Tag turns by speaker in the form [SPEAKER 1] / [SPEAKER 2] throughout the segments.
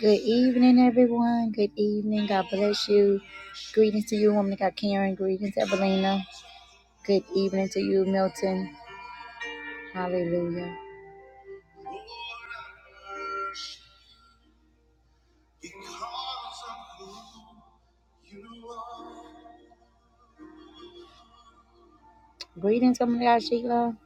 [SPEAKER 1] Good evening, everyone. Good evening. God bless you. Greetings to you, woman of God, Karen. Greetings, Evelina. Good evening to you, Milton. Hallelujah. Greetings, woman of God, Sheila.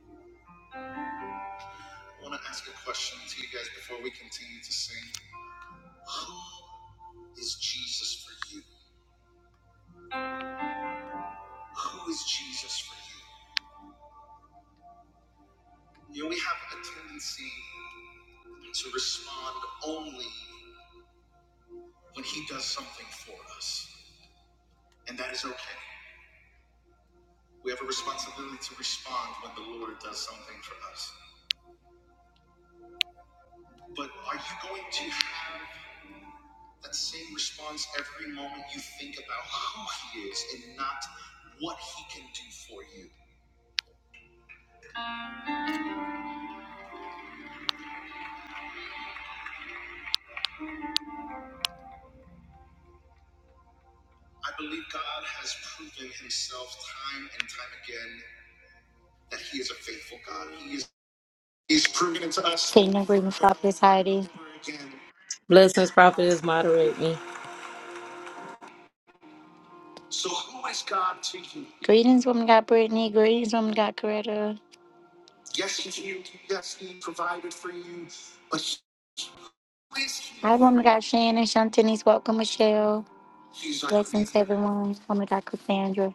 [SPEAKER 1] He's proven it to us. Kingdom greetings, Prophetess Heidi.
[SPEAKER 2] Blessings, prophetess, moderate me.
[SPEAKER 1] Greetings, woman of God, Brittany. Greetings, woman of God, Coretta. Hi, woman of God, Shannon. Shantini's welcome, Michelle. Blessings, everyone. Woman of God, Cassandra.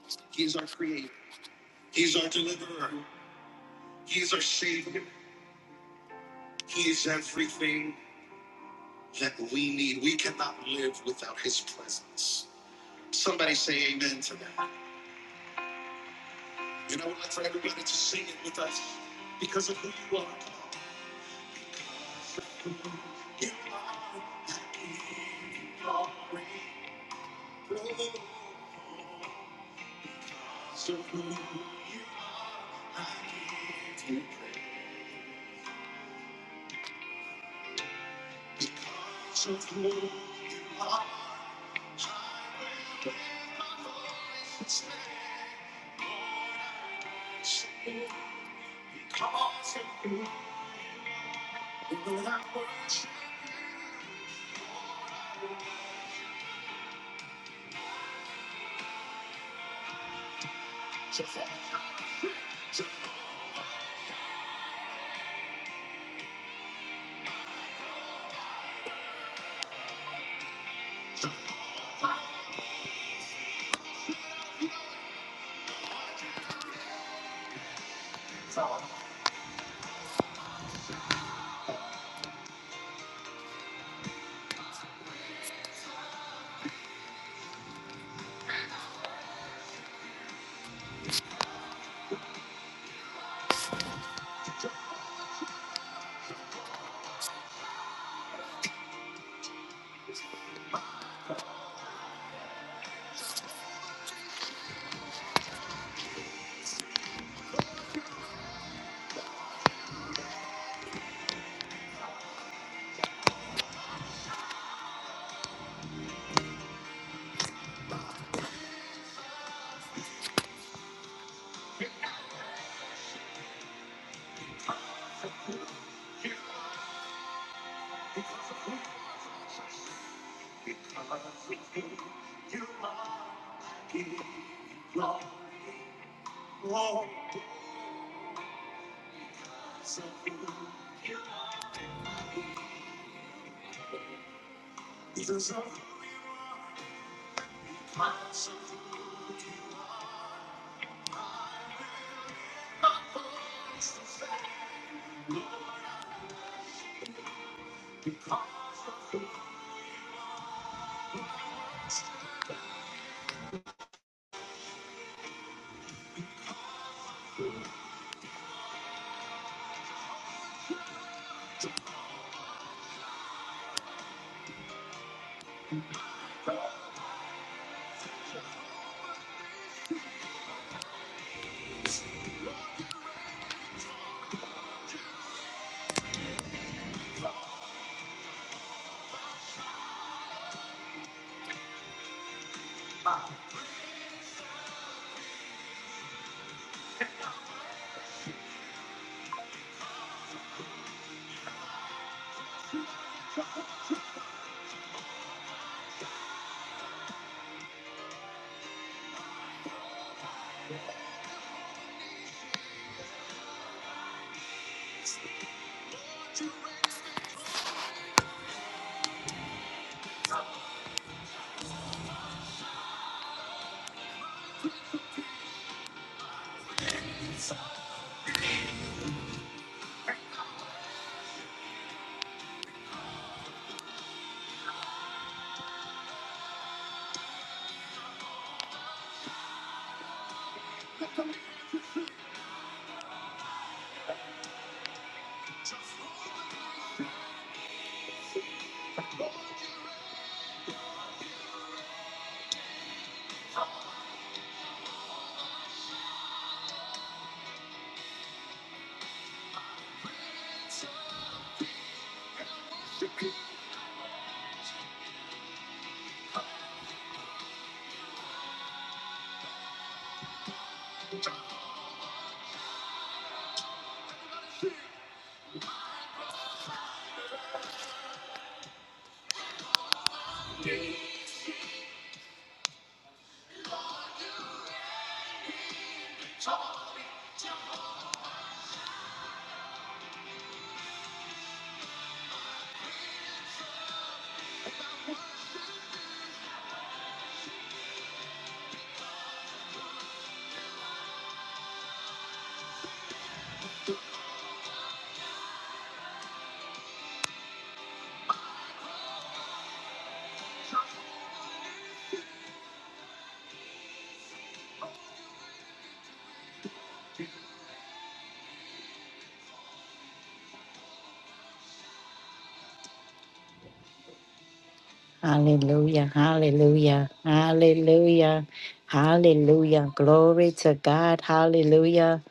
[SPEAKER 1] Hallelujah, hallelujah, hallelujah, hallelujah. Glory to God, hallelujah.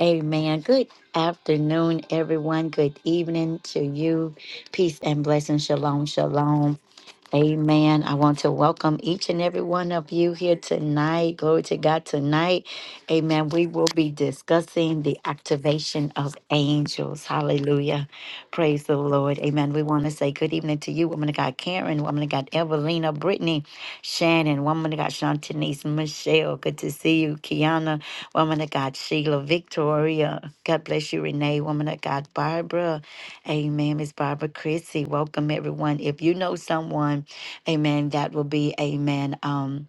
[SPEAKER 1] Amen. Good afternoon, everyone. Good evening to you. Peace and blessing. Shalom, shalom. Amen. I want to welcome each and every one of you here tonight. Glory to God tonight. Amen. We will be discussing the activation of angels. Hallelujah. Praise the Lord. Amen. We want to say good evening to you, woman of God Karen, woman of God Evelina, Brittany, Shannon, woman of God Shantanese, Michelle. Good to see you, Kiana, woman of God Sheila, Victoria. God bless you, Renee, woman of God Barbara. Amen. Miss Barbara Chrissy. Welcome everyone. If you know someone, amen, that will be amen. Um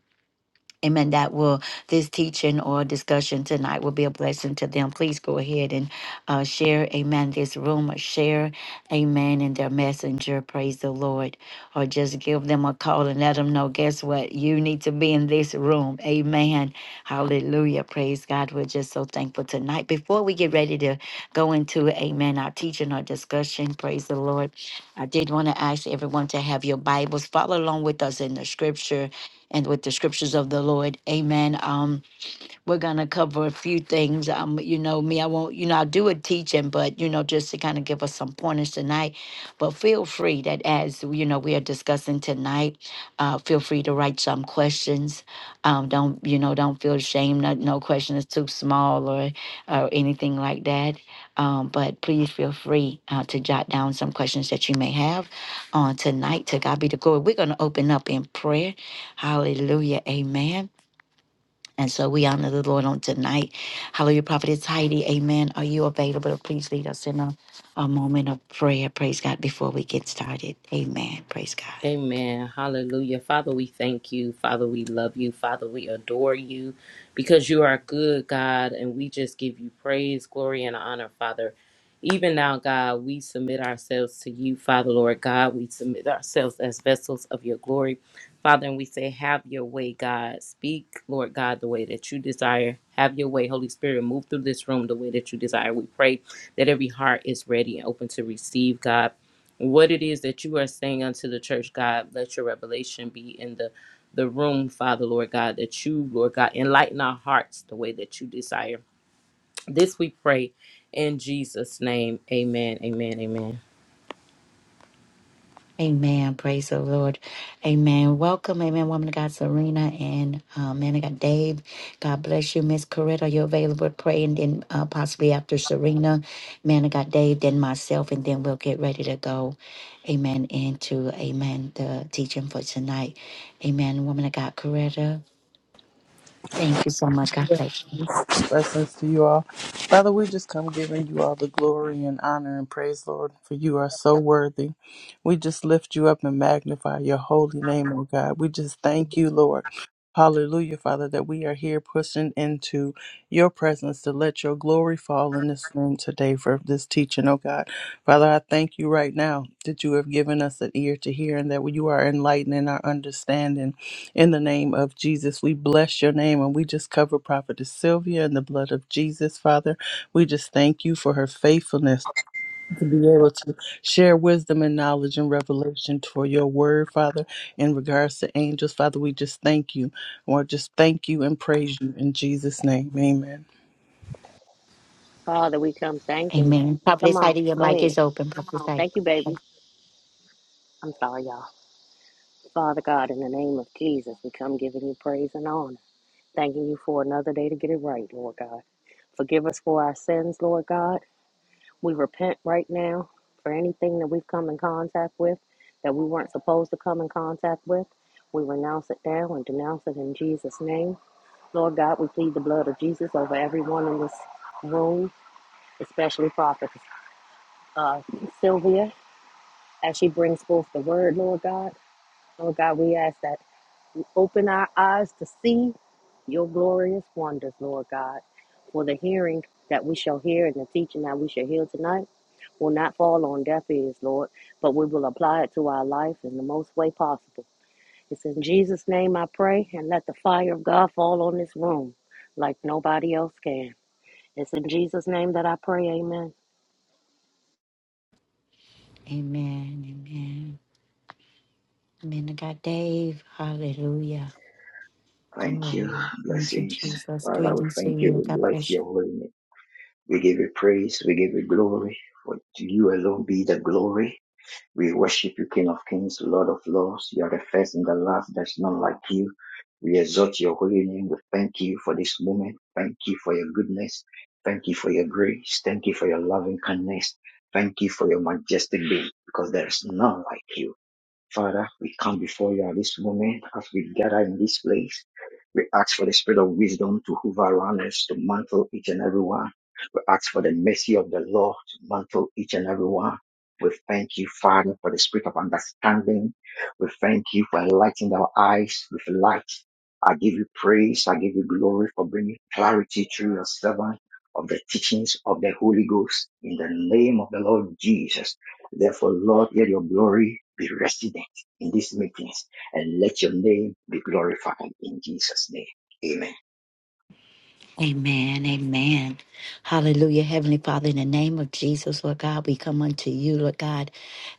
[SPEAKER 1] Amen. That will, this teaching or discussion tonight will be a blessing to them. Please go ahead and uh, share, amen, this room or share, amen, in their messenger. Praise the Lord. Or just give them a call and let them know, guess what? You need to be in this room. Amen. Hallelujah. Praise God. We're just so thankful tonight. Before we get ready to go into, amen, our teaching or discussion, praise the Lord. I did want to ask everyone to have your Bibles. Follow along with us in the scripture and with the scriptures of the Lord. Amen. Um, we're gonna cover a few things. Um, you know me, I won't, you know, I do a teaching, but you know, just to kind of give us some pointers tonight. But feel free that as you know we are discussing tonight, uh, feel free to write some questions. Um, don't you know? Don't feel ashamed. No, no question is too small or or anything like that. Um, but please feel free uh, to jot down some questions that you may have on tonight. To God be the glory. We're gonna open up in prayer. Hallelujah. Amen. And so we honor the Lord on tonight. Hallelujah, Prophetess Heidi. Amen. Are you available please lead us in a, a moment of prayer? Praise God before we get started. Amen. Praise God.
[SPEAKER 2] Amen. Hallelujah. Father, we thank you. Father, we love you. Father, we adore you because you are good, God, and we just give you praise, glory, and honor, Father. Even now, God, we submit ourselves to you, Father, Lord God. We submit ourselves as vessels of your glory, Father, and we say, Have your way, God. Speak, Lord God, the way that you desire. Have your way, Holy Spirit. Move through this room the way that you desire. We pray that every heart is ready and open to receive, God. what it is that you are saying unto the church, God, let your revelation be in the the room, Father, Lord God, that you, Lord God, enlighten our hearts the way that you desire. This we pray in Jesus' name. Amen. Amen. Amen.
[SPEAKER 1] Amen. Praise the Lord. Amen. Welcome, amen. Woman of God, Serena and uh, man of God, Dave. God bless you, Miss Coretta. Are you available to pray? And then uh, possibly after Serena, man of God, Dave, then myself, and then we'll get ready to go. Amen. Into, amen, the teaching for tonight. Amen. Woman of God, Coretta. Thank you so much. God bless you.
[SPEAKER 3] Yes. Blessings to you all. Father, we just come giving you all the glory and honor and praise, Lord, for you are so worthy. We just lift you up and magnify your holy name, oh God. We just thank you, Lord. Hallelujah, Father, that we are here pushing into your presence to let your glory fall in this room today for this teaching, oh God. Father, I thank you right now that you have given us an ear to hear and that you are enlightening our understanding. In the name of Jesus, we bless your name and we just cover Prophetess Sylvia in the blood of Jesus, Father. We just thank you for her faithfulness to be able to share wisdom and knowledge and revelation for your word, Father, in regards to angels. Father, we just thank you. Lord, just thank you and praise you in Jesus' name. Amen.
[SPEAKER 4] Father, we come thanking you.
[SPEAKER 1] Amen.
[SPEAKER 4] Come
[SPEAKER 1] Prophetess
[SPEAKER 4] on,
[SPEAKER 1] Heidi, your
[SPEAKER 4] go
[SPEAKER 1] mic
[SPEAKER 4] ahead.
[SPEAKER 1] is open. Prophetess Heidi.
[SPEAKER 4] Thank you, baby. I'm sorry, y'all. Father God, in the name of Jesus, we come giving you praise and honor. Thanking you for another day to get it right, Lord God. Forgive us for our sins, Lord God. We repent right now for anything that we've come in contact with that we weren't supposed to come in contact with. We renounce it now and denounce it in Jesus' name. Lord God, we plead the blood of Jesus over everyone in this room, especially Prophet uh, Sylvia. as she brings forth the word, Lord God. Lord God, we ask that you open our eyes to see your glorious wonders, Lord God, for the hearing that we shall hear and the teaching that we shall hear tonight will not fall on deaf ears, Lord, but we will apply it to our life in the most way possible. It's in Jesus' name I pray, and let the fire of God fall on this room like nobody else can. It's in Jesus' name that I pray, amen.
[SPEAKER 1] Amen. Amen. Amen. to God, Dave. Hallelujah.
[SPEAKER 5] Thank you.
[SPEAKER 1] Glory. Thank you,
[SPEAKER 5] Blessings.
[SPEAKER 1] Jesus.
[SPEAKER 5] Father, we
[SPEAKER 1] Greetings to
[SPEAKER 5] thank you.
[SPEAKER 1] you.
[SPEAKER 5] We
[SPEAKER 1] God
[SPEAKER 5] bless
[SPEAKER 1] bless you.
[SPEAKER 5] your holy name. We give you praise. We give you glory. For to you alone be the glory. We worship you, King of Kings, Lord of Lords. You are the first and the last. There's none like you. We exalt your holy name. We thank you for this moment. Thank you for your goodness. Thank you for your grace. Thank you for your loving kindness. Thank you for your majestic being because there is none like you. Father, we come before you at this moment as we gather in this place. We ask for the spirit of wisdom to hover around us, to mantle each and every one. We ask for the mercy of the Lord to mantle each and every one. We thank you, Father, for the spirit of understanding. We thank you for enlightening our eyes with light. I give you praise. I give you glory for bringing clarity through your servant of the teachings of the Holy Ghost in the name of the Lord Jesus. Therefore, Lord, let your glory be resident in these meetings and let your name be glorified in Jesus' name. Amen.
[SPEAKER 1] Amen. Amen. Hallelujah. Heavenly Father, in the name of Jesus, Lord God, we come unto you, Lord God,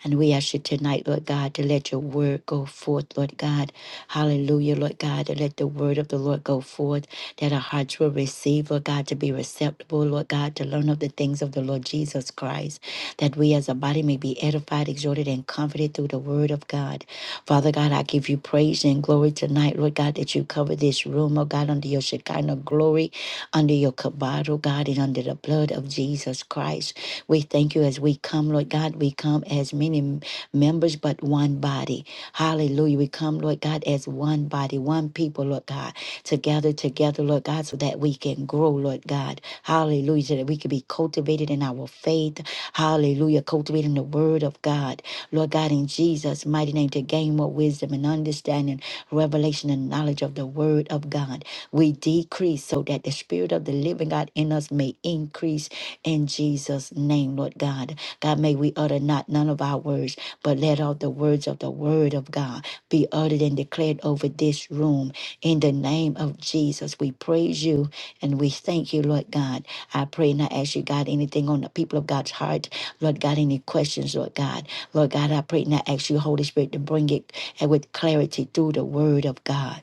[SPEAKER 1] and we ask you tonight, Lord God, to let your word go forth, Lord God. Hallelujah, Lord God, to let the word of the Lord go forth, that our hearts will receive, Lord God, to be receptible, Lord God, to learn of the things of the Lord Jesus Christ, that we as a body may be edified, exhorted, and comforted through the word of God. Father God, I give you praise and glory tonight, Lord God, that you cover this room, oh God, under your Shekinah glory under your kabod, oh God, and under the blood of Jesus Christ. We thank you as we come, Lord God. We come as many m- members, but one body. Hallelujah. We come, Lord God, as one body, one people, Lord God, to gather together, Lord God, so that we can grow, Lord God. Hallelujah. So that we can be cultivated in our faith. Hallelujah. Cultivating the word of God. Lord God, in Jesus' mighty name, to gain more wisdom and understanding revelation and knowledge of the word of God. We decrease so that the spirit of the living God in us may increase in Jesus' name, Lord God. God, may we utter not none of our words, but let all the words of the word of God be uttered and declared over this room. In the name of Jesus, we praise you and we thank you, Lord God. I pray and I ask you, God, anything on the people of God's heart. Lord God, any questions, Lord God. Lord God, I pray and I ask you, Holy Spirit, to bring it and with clarity through the word of God.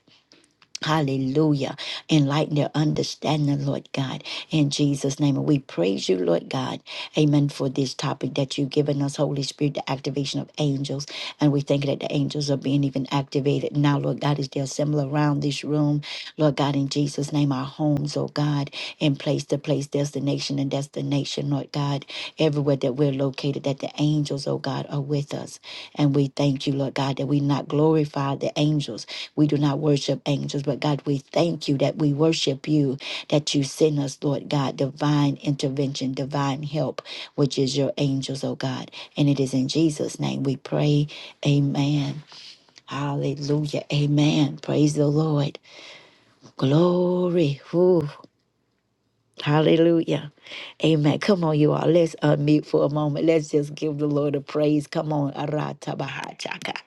[SPEAKER 1] Hallelujah. Enlighten their understanding, Lord God. In Jesus' name. And we praise you, Lord God. Amen. For this topic that you've given us, Holy Spirit, the activation of angels. And we thank you that the angels are being even activated now, Lord God, as they assemble around this room. Lord God, in Jesus' name, our homes, oh God, in place to place, destination and destination, Lord God, everywhere that we're located, that the angels, oh God, are with us. And we thank you, Lord God, that we not glorify the angels we do not worship angels, but God, we thank you that we worship you, that you send us, Lord God, divine intervention, divine help, which is your angels, oh God. And it is in Jesus' name we pray. Amen. Hallelujah. Amen. Praise the Lord. Glory. Whew. Hallelujah. Amen. Come on, you all. Let's unmute for a moment. Let's just give the Lord a praise. Come on. Aratabahachaka.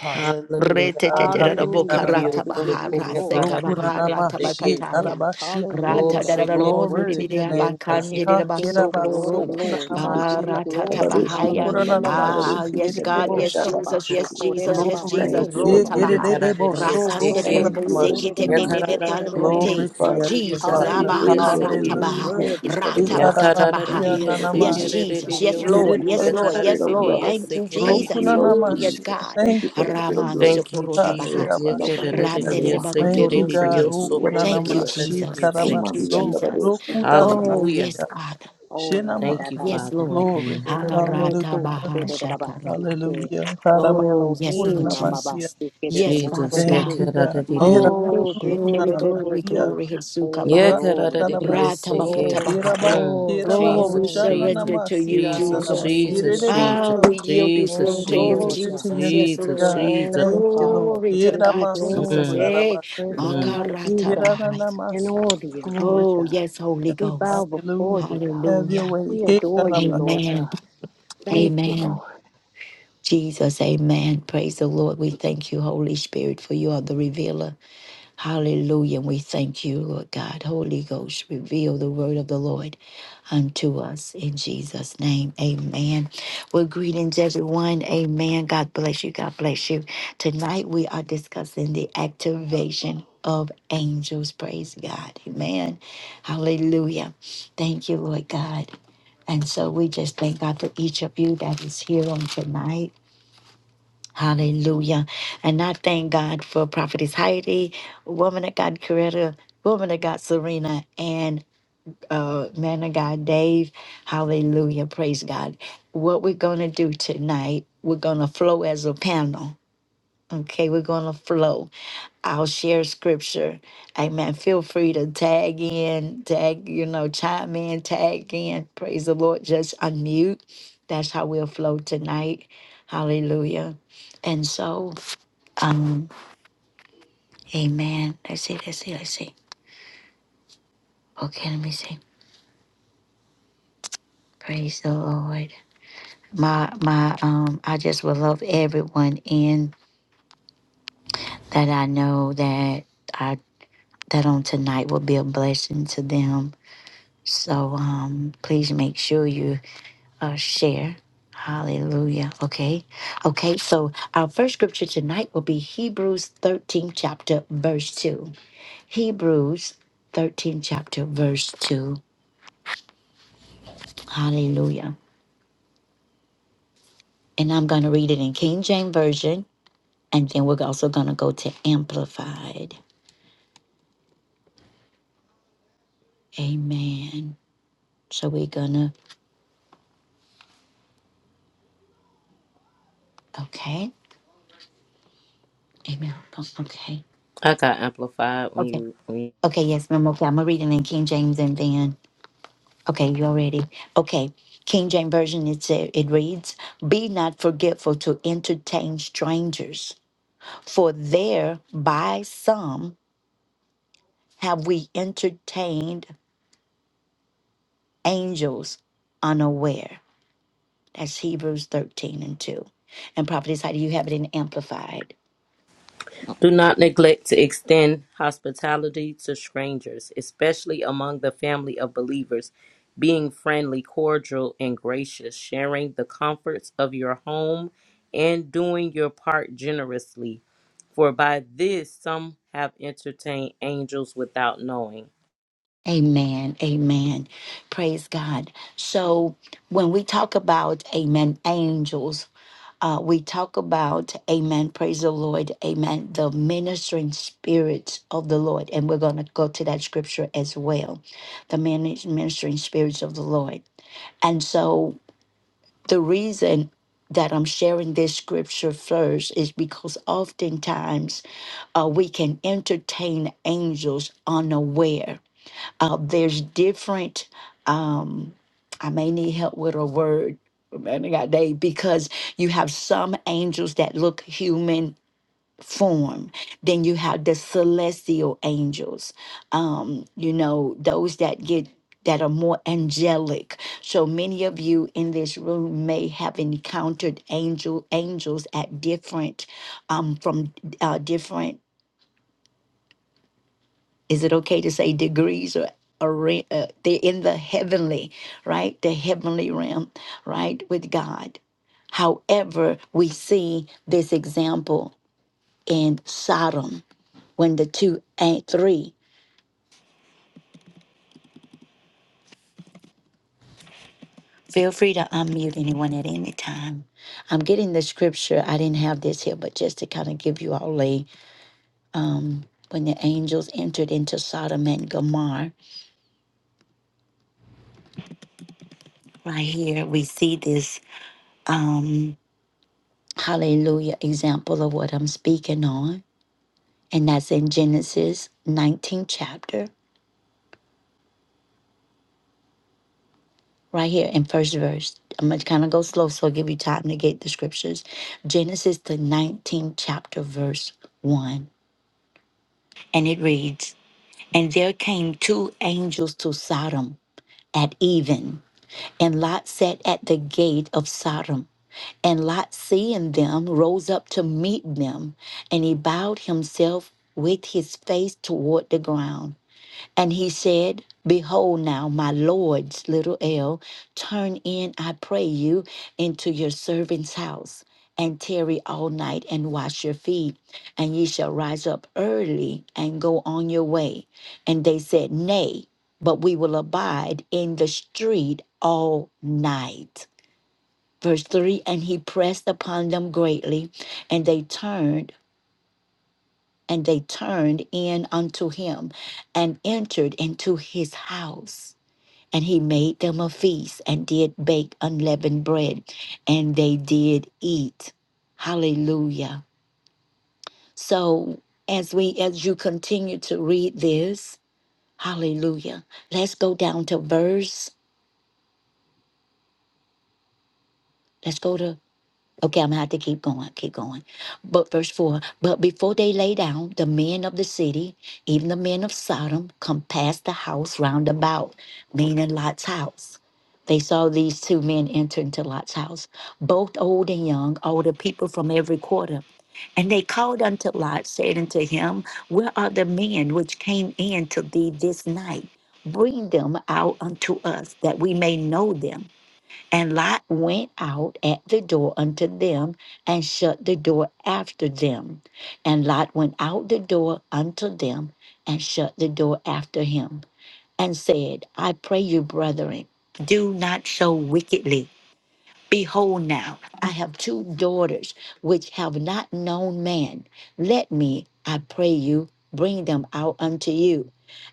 [SPEAKER 3] Hallelujah,
[SPEAKER 2] Hallelujah.
[SPEAKER 3] God.
[SPEAKER 4] Hallelujah, God.
[SPEAKER 1] Reteteterarabokarata
[SPEAKER 4] We
[SPEAKER 3] Hallelujah.
[SPEAKER 4] give you
[SPEAKER 1] bahara
[SPEAKER 4] glory.
[SPEAKER 1] seka bahara
[SPEAKER 4] We give you
[SPEAKER 3] Rokunanamashi
[SPEAKER 1] tabakataya.
[SPEAKER 4] praise.
[SPEAKER 3] Karabashia.
[SPEAKER 4] Hallelujah,
[SPEAKER 2] Oh,
[SPEAKER 1] Rata
[SPEAKER 4] God.
[SPEAKER 2] shake
[SPEAKER 4] You are
[SPEAKER 2] it.
[SPEAKER 1] dararamondu
[SPEAKER 3] Glory to
[SPEAKER 4] worthy.
[SPEAKER 3] your
[SPEAKER 1] dibidia
[SPEAKER 2] Yes,
[SPEAKER 3] name,
[SPEAKER 4] The
[SPEAKER 3] God.
[SPEAKER 2] shake it.
[SPEAKER 1] bakandi
[SPEAKER 4] King of
[SPEAKER 3] Ha,
[SPEAKER 4] Kings,
[SPEAKER 2] yes,
[SPEAKER 4] the Lord of
[SPEAKER 1] dirabasokoro.
[SPEAKER 4] Lords.
[SPEAKER 5] Bafusi
[SPEAKER 4] We
[SPEAKER 5] kide,
[SPEAKER 4] give
[SPEAKER 3] kirabasokunanamashi.
[SPEAKER 4] you
[SPEAKER 2] take
[SPEAKER 1] Barata
[SPEAKER 4] glory.
[SPEAKER 2] it.
[SPEAKER 5] kabadosi
[SPEAKER 1] tabahaya.
[SPEAKER 5] nzamama,
[SPEAKER 4] Hallelujah, God.
[SPEAKER 3] Okoraramashi
[SPEAKER 1] Ah,
[SPEAKER 5] kabadosi
[SPEAKER 1] yes,
[SPEAKER 5] kide,
[SPEAKER 1] God,
[SPEAKER 4] Yes,
[SPEAKER 1] yes,
[SPEAKER 3] kerereboso.
[SPEAKER 5] ndarabashaka,
[SPEAKER 4] Abba,
[SPEAKER 1] Jesus, yes,
[SPEAKER 5] bafusi.
[SPEAKER 1] Jesus, yes,
[SPEAKER 4] shokorerabba,
[SPEAKER 3] Glory.
[SPEAKER 1] Jesus.
[SPEAKER 5] Thank
[SPEAKER 4] se
[SPEAKER 5] you,
[SPEAKER 3] He
[SPEAKER 5] Lord
[SPEAKER 1] Rota
[SPEAKER 4] shokaba.
[SPEAKER 1] bahai.
[SPEAKER 5] Jesus.
[SPEAKER 3] Yekerereboso
[SPEAKER 2] Yes,
[SPEAKER 1] Rapande
[SPEAKER 2] take it.
[SPEAKER 4] Etatobo,
[SPEAKER 5] Thank you,
[SPEAKER 3] rokunamashi.
[SPEAKER 1] dararaboseke
[SPEAKER 5] Lord
[SPEAKER 4] shokorerabba,
[SPEAKER 1] tebebebe
[SPEAKER 5] Jesus. Thank
[SPEAKER 4] sikererabba.
[SPEAKER 5] you,
[SPEAKER 3] Glory
[SPEAKER 1] panrote.
[SPEAKER 3] to
[SPEAKER 5] Father.
[SPEAKER 3] your name,
[SPEAKER 1] Jesus,
[SPEAKER 5] We
[SPEAKER 3] Father.
[SPEAKER 1] Abba
[SPEAKER 4] Hallelujah,
[SPEAKER 5] praise
[SPEAKER 4] God.
[SPEAKER 5] your holy name.
[SPEAKER 4] You're
[SPEAKER 5] We
[SPEAKER 1] Baha,
[SPEAKER 3] Hallelujah.
[SPEAKER 5] thank
[SPEAKER 4] worthy.
[SPEAKER 5] you
[SPEAKER 4] God.
[SPEAKER 5] for the
[SPEAKER 1] Rata
[SPEAKER 5] blood.
[SPEAKER 1] Bakata
[SPEAKER 5] We
[SPEAKER 3] Shikaramashi
[SPEAKER 5] thank
[SPEAKER 4] Thank
[SPEAKER 5] you
[SPEAKER 1] Bahaya.
[SPEAKER 4] you,
[SPEAKER 5] for the
[SPEAKER 4] Lord
[SPEAKER 5] Holy
[SPEAKER 4] God.
[SPEAKER 1] Yes,
[SPEAKER 3] ananamai.
[SPEAKER 5] Ghost.
[SPEAKER 4] You're
[SPEAKER 1] Jesus, yes,
[SPEAKER 5] We thank
[SPEAKER 1] Lord,
[SPEAKER 5] you
[SPEAKER 4] magnificent,
[SPEAKER 5] for
[SPEAKER 4] God.
[SPEAKER 1] yes,
[SPEAKER 5] the
[SPEAKER 1] Lord,
[SPEAKER 3] Yererebo-
[SPEAKER 5] Spirit
[SPEAKER 1] yes,
[SPEAKER 5] of
[SPEAKER 1] Lord.
[SPEAKER 5] God.
[SPEAKER 1] Thank you,
[SPEAKER 4] Omnipotent, God.
[SPEAKER 5] Thank
[SPEAKER 1] Jesus.
[SPEAKER 5] you, Lord
[SPEAKER 1] Ooh, yes,
[SPEAKER 3] rokunanamashi.
[SPEAKER 1] God.
[SPEAKER 5] Jesus. Thank you
[SPEAKER 3] Thank
[SPEAKER 5] for
[SPEAKER 3] you,
[SPEAKER 5] the Spirit of
[SPEAKER 1] Raman
[SPEAKER 3] Lord.
[SPEAKER 5] glory.
[SPEAKER 2] Thank you,
[SPEAKER 1] Sokorota
[SPEAKER 5] We
[SPEAKER 1] Baha.
[SPEAKER 2] Jesus.
[SPEAKER 5] rest not on
[SPEAKER 3] Takiramashi.
[SPEAKER 5] each and every
[SPEAKER 4] Kibeshokorerabba.
[SPEAKER 1] Randere
[SPEAKER 5] one. We
[SPEAKER 1] Bakoto
[SPEAKER 5] give
[SPEAKER 3] Thank
[SPEAKER 5] you
[SPEAKER 3] you,
[SPEAKER 5] praise.
[SPEAKER 3] God.
[SPEAKER 1] Rosuke.
[SPEAKER 5] We
[SPEAKER 4] Mighty
[SPEAKER 5] worship
[SPEAKER 1] Thank
[SPEAKER 5] you,
[SPEAKER 1] you,
[SPEAKER 4] warrior.
[SPEAKER 5] Lord.
[SPEAKER 3] Rokunanamashi
[SPEAKER 1] Jesus. Thank
[SPEAKER 5] Kuma
[SPEAKER 1] you,
[SPEAKER 3] karabaso.
[SPEAKER 5] biyanga
[SPEAKER 1] Jesus.
[SPEAKER 5] badoski
[SPEAKER 4] El
[SPEAKER 1] Oh,
[SPEAKER 4] Shaddai.
[SPEAKER 5] kibidibidibisha.
[SPEAKER 2] Hallelujah.
[SPEAKER 1] yes,
[SPEAKER 3] Rokutanamashi.
[SPEAKER 1] God.
[SPEAKER 4] Oh, la da da
[SPEAKER 2] Thank you,
[SPEAKER 4] ba.
[SPEAKER 3] Shinamaki.
[SPEAKER 1] Yes,
[SPEAKER 2] Father.
[SPEAKER 1] Lord.
[SPEAKER 3] Glory.
[SPEAKER 2] Mm.
[SPEAKER 1] Harata
[SPEAKER 3] Hallelujah.
[SPEAKER 1] Baha Shakaraba.
[SPEAKER 3] Hallelujah.
[SPEAKER 4] Oh
[SPEAKER 1] Oh, yes, Lord
[SPEAKER 4] Elohim,
[SPEAKER 3] Harabakunanamashia.
[SPEAKER 1] Jesus.
[SPEAKER 4] Amabasi,
[SPEAKER 1] Yes, Father
[SPEAKER 2] Jesus.
[SPEAKER 3] Thank
[SPEAKER 1] God.
[SPEAKER 4] Kedededabokoshe.
[SPEAKER 3] you, God.
[SPEAKER 1] Oh,
[SPEAKER 4] Masekeshe,
[SPEAKER 1] glory, glory,
[SPEAKER 3] Hirabakunanamashia.
[SPEAKER 4] Tedededeke.
[SPEAKER 1] glory,
[SPEAKER 4] Oh
[SPEAKER 1] Hitsukaba.
[SPEAKER 2] Yeah,
[SPEAKER 4] glory, we
[SPEAKER 2] karadadidi,
[SPEAKER 4] give you
[SPEAKER 2] yes, they
[SPEAKER 3] Rakatarabaso.
[SPEAKER 2] can.
[SPEAKER 4] glory,
[SPEAKER 1] Ratabakatabahaya.
[SPEAKER 3] Hiraba.
[SPEAKER 2] Mm,
[SPEAKER 4] glory,
[SPEAKER 3] Hiraba.
[SPEAKER 1] Oh,
[SPEAKER 2] Jesus,
[SPEAKER 1] we
[SPEAKER 4] glory.
[SPEAKER 2] Jesus,
[SPEAKER 1] surrender to you,
[SPEAKER 3] Shananamasia.
[SPEAKER 2] Jesus,
[SPEAKER 3] Daraba.
[SPEAKER 1] Jesus.
[SPEAKER 4] Hallelujah,
[SPEAKER 2] Jesus,
[SPEAKER 4] God.
[SPEAKER 1] Ah,
[SPEAKER 2] Jesus,
[SPEAKER 3] Irereboso.
[SPEAKER 1] we yield this room
[SPEAKER 2] Jesus,
[SPEAKER 4] Thank
[SPEAKER 1] to
[SPEAKER 4] you,
[SPEAKER 1] you,
[SPEAKER 4] Lord
[SPEAKER 3] Glory
[SPEAKER 4] God.
[SPEAKER 3] to
[SPEAKER 2] Jesus,
[SPEAKER 3] your
[SPEAKER 1] Jesus.
[SPEAKER 3] name,
[SPEAKER 1] Yes,
[SPEAKER 2] Jesus,
[SPEAKER 1] Lord.
[SPEAKER 3] God.
[SPEAKER 4] Thank
[SPEAKER 2] Jesus.
[SPEAKER 4] you,
[SPEAKER 3] Thank you, Lord.
[SPEAKER 4] Father.
[SPEAKER 1] Glory
[SPEAKER 4] We
[SPEAKER 1] to
[SPEAKER 4] give you
[SPEAKER 1] God,
[SPEAKER 3] Hiramasu.
[SPEAKER 1] Jesus.
[SPEAKER 4] glory.
[SPEAKER 2] Mm,
[SPEAKER 1] Hey,
[SPEAKER 4] There's
[SPEAKER 3] Kurarabasi.
[SPEAKER 4] none
[SPEAKER 2] mm.
[SPEAKER 4] like you,
[SPEAKER 1] Makarata
[SPEAKER 4] God, in
[SPEAKER 3] Hiranamasu.
[SPEAKER 4] all the earth,
[SPEAKER 3] Glory
[SPEAKER 4] Lord
[SPEAKER 3] to
[SPEAKER 1] Oh,
[SPEAKER 3] you,
[SPEAKER 4] God.
[SPEAKER 1] yes, Holy
[SPEAKER 3] God.
[SPEAKER 4] We bow
[SPEAKER 1] Ghost.
[SPEAKER 4] before
[SPEAKER 3] Hallelujah.
[SPEAKER 4] you,
[SPEAKER 3] Have
[SPEAKER 4] God.
[SPEAKER 3] your
[SPEAKER 1] Hallelujah.
[SPEAKER 3] way.
[SPEAKER 4] We adore you, Lord
[SPEAKER 3] Hikarabasi.
[SPEAKER 1] Amen.
[SPEAKER 4] God. Thank you,
[SPEAKER 1] Amen.
[SPEAKER 4] Lord.
[SPEAKER 1] Jesus, amen. Praise the Lord. We thank you, Holy Spirit, for you are the revealer. Hallelujah. And we thank you, Lord God. Holy Ghost, reveal the word of the Lord unto us in Jesus' name. Amen. Well, greetings, everyone. Amen. God bless you. God bless you. Tonight we are discussing the activation of angels. Praise God. Amen. Hallelujah. Thank you, Lord God. And so we just thank God for each of you that is here on tonight. Hallelujah. And I thank God for Prophetess Heidi, woman of God, Coretta, woman of God, Serena, and uh, man of God, Dave. Hallelujah. Praise God. What we're going to do tonight, we're going to flow as a panel Okay, we're going to flow. I'll share scripture. Amen. Feel free to tag in, tag, you know, chime in, tag in. Praise the Lord. Just unmute. That's how we'll flow tonight. Hallelujah. And so, um, amen. Let's see, let's see, let's see. Okay, let me see. Praise the Lord. My my um I just would love everyone in that I know that I that on tonight will be a blessing to them So um, please make sure you uh, share. Hallelujah. Okay. Okay. So our first scripture tonight will be Hebrews 13, chapter, verse 2. Hebrews 13, chapter, verse 2. Hallelujah. And I'm going to read it in King James Version. And then we're also going to go to Amplified. Amen. So we're going to, okay. Amen. Okay.
[SPEAKER 2] I got amplified when
[SPEAKER 1] Okay.
[SPEAKER 2] you, when you
[SPEAKER 1] Okay. Yes, ma'am. Okay. I'm going to read it in King James and then. Okay, you ready? Okay, King James Version, it, sa- it reads, Be not forgetful to entertain strangers, for there by some have we entertained angels unaware. That's Hebrews 13 and 2. And Prophetess, how do you have it in Amplified?
[SPEAKER 2] do not neglect to extend hospitality to strangers, especially among the family of believers. Being friendly, cordial, and gracious, sharing the comforts of your home, and doing your part generously For by this some have entertained angels without knowing.
[SPEAKER 1] Amen. Amen. Praise God. So when we talk about, amen, angels, uh, we talk about, amen, praise the Lord, amen, the ministering spirits of the Lord. And we're going to go to that scripture as well the minis- ministering spirits of the Lord. And so the reason that I'm sharing this scripture first is because oftentimes uh, we can entertain angels unaware uh, there's different um i may need help with a word man i got day because you have some angels that look human form then you have the celestial angels um you know those that get that are more angelic so many of you in this room may have encountered angel angels at different um from uh, different is it okay to say degrees or or re- uh, they're in the heavenly right the heavenly realm right with god however we see this example in sodom when the two and three feel free to unmute anyone at any time i'm getting the scripture i didn't have this here but just to kind of give you all a um when the angels entered into sodom and gomorrah right here we see this Um, hallelujah, example of what I'm speaking on. And that's in Genesis 19 chapter, right here in first verse. I'm going to kind of go slow, so I'll give you time to get the scriptures. Genesis, the 19th chapter, verse 1. And it reads, And there came two angels to Sodom at even, and Lot sat at the gate of Sodom. And Lot, seeing them, rose up to meet them, and he bowed himself with his face toward the ground. And he said, Behold now, my Lord's little L, turn in, I pray you, into your servant's house, and tarry all night and wash your feet, and ye shall rise up early and go on your way. And they said, Nay, but we will abide in the street all night. Verse 3 And he pressed upon them greatly, and they turned. And they turned in unto him and entered into his house. And he made them a feast and did bake unleavened bread, and they did eat. Hallelujah. So as we as you continue to read this, hallelujah. Let's go down to verse. Let's go to Okay, I'm gonna have to keep going, keep going. But verse 4 But before they lay down, the men of the city, even the men of Sodom, come past the house round about, meaning Lot's house. They saw these two men enter into Lot's house, both old and young, older people from every quarter. And they called unto Lot, saying unto him, Where are the men which came in to thee this night? Bring them out unto us, that we may know them. And Lot went out at the door unto them and shut the door after them. And Lot went out the door unto them and shut the door after him and said, I pray you, brethren, do not so wickedly Behold, now I have two daughters which have not known man. Let me, I pray you, bring them out unto you,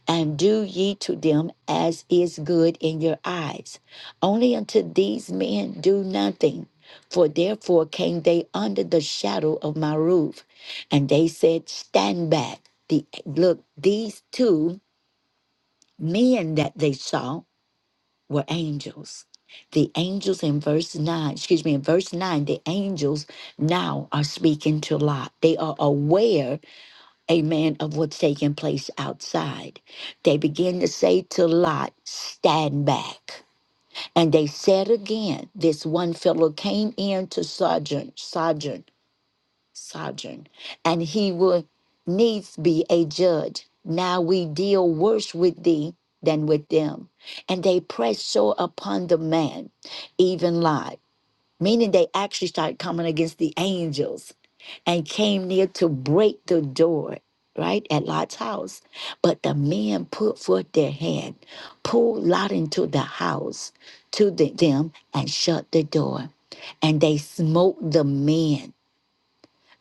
[SPEAKER 1] and do ye to them as is good in your eyes. Only unto these men do nothing. For therefore came they under the shadow of my roof, and they said, Stand back. The, look, these two men that they saw were angels. The angels in verse 9, excuse me, in verse 9, the angels now are speaking to Lot. They are aware, amen, of what's taking place outside. They begin to say to Lot, stand back. And they said again, this one fellow came in to Sojourn, Sojourn sovereign, and he will needs be a judge. Now we deal worse with thee than with them. And they pressed so upon the man, even Lot, meaning they actually started coming against the angels and came near to break the door. Right at Lot's house. But the men put forth their hand, pulled Lot into the house to the- them, and shut the door. And they smote the men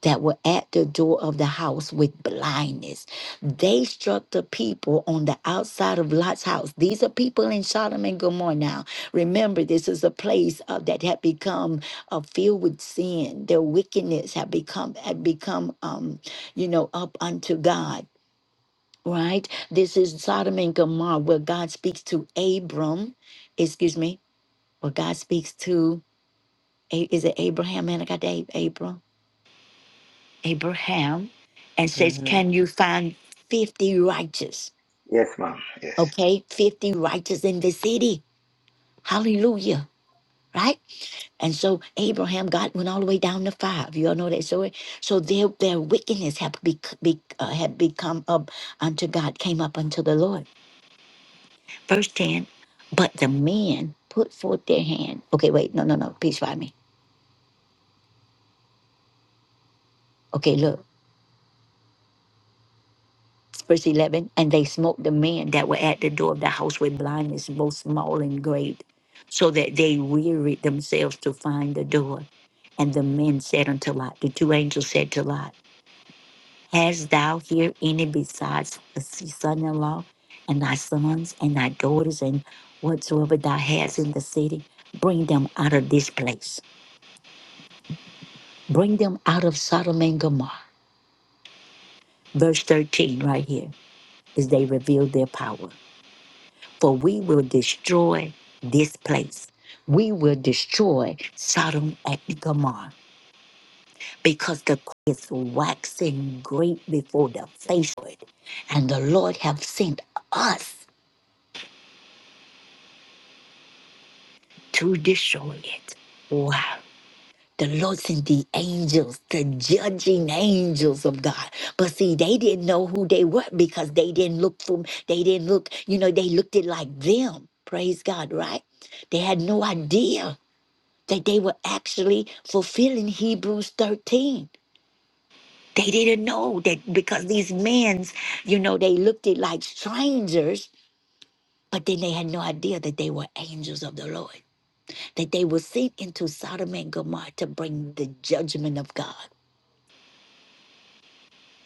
[SPEAKER 1] that were at the door of the house with blindness. They struck the people on the outside of Lot's house. These are people in Sodom and Gomorrah now. Remember, this is a place uh, that had become uh, filled with sin. Their wickedness had become had become, um, you know, up unto God. Right. This is Sodom and Gomorrah, where God speaks to Abram. Excuse me. Where God speaks to A- is it Abraham? Man, I got Ab- Abram. Abraham and says,
[SPEAKER 2] Mhm.
[SPEAKER 1] Can you find 50 righteous?
[SPEAKER 5] Yes, ma'am. Yes.
[SPEAKER 1] Okay, 50 righteous in the city. Hallelujah. Right? And so Abraham, God went all the way down to five. You all know that story. So their their wickedness had, be, be, uh, had become up unto God, came up unto the Lord. Verse 10, but the men put forth their hand. Okay, wait, no, no, no. Please find me. Okay, look. verse 11 and they smote the men that were at the door of the house with blindness both small and great so that they wearied themselves to find the door and the men said unto lot the two angels said to lot hast thou here any besides the son-in-law and thy sons and thy daughters and whatsoever thou hast in the city bring them out of this place bring them out of sodom and gomorrah verse 13 right here is they revealed their power for we will destroy this place. We will destroy Sodom and Gomorrah because the court is waxing great before the face of it, and the Lord have sent us to destroy it. Wow. The Lord sent the angels, the judging angels of God. But see, they didn't know who they were because they didn't look from, they didn't look, you know, they looked it like them. Praise God, right? They had no idea that they were actually fulfilling Hebrews 13. They didn't know that because these men, you know, they looked it like strangers, but then they had no idea that they were angels of the Lord, that they were sent into Sodom and Gomorrah to bring the judgment of God.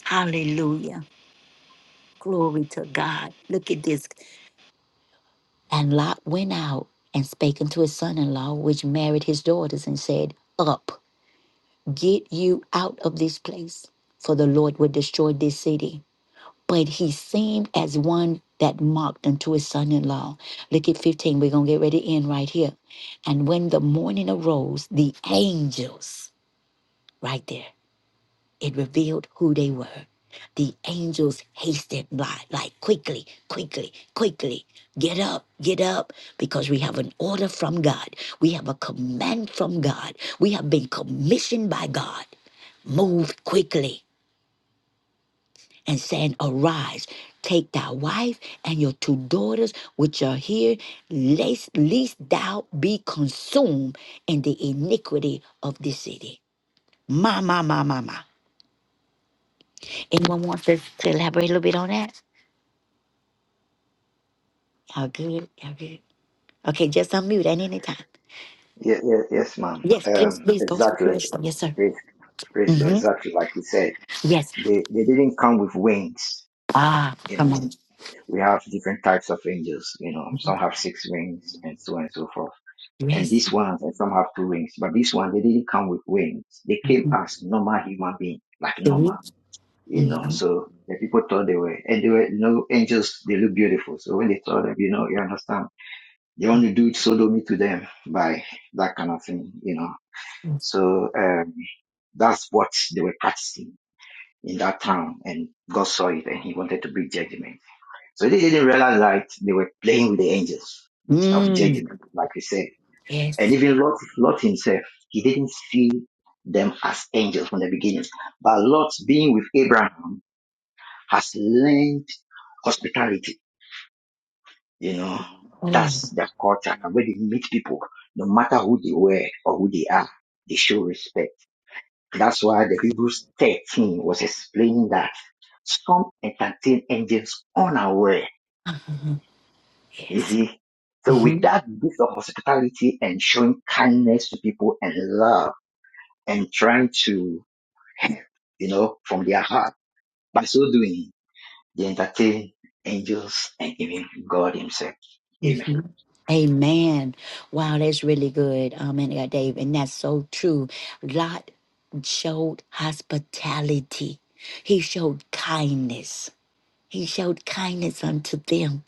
[SPEAKER 1] Hallelujah. Glory to God. Look at this. And Lot went out and spake unto his son in law, which married his daughters, and said, Up, get you out of this place, for the Lord will destroy this city but he seemed as one that mocked unto his son in law. Look at 15. We're going to get ready to end right here. And when the morning arose, the angels, right there, it revealed who they were. The angels hastened by, like quickly, quickly, quickly. Get up, get up, because we have an order from God. We have a command from God. We have been commissioned by God. Move quickly and saying, Arise, take thy wife and your two daughters which are here, lest, least thou be consumed in the iniquity of this city. My, my, my, my, my. Anyone wants us to elaborate a little bit on that? How good? How good? Okay, just unmute at any time.
[SPEAKER 5] Yes, yes, yes ma'am.
[SPEAKER 1] Yes, please,
[SPEAKER 5] Um,
[SPEAKER 1] please go through.
[SPEAKER 5] exactly.
[SPEAKER 1] this. Yes, sir.
[SPEAKER 5] Praise, praise
[SPEAKER 1] Yes,
[SPEAKER 5] God.
[SPEAKER 1] hmm
[SPEAKER 5] Exactly like you said.
[SPEAKER 1] Yes.
[SPEAKER 5] They, they didn't come with wings.
[SPEAKER 1] Ah,
[SPEAKER 5] You
[SPEAKER 1] come
[SPEAKER 5] know,
[SPEAKER 1] on.
[SPEAKER 5] we have different types of angels. You know, some have six wings and so on and so forth. And
[SPEAKER 1] Yes.
[SPEAKER 5] these ones, and some have two wings, but these ones, they didn't come with wings. They came
[SPEAKER 1] hmm
[SPEAKER 5] as normal human beings, like
[SPEAKER 1] See?
[SPEAKER 5] normal. you know.
[SPEAKER 1] hmm
[SPEAKER 5] So the people thought they were, and they were, you know, angels, they look beautiful. So when they saw them, you know, you understand, they want to do sodomy to them by that kind of thing, you know. So, um, that's what they were practicing in that town and God saw it and he wanted to bring judgment. So they didn't realize that they were playing with the angels of
[SPEAKER 1] Mm.
[SPEAKER 5] judgment, like we said. And
[SPEAKER 1] Yes.
[SPEAKER 5] even Lot, Lot himself, he didn't see them as angels from the beginning. But Lot being with Abraham has learned hospitality. You know,
[SPEAKER 1] Oh.
[SPEAKER 5] that's their culture. And when they meet people, no matter who they were or who they are, they show respect. That's why the Hebrews 13 was explaining that some entertain angels unaware. You
[SPEAKER 1] Yes.
[SPEAKER 5] see? So
[SPEAKER 1] Mm-hmm.
[SPEAKER 5] with that gift of hospitality and showing kindness to people and love and trying to help, you know, from their heart, by so doing, they entertain angels and even God himself. Amen.
[SPEAKER 1] hmm Amen. Wow, that's really good, um, man, of God, Dave, and that's so true. Lot showed hospitality. He showed kindness. He showed kindness unto them,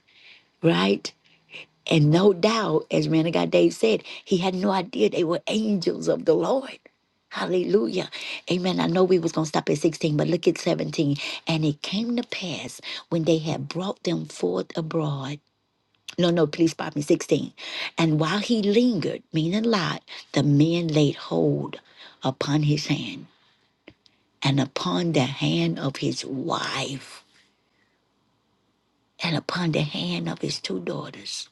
[SPEAKER 1] right? And no doubt, as man of God Dave said, he had no idea they were angels of the Lord. Hallelujah. Amen. I know we was going to stop at 16, but look at 17. And it came to pass when they had brought them forth abroad no, no, please, pardon me, 16. And while he lingered, meaning Lot, the men laid hold upon his hand and upon the hand of his wife and upon the hand of his two daughters.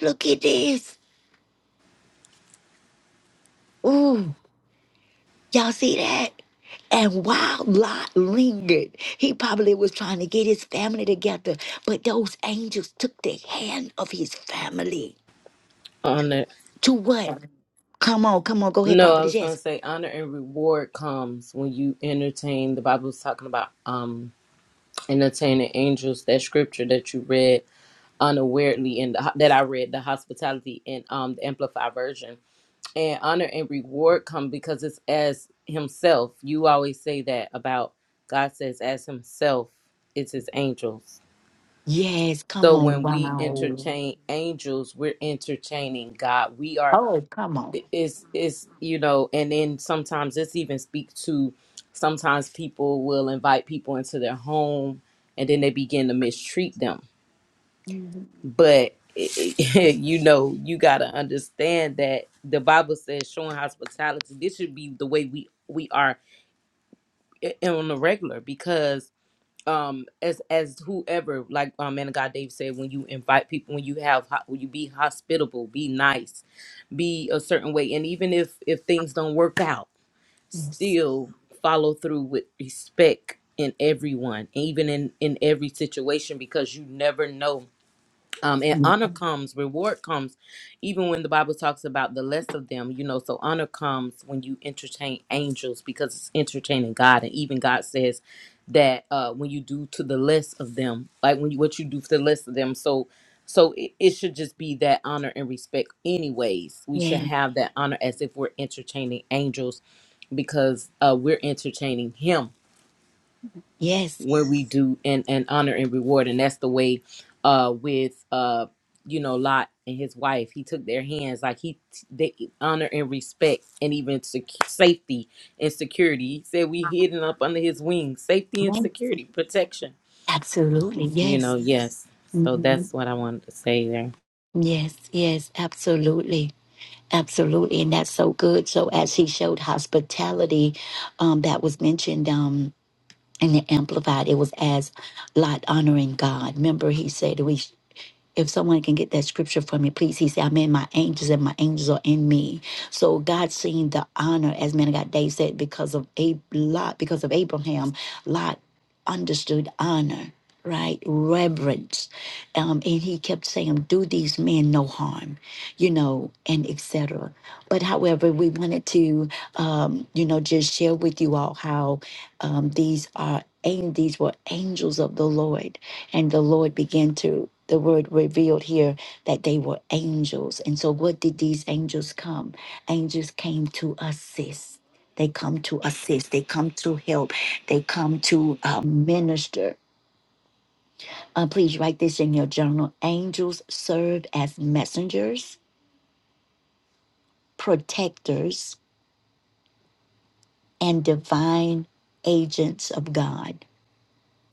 [SPEAKER 1] Look at this. Ooh, y'all see that? And while Lot lingered, he probably was trying to get his family together, but those angels took the hand of his family
[SPEAKER 2] Honor.
[SPEAKER 1] to what? Come on, come on, go ahead,
[SPEAKER 2] No, I
[SPEAKER 1] prophetess.
[SPEAKER 2] was
[SPEAKER 1] Yes.
[SPEAKER 2] gonna say honor and reward comes when you entertain. The Bible was talking about um entertaining angels. That scripture that you read unawarely in the that I read the hospitality in um the Amplified version. And honor and reward come because it's as Himself. You always say that about God says as Himself. It's His angels.
[SPEAKER 1] Yes, come
[SPEAKER 2] So
[SPEAKER 1] on.
[SPEAKER 2] when we
[SPEAKER 1] Wow.
[SPEAKER 2] entertain angels, we're entertaining God. We are
[SPEAKER 1] Oh, come on.
[SPEAKER 2] it- it's it's you know, and then sometimes this even speak to sometimes people will invite people into their home and then they begin to mistreat them.
[SPEAKER 1] Mhm.
[SPEAKER 2] But you know, you gotta understand that the Bible says showing hospitality. This should be the way we we are i- on the regular because um as as whoever like um man of god dave said when you invite people when you have ho- when you be hospitable be nice be a certain way and even if if things don't work out
[SPEAKER 1] Yes.
[SPEAKER 2] still follow through with respect in everyone even in in every situation because you never know um and
[SPEAKER 1] Mm.
[SPEAKER 2] honor comes reward comes even when the bible talks about the less of them you know so honor comes when you entertain angels because it's entertaining god and even god says that uh when you do to the less of them like when you what you do to the less of them so so it, it should just be that honor and respect anyways we should
[SPEAKER 1] Yes.
[SPEAKER 2] have that honor as if we're entertaining angels because uh we're entertaining him
[SPEAKER 1] Yes.
[SPEAKER 2] when we do and and honor and reward and that's the way uh with uh you know lot and his wife he took their hands like he they honor and respect and even sec- safety and security he said we hidden up under his wings safety and
[SPEAKER 1] Yes.
[SPEAKER 2] security protection
[SPEAKER 1] Absolutely.
[SPEAKER 2] you
[SPEAKER 1] Yes.
[SPEAKER 2] know yes so
[SPEAKER 1] hmm
[SPEAKER 2] that's what i wanted to say there
[SPEAKER 1] Yes. Yes. Absolutely. Absolutely. And that's so good. So as he showed hospitality, um, that was mentioned um in the amplified, it was as Lot honoring God. Remember he said we If someone can get that scripture for me, please. He said, I'm in my angels and my angels are in me. So God seen the honor, as man of God Dave said, because of a lot, because of Abraham, Lot understood honor, right? Reverence. Um, and he kept saying, Do these men no harm, you know, and etc. But however, we wanted to um, you know, just share with you all how um these are and these were angels of the Lord and the Lord began to, the word revealed here that they were angels. And so, what did these angels come? Angels came to assist. They come to assist. They come to help. They come to uh, minister. Uh, please write this in your journal. Angels serve as messengers, protectors, and divine agents of God.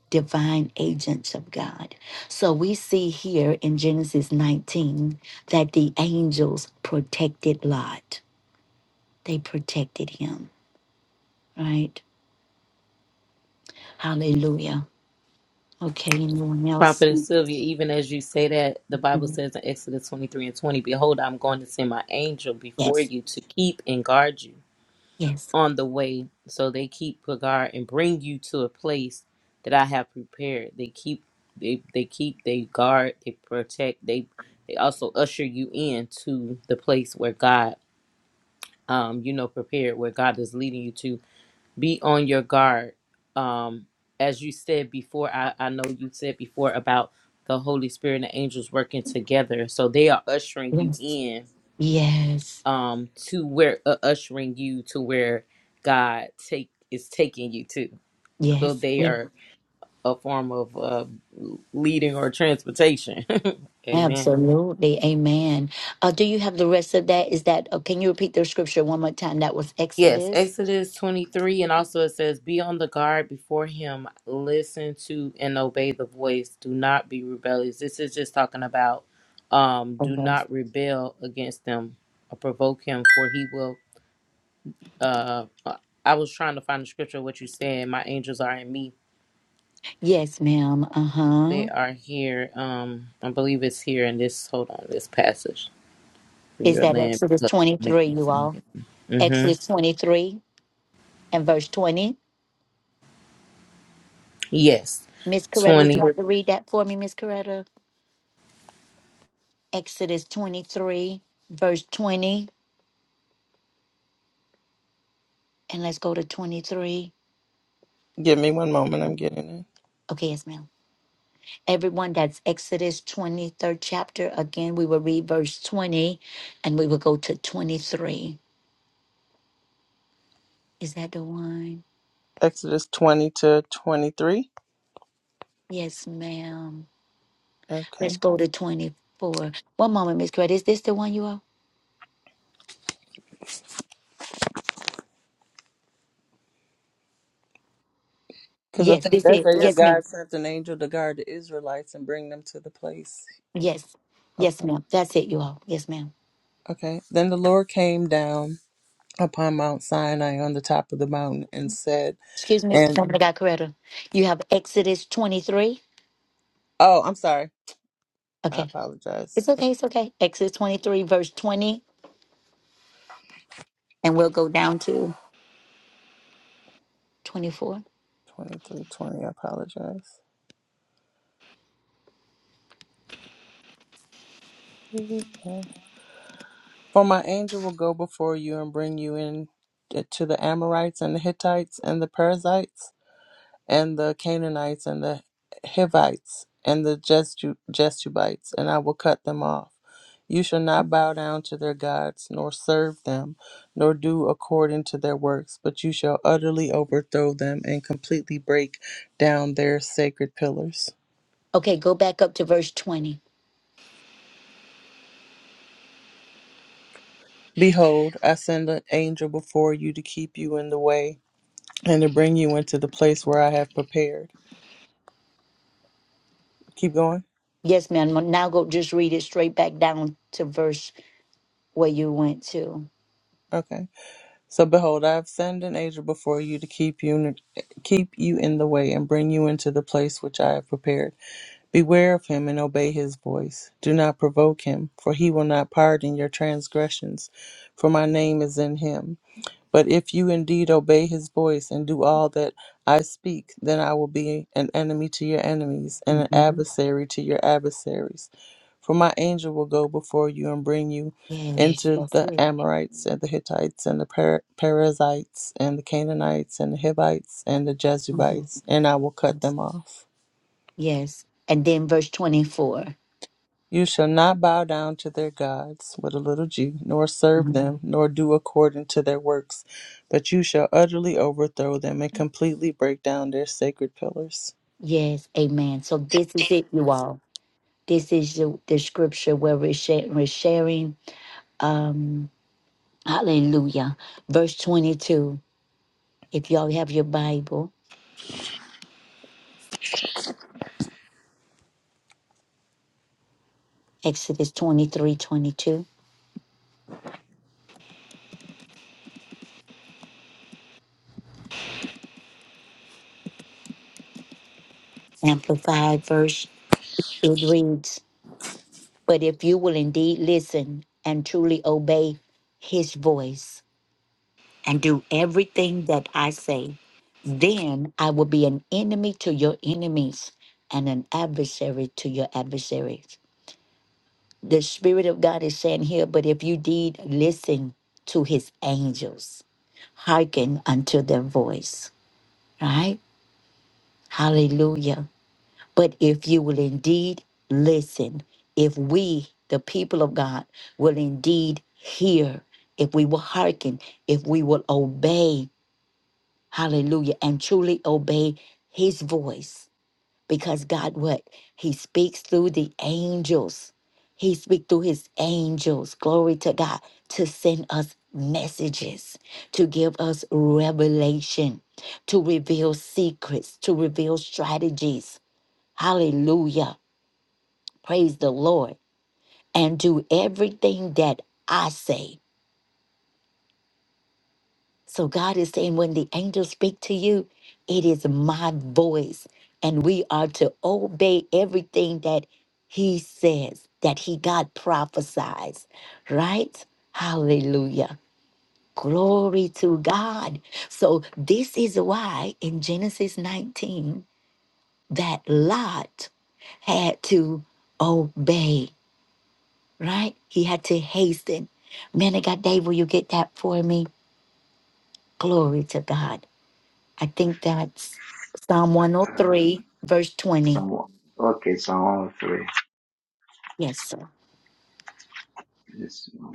[SPEAKER 1] divine agents of God. So we see here in Genesis 19 that the angels protected Lot. They protected him, right? Hallelujah. Okay, anyone else?
[SPEAKER 2] prophet sylvia even as you say that the bible
[SPEAKER 1] Mhm.
[SPEAKER 2] says in exodus 23 and 20 behold i'm going to send my angel before
[SPEAKER 1] Yes,
[SPEAKER 2] you to keep and guard you
[SPEAKER 1] yes,
[SPEAKER 2] on the way. So they keep a guard and bring you to a place that I have prepared. They keep they they keep they guard, they protect, they they also usher you in to the place where God um you know prepared where God is leading you to. Be on your guard. Um as you said before, I, I know you said before about the Holy Spirit and the angels working together. So they are ushering you
[SPEAKER 1] yes,
[SPEAKER 2] in
[SPEAKER 1] yes,
[SPEAKER 2] um to where uh, ushering you to where God take is taking you to. So
[SPEAKER 1] yes,
[SPEAKER 2] they
[SPEAKER 1] yes.
[SPEAKER 2] are a form of uh, leading or transportation. Amen.
[SPEAKER 1] Absolutely. Amen. Uh, do you have the rest of that? Is that, uh, can you repeat the scripture one more time? That was
[SPEAKER 2] Yes,
[SPEAKER 1] Exodus.
[SPEAKER 2] Exodus 23, and also it says, Be on the guard before him, listen to and obey the voice, do not be rebellious. This is just talking about um, do
[SPEAKER 1] Okay.
[SPEAKER 2] not rebel against them or provoke him, for he will. Uh, uh, I was trying to find the scripture, what you said, my angels are in me
[SPEAKER 1] Yes, ma'am. Uh huh.
[SPEAKER 2] They are here. Um, I believe it's here in this. Hold on, this passage for
[SPEAKER 1] Is
[SPEAKER 2] your
[SPEAKER 1] that
[SPEAKER 2] land.
[SPEAKER 1] Exodus
[SPEAKER 2] Look, I'm
[SPEAKER 1] 23,
[SPEAKER 2] making.
[SPEAKER 1] you all?
[SPEAKER 2] Mm-hmm.
[SPEAKER 1] Exodus 23 and verse 20.
[SPEAKER 2] Yes,
[SPEAKER 1] Miss Coretta, would you
[SPEAKER 2] 20
[SPEAKER 1] like to read that for me, Miss Coretta? Exodus 23, verse 20. And let's go to 23.
[SPEAKER 3] Give me one moment. I'm getting it.
[SPEAKER 1] Okay, yes, ma'am. Everyone, that's Exodus 23rd chapter. Again, we will read verse 20 and we will go to 23. Is that the one?
[SPEAKER 3] Exodus 20 to 23.
[SPEAKER 1] Yes, ma'am.
[SPEAKER 3] Okay.
[SPEAKER 1] Let's go to 24. One moment, Miss Coretta. Is this the one you all?
[SPEAKER 3] Because I
[SPEAKER 1] Yes,
[SPEAKER 3] think
[SPEAKER 1] this
[SPEAKER 3] that's
[SPEAKER 1] is.
[SPEAKER 3] where your
[SPEAKER 1] Yes, ma'am.
[SPEAKER 3] God sent an angel to guard the Israelites and bring them to the place.
[SPEAKER 1] Yes. Yes,
[SPEAKER 3] Okay.
[SPEAKER 1] ma'am. That's it, you all. Yes, ma'am.
[SPEAKER 3] Okay. Then the Lord came down upon Mount Sinai on the top of the mountain and said,
[SPEAKER 1] Excuse me,
[SPEAKER 3] and
[SPEAKER 1] woman of God, Coretta. You have Exodus 23.
[SPEAKER 3] oh, I'm sorry. I
[SPEAKER 1] Okay.
[SPEAKER 3] apologize.
[SPEAKER 1] It's okay. It's okay. Exodus 23, verse 20, and we'll go down to 24.
[SPEAKER 3] 23 20. I apologize. Okay. For my angel will go before you and bring you in eh, to the Amorites and the Hittites and the Perizzites and the Canaanites and the Hivites and the Jestu- Jestubites, and I will cut them off. You shall not bow down to their gods, nor serve them, nor do according to their works, but you shall utterly overthrow them and completely break down their sacred pillars.
[SPEAKER 1] Okay, go back up to verse 20.
[SPEAKER 3] Behold, I send an angel before you to keep you in the way and to bring you into the place where I have prepared. Keep going.
[SPEAKER 1] Yes, ma'am. Now go just read it straight back down to verse where you went to.
[SPEAKER 3] Okay. So behold, I have sent an angel before you to keep you in, keep you in the way and bring you into the place which I have prepared. Beware of him and obey his voice. Do not provoke him, for he will not pardon your transgressions, for my name is in him. But if you indeed obey his voice and do all that I speak, then I will be an enemy to your enemies and an
[SPEAKER 1] hmm
[SPEAKER 3] adversary to your adversaries. For my angel will go before you and bring you
[SPEAKER 1] Yes,
[SPEAKER 3] into
[SPEAKER 1] that's
[SPEAKER 3] the
[SPEAKER 1] it.
[SPEAKER 3] Amorites and the Hittites and the per- Perizzites and the Canaanites and the Hivites and the
[SPEAKER 1] hmm
[SPEAKER 3] Jebusites, and I will cut them off.
[SPEAKER 1] Yes. And then verse 24.
[SPEAKER 3] You shall not bow down to their gods with a little g, nor serve
[SPEAKER 1] Mhm.
[SPEAKER 3] them, nor do according to their works, but you shall utterly overthrow them and completely break down their sacred pillars.
[SPEAKER 1] Yes, amen. So this is it, you all. This is the, the scripture where we're, share, we're sharing. Um, Hallelujah. Verse 22. If y'all have your Bible, Exodus twenty-three, twenty-two, Amplified verse, it reads, But if you will indeed listen and truly obey his voice and do everything that I say, then I will be an enemy to your enemies and an adversary to your adversaries. The Spirit of God is saying here, But if you did listen to his angels, hearken unto their voice right? Hallelujah. But if you will indeed listen, if we, the people of God, will indeed hear, if we will hearken, if we will obey, hallelujah, and truly obey his voice, because God what he speaks through the angels. He speaks through his angels, glory to God, to send us messages, to give us revelation, to reveal secrets, to reveal strategies. Hallelujah. Praise the Lord. And do everything that I say So God is saying, when the angels speak to you, it is my voice. And we are to obey everything that he says, that he God prophesies, right? Hallelujah. Glory to God. So this is why in Genesis 19 that Lot had to obey, right? He had to hasten. Man of God, Dave, will you get that for me? Glory to God. I think that's Psalm
[SPEAKER 5] Um,
[SPEAKER 1] 103, verse 20.
[SPEAKER 5] Psalm, okay, Psalm 103.
[SPEAKER 1] Yes, sir.
[SPEAKER 5] This one,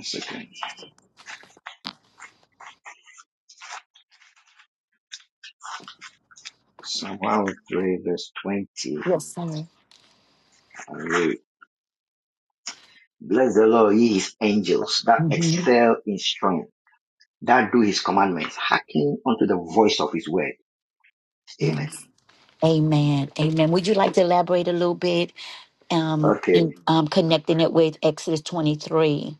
[SPEAKER 5] a second. Psalm 103, verse 20.
[SPEAKER 1] Yes, sir.
[SPEAKER 5] I read, Bless the Lord, ye his angels, that
[SPEAKER 1] hmm
[SPEAKER 5] excel in strength, that do his commandments, hearken unto the voice of his word. Amen.
[SPEAKER 1] Yes. Amen. Amen. Would you like to elaborate a little bit um,
[SPEAKER 5] Okay,
[SPEAKER 1] in um, connecting it with Exodus 23,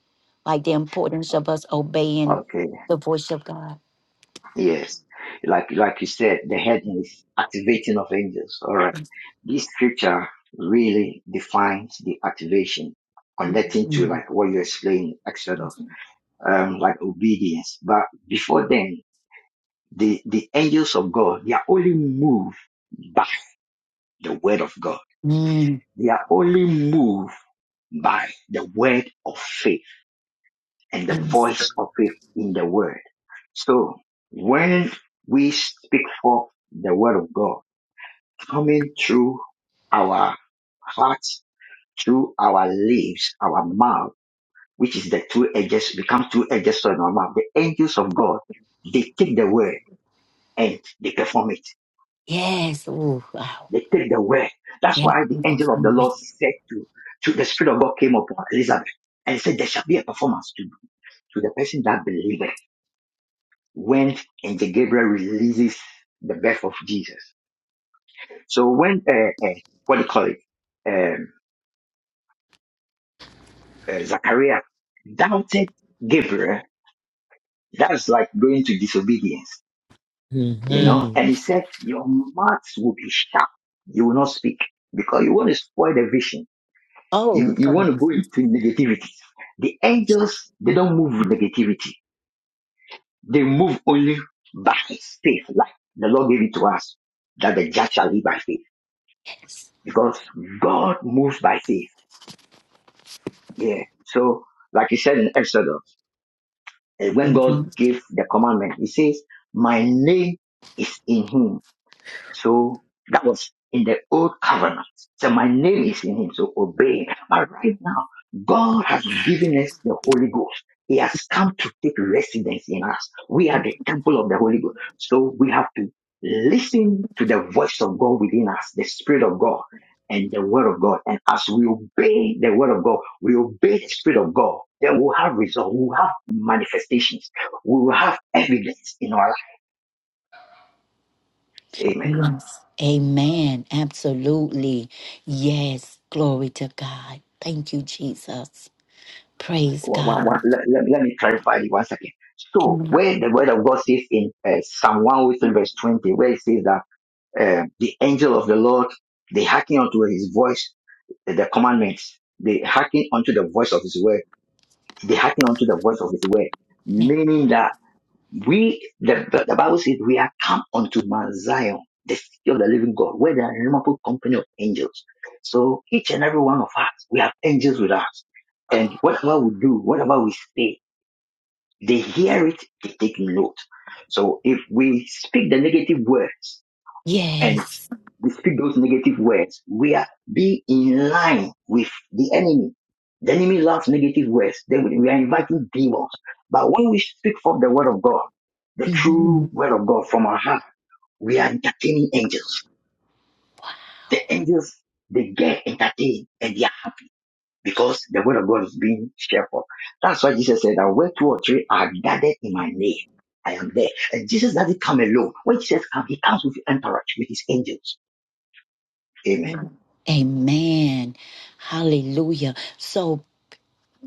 [SPEAKER 1] like the importance of us obeying
[SPEAKER 5] okay,
[SPEAKER 1] the voice of God?
[SPEAKER 5] yes. Like, like you said, the heading is activating of angels. All right. This scripture really defines the activation, connecting to
[SPEAKER 1] Mm.
[SPEAKER 5] like what you explained, etc.
[SPEAKER 1] Yes.
[SPEAKER 5] um, like obedience. But before then, the, the angels of God, they are only moved by the word of God.
[SPEAKER 1] Mm.
[SPEAKER 5] They are only moved by the word of faith and the
[SPEAKER 1] Yes.
[SPEAKER 5] voice of faith in the word. So when we speak forth the word of God coming through our hearts, through our lips, our mouth, which is the two edges, become two edges to our mouth. The angels of God, they take the word and they perform it.
[SPEAKER 1] Yes. Ooh, wow.
[SPEAKER 5] They take the word. That's
[SPEAKER 1] Yeah.
[SPEAKER 5] why the angel of the Lord
[SPEAKER 1] Mhm.
[SPEAKER 5] said to, to the Spirit of God came upon Elizabeth and said, There shall be a performance to, to the person that believeth when Angel Gabriel releases the birth of Jesus. So when, uh, uh, what do you call it? Um, uh, Zachariah doubted Gabriel. That's like going to disobedience, you know?
[SPEAKER 2] Mm-hmm.
[SPEAKER 5] And he said, Your mouth will be shut. You will not speak because you want to spoil the vision
[SPEAKER 1] Oh,
[SPEAKER 5] You, you want
[SPEAKER 1] God.
[SPEAKER 5] to go into negativity. The angels, they don't move with negativity. They move only by faith, like the Lord gave it to us, that the just shall live by faith.
[SPEAKER 1] Yes.
[SPEAKER 5] Because God moves by faith. Yeah. So, like he said in Exodus, eh, when God
[SPEAKER 1] Mhm.
[SPEAKER 5] gave the commandment, he says, my name is in him So that was in the old covenant. So my name is in him, so obey. But right now, God has given us the Holy Ghost. He has come to take residence in us. We are the temple of the Holy Ghost. So we have to listen to the voice of God within us, the Spirit of God and the Word of God. And as we obey the Word of God, we obey the Spirit of God, then we'll have results, we'll have manifestations, we will have evidence in our life. Amen.
[SPEAKER 1] Yes. Amen. Absolutely. Yes. Glory to God. Thank you, Jesus. Praise
[SPEAKER 5] One- one-
[SPEAKER 1] God.
[SPEAKER 5] one- let, let, let me clarify it one second. So,
[SPEAKER 1] Amen.
[SPEAKER 5] where the word of God says in uh, Psalm 103, verse 20, where it says that uh, the angel of the Lord, they hearken unto his voice, uh, the commandments, they hearken unto the voice of his word, they hearken unto the voice of his word, meaning that we, the, the, the Bible says, we are come unto Mount Zion, the city of the living God, where there are innumerable company of angels. So, each and every one of us, we have angels with us. And whatever we do, whatever we say, they hear it, they take note. So if we speak the negative words and
[SPEAKER 1] Yes.
[SPEAKER 5] we speak those negative words, we are be in line with the enemy. The enemy loves negative words. Then we are inviting demons. But when we speak from the word of God, the true
[SPEAKER 1] Mhm.
[SPEAKER 5] word of God from our heart, we are entertaining angels. The angels, they get entertained and they because the word of God is being shared forth. That's why Jesus said that where two or three are gathered in my name, I am there. And Jesus doesn't come alone. When Jesus comes, he comes with the entourage, with his angels. Amen.
[SPEAKER 1] Amen. Hallelujah. So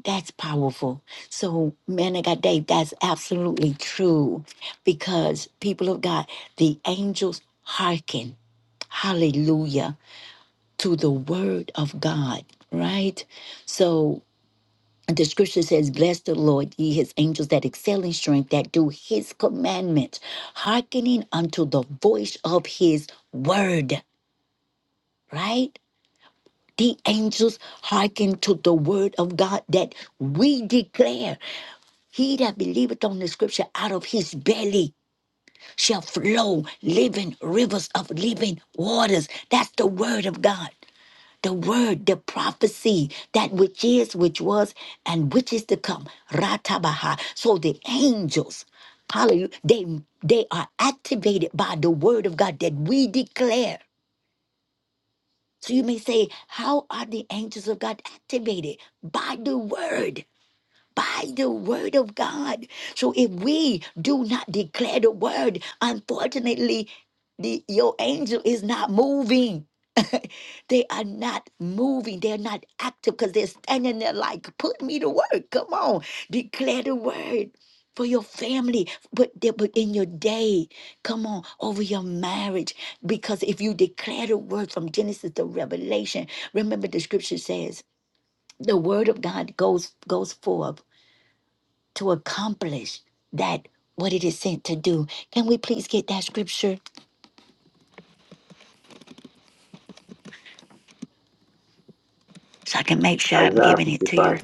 [SPEAKER 1] that's powerful. So, man of God, Dave, that's absolutely true because people of God, the angels hearken. Hallelujah to the word of God, right? So And the scripture says, Bless the Lord, ye his angels that excel in strength, that do his commandments, hearkening unto the voice of his word, right? The angels hearken to the word of God that we declare. He that believeth on the scripture out of his belly shall flow living rivers of living waters. That's the word of God. the word, the prophecy, that which is, which was, and which is to come. Ratabaha. So the angels, hallelujah, they they are activated by the word of God that we declare. So you may say, How are the angels of God activated? By the word. By the word of God. So if we do not declare the word, unfortunately, the, your angel is not moving. They are not moving. They're not active because they're standing there like, put me to work. Come on. Declare the word for your family, but, they- but in your day. Come on, over your marriage. Because if you declare the word from Genesis to Revelation, remember the scripture says the word of God goes goes forth to accomplish that what it is sent to do. Can we please get that scripture so I can make sure I'm
[SPEAKER 5] Isaiah
[SPEAKER 1] giving it to you?
[SPEAKER 5] 55.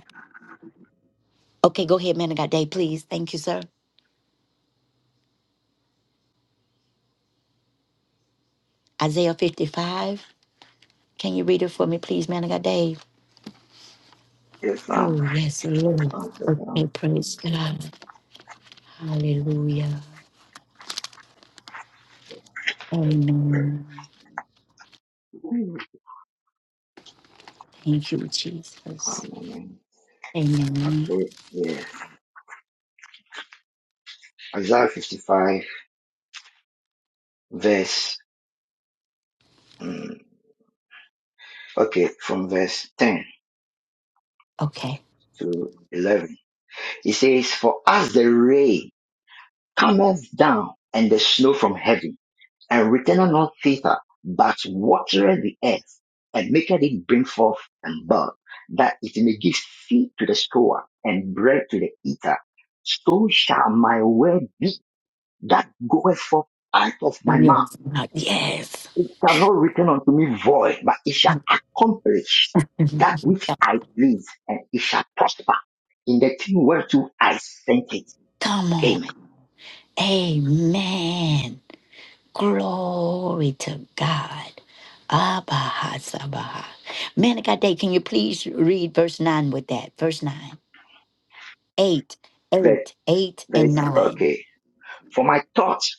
[SPEAKER 1] Okay, go ahead, man of God, Dave, please. Thank you, sir. Isaiah 55. Can you read it for me, please, man? I got Dave.
[SPEAKER 5] Yes,
[SPEAKER 1] Oh,
[SPEAKER 5] um,
[SPEAKER 1] yes, Lord.
[SPEAKER 5] one second.
[SPEAKER 1] Okay,
[SPEAKER 5] um,
[SPEAKER 1] praise God. Hallelujah. Amen.
[SPEAKER 5] One
[SPEAKER 1] Thank you, Jesus.
[SPEAKER 5] moment.
[SPEAKER 1] Amen.
[SPEAKER 5] Okay, yeah. Isaiah 55, verse, mm, okay, from verse 10
[SPEAKER 1] Okay.
[SPEAKER 5] to 11. It says, For as the rain cometh down and the snow from heaven, and returned not thither, but watered the earth, and maketh it bring forth and bud, that it may give seed to the sower and bread to the eater. So shall my word be that goeth forth out of
[SPEAKER 1] Are
[SPEAKER 5] my
[SPEAKER 1] we on?
[SPEAKER 5] mouth.
[SPEAKER 1] Uh, Yes.
[SPEAKER 5] It shall not return unto me void, but it shall accomplish that
[SPEAKER 1] Come
[SPEAKER 5] which I please, and it shall prosper in the thing whereto I sent it.
[SPEAKER 1] on.
[SPEAKER 5] Amen.
[SPEAKER 1] Amen. Glory to God. Abaha Sabaha. Man of God, Dave, can you please read verse 9 with that? Verse 9. 8, eight,
[SPEAKER 5] Ver-
[SPEAKER 1] eight, and
[SPEAKER 5] Verse,
[SPEAKER 1] 9.
[SPEAKER 5] okay. For my thoughts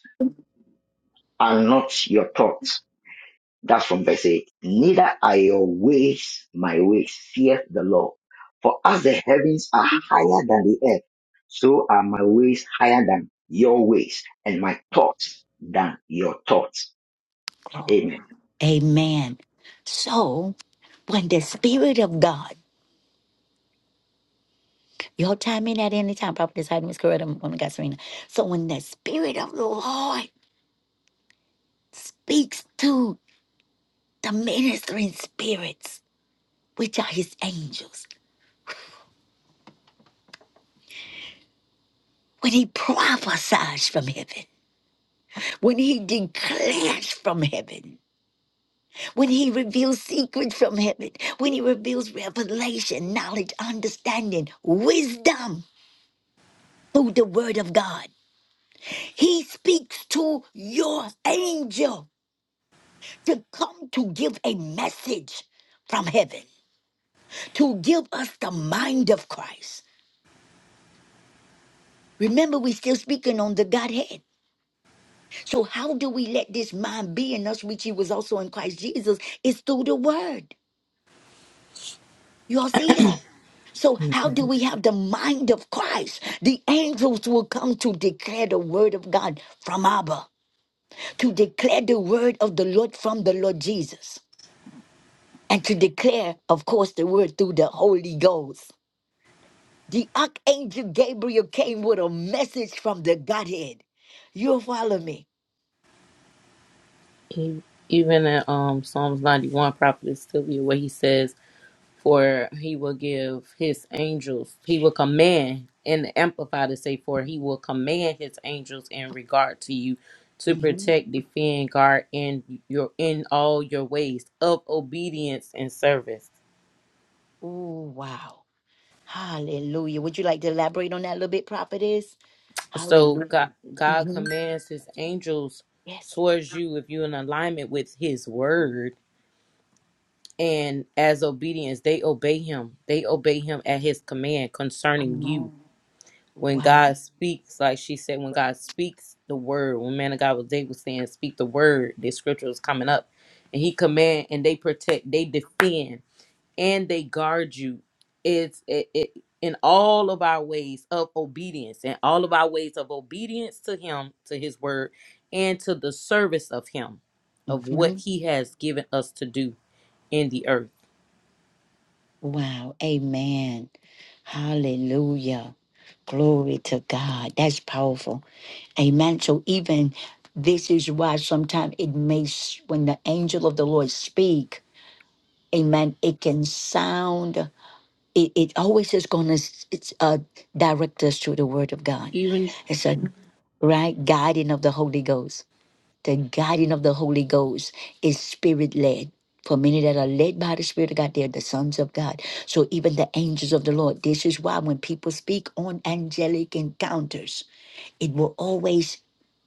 [SPEAKER 5] are not your thoughts That's from verse 8. Neither are your ways my ways, fear the Lord. For as the heavens are higher than the earth, so are my ways higher than your ways, and my thoughts than your thoughts. Amen.
[SPEAKER 1] Amen. So when the Spirit of God, y'all chime in at any time, Prophetess Heidi, Miss Coretta, Woman God Serena. So when the Spirit of the Lord speaks to the ministering spirits, which are his angels, when he prophesies from heaven, when he declares from heaven, when he reveals secrets from heaven, when he reveals revelation, knowledge, understanding, wisdom through the word of God He speaks to your angel to come to give a message from heaven, to give us the mind of Christ. Remember, we're still speaking on the Godhead. So, how do we let this mind be in us, which He was also in Christ Jesus? It's through the Word. You all see that? So, how do we have the mind of Christ? The angels will come to declare the Word of God from Abba, to declare the Word of the Lord from the Lord Jesus. and to declare, of course, the word through the Holy Ghost. The archangel Gabriel came with a message from the Godhead. You'll follow me.
[SPEAKER 2] E- Even in um Psalms ninety-one, prophet is still here, where he says, "For he will give his angels. He will command." And the amplify to say, "For he will command his angels in regard to you." To
[SPEAKER 1] hmm
[SPEAKER 2] protect, defend, guard in your in all your ways of obedience and service.
[SPEAKER 1] Oh, wow. Hallelujah. Would you like to elaborate on that a little bit, prophetess?
[SPEAKER 2] So
[SPEAKER 1] Hallelujah.
[SPEAKER 2] God, God
[SPEAKER 1] hmm
[SPEAKER 2] commands his angels
[SPEAKER 1] Yes.
[SPEAKER 2] towards you if you're in alignment with his word. And as obedience, they obey him. They obey him at his command concerning
[SPEAKER 1] I'm
[SPEAKER 2] you.
[SPEAKER 1] on.
[SPEAKER 2] When
[SPEAKER 1] Wow.
[SPEAKER 2] God speaks, like she said, when God speaks the word, when man of God was they was saying, speak the word, the scripture was coming up. And he command and they protect, they defend and they guard you it's it, it in all of our ways of obedience and all of our ways of obedience to him to his word and to the service of him of what he has given us to do in the earth
[SPEAKER 1] Wow. Amen. Hallelujah. Glory to God. That's powerful. Amen. So even this is why sometimes it may, s- when the angel of the Lord speak, amen, it can sound, it, it always is going to uh, direct us to the word of God. It's a Mhm. right guiding of the Holy Ghost. The guiding of the Holy Ghost is spirit led. For many that are led by the Spirit of God, they are the sons of God. So even the angels of the Lord, this is why when people speak on angelic encounters, it will always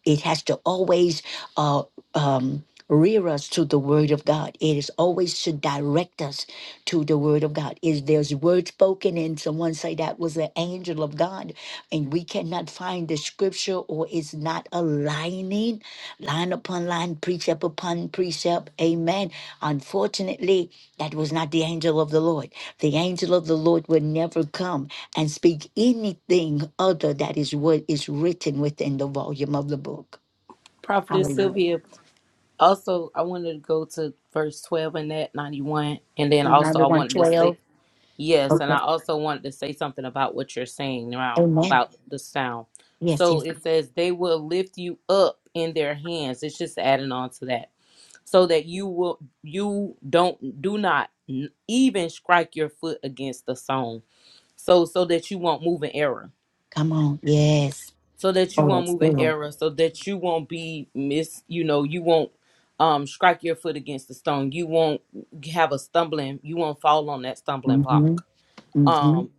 [SPEAKER 1] it has to always uh, um, rear us to the word of god it is always should direct us to the word of god is there's word spoken and someone say that was an angel of god and we cannot find the scripture or it's not aligning line upon line precept upon precept amen unfortunately that was not the angel of the lord the angel of the lord would never come and speak anything other that is what is written within the volume of the book.
[SPEAKER 2] prophetess
[SPEAKER 1] Hallelujah.
[SPEAKER 2] sylvia also i wanted to go to verse 12 in that 91 and then
[SPEAKER 1] Psalm
[SPEAKER 2] also i
[SPEAKER 1] 91
[SPEAKER 2] wanted to say
[SPEAKER 1] twelve.
[SPEAKER 2] Yes, and I
[SPEAKER 1] Okay.
[SPEAKER 2] also wanted to say something about what you're saying now
[SPEAKER 1] Amen.
[SPEAKER 2] about the sound.
[SPEAKER 1] Yes,
[SPEAKER 2] So
[SPEAKER 1] yes.
[SPEAKER 2] it says they will lift you up in their hands. It's just adding on to that, so that you will you don't do not n- even strike your foot against the stone. So so that you won't move in error.
[SPEAKER 1] Come on. Yes.
[SPEAKER 2] So that you
[SPEAKER 1] Oh,
[SPEAKER 2] won't
[SPEAKER 1] that's
[SPEAKER 2] move in
[SPEAKER 1] good.
[SPEAKER 2] error. So that you won't be miss. You know you won't um strike your foot against the stone. You won't have a stumbling. You won't fall on that stumbling
[SPEAKER 1] Mm-hmm.
[SPEAKER 2] block.
[SPEAKER 1] Mm-hmm.
[SPEAKER 2] Um,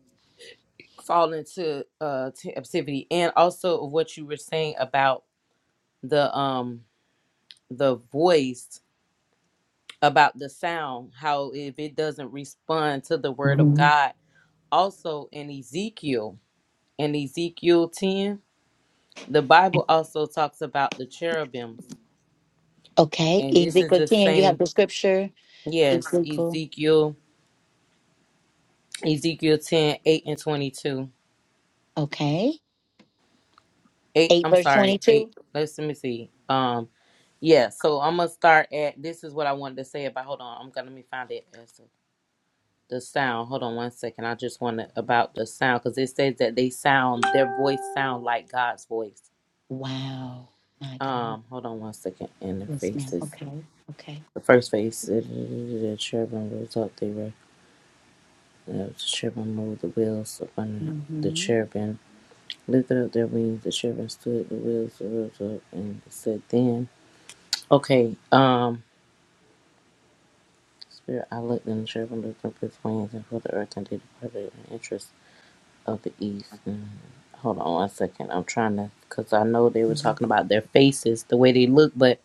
[SPEAKER 2] fall into uh captivity and also of what you were saying about the um the voice about the sound how if it doesn't respond to the word of
[SPEAKER 1] Mm-hmm.
[SPEAKER 2] god also in ezekiel in ezekiel 10 the bible also talks about the cherubims
[SPEAKER 1] Okay.
[SPEAKER 2] and this is
[SPEAKER 1] Ezekiel
[SPEAKER 2] the
[SPEAKER 1] 10, you have
[SPEAKER 2] same
[SPEAKER 1] the scripture.
[SPEAKER 2] yes
[SPEAKER 1] Ezekiel.
[SPEAKER 2] ezekiel ezekiel 10 8 and 22
[SPEAKER 1] Okay.
[SPEAKER 2] eight
[SPEAKER 1] 8
[SPEAKER 2] i'm
[SPEAKER 1] verse
[SPEAKER 2] sorry eight
[SPEAKER 1] 22.
[SPEAKER 2] let's let me see um yeah so i'm gonna start at this is what i wanted to say about hold on i'm gonna let me find it as a- the sound hold on one second i just want to about the sound because it says that they sound their voice sound like god's voice
[SPEAKER 1] Wow. My God.
[SPEAKER 2] um hold on one second and their
[SPEAKER 1] Yes, ma'am.
[SPEAKER 2] faces
[SPEAKER 1] Okay. Okay.
[SPEAKER 2] the first face the cherubim rose up they were the cherubim moved the wheels upon the
[SPEAKER 1] Mm-hmm.
[SPEAKER 2] cherubim lifted up their wings the cherubim stood the wheels rose up and said then okay um Spirit, I looked and the cherubim lifted up its wings and flew the earth and they departed in the interest of the east. Mm. Hold on one second. I'm trying to, because I know they were
[SPEAKER 1] Mm-hmm.
[SPEAKER 2] talking about their faces, the way they look, but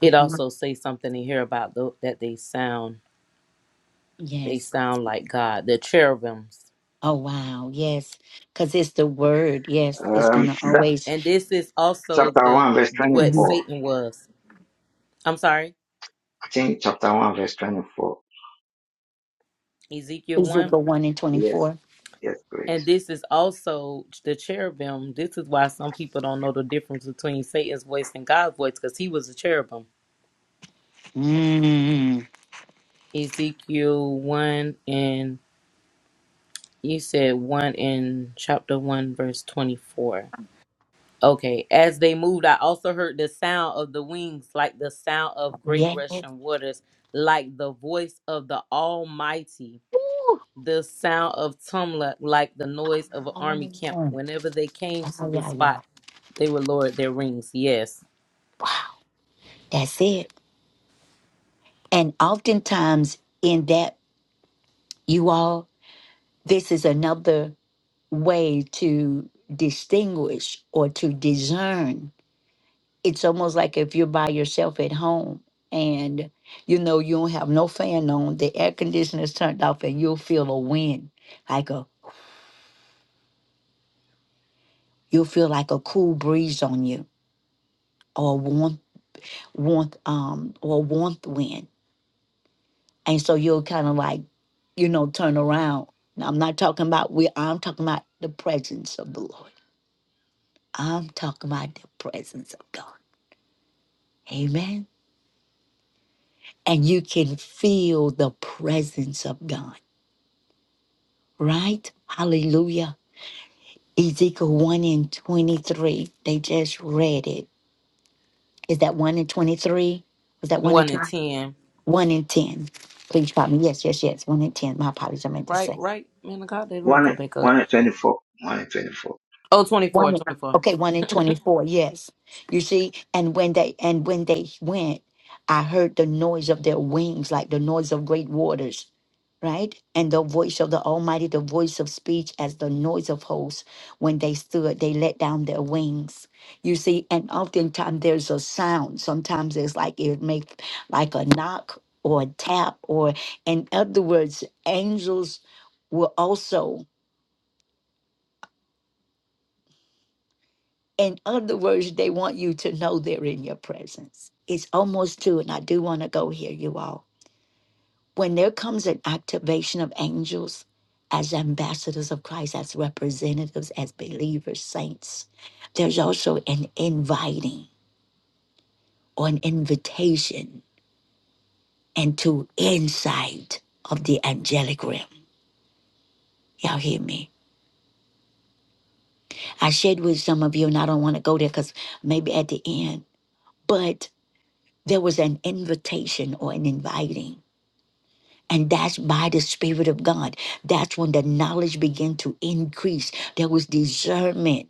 [SPEAKER 2] it
[SPEAKER 1] Uh-huh.
[SPEAKER 2] also say something in here about tho- that they sound, they
[SPEAKER 1] Yes.
[SPEAKER 2] sound like God, the cherubims.
[SPEAKER 1] Oh wow, yes, because it's the word. Yes, it's
[SPEAKER 5] Um,
[SPEAKER 1] gonna
[SPEAKER 5] that,
[SPEAKER 1] always
[SPEAKER 2] And this is also
[SPEAKER 5] chapter
[SPEAKER 2] the,
[SPEAKER 5] 1, verse
[SPEAKER 2] the what
[SPEAKER 1] Mhm.
[SPEAKER 5] 24.
[SPEAKER 2] Satan was. I'm sorry,
[SPEAKER 5] I think chapter 1, verse 24.
[SPEAKER 2] Ezekiel 1.
[SPEAKER 1] Ezekiel one and twenty
[SPEAKER 5] Yes,
[SPEAKER 1] four.
[SPEAKER 5] yes,
[SPEAKER 2] And
[SPEAKER 5] please.
[SPEAKER 2] this is also the cherubim. This is why some people don't know the difference between Satan's voice and God's voice, because he was a cherubim
[SPEAKER 1] Mm.
[SPEAKER 2] Ezekiel 1 and you said 1 in chapter 1, verse 24. Okay. As they moved, I also heard the sound of the wings, like the sound of great
[SPEAKER 1] Yes.
[SPEAKER 2] rushing waters, like the voice of the Almighty,
[SPEAKER 1] Ooh.
[SPEAKER 2] the sound of tumult, like the noise of an army camp.
[SPEAKER 1] Oh yeah,
[SPEAKER 2] Whenever they came to the
[SPEAKER 1] yeah. yeah.
[SPEAKER 2] spot, they would lower their rings. Yes.
[SPEAKER 1] That's it. And oftentimes in that, you all, this is another way to distinguish or to discern it's almost like if you're by yourself at home and you know you don't have no fan on, the air conditioner's turned off, and you'll feel a wind, like a you'll feel like a cool breeze on you, or a warmth, warmth, um, or a warmth wind, and so you'll kind of like, you know, turn around. Now I'm not talking about we. I'm talking about the presence of the Lord. I'm talking about the presence of God. Amen. And you can feel the presence of God, right? Hallelujah Ezekiel 1 and 23. They just read it. Is that 1 and 23? Was that 1 and
[SPEAKER 2] 1 and
[SPEAKER 1] 20?
[SPEAKER 2] 10.
[SPEAKER 1] 1 and 10. Please pardon me. Yes, yes, yes. 1 and 10. My apologies. I meant to
[SPEAKER 2] Right,
[SPEAKER 1] say.
[SPEAKER 2] right. Man of God, they didn't go
[SPEAKER 5] 1,
[SPEAKER 2] back up.
[SPEAKER 5] 1 and 24. 1 and 24.
[SPEAKER 2] Oh, twenty four,
[SPEAKER 1] One in,
[SPEAKER 2] twenty four,
[SPEAKER 1] okay, one in twenty-four. Yes, you see, and when they and when they went, I heard the noise of their wings, like the noise of great waters, right? And the voice of the Almighty, the voice of speech, as the noise of hosts. When they stood, they let down their wings. You see, and oftentimes there's a sound. Sometimes it's like it makes like a knock or a tap, or in other words, angels were also. In other words, they want you to know they're in your presence. It's almost two, and I do want to go here, you all. When there comes an activation of angels as ambassadors of Christ, as representatives, as believers, saints, there's also an inviting or an invitation into insight of the angelic realm. Y'all hear me? I shared with some of you, and I don't want to go there because maybe at the end, but there was an invitation or an inviting And that's by the Spirit of God. That's when the knowledge began to increase. There was discernment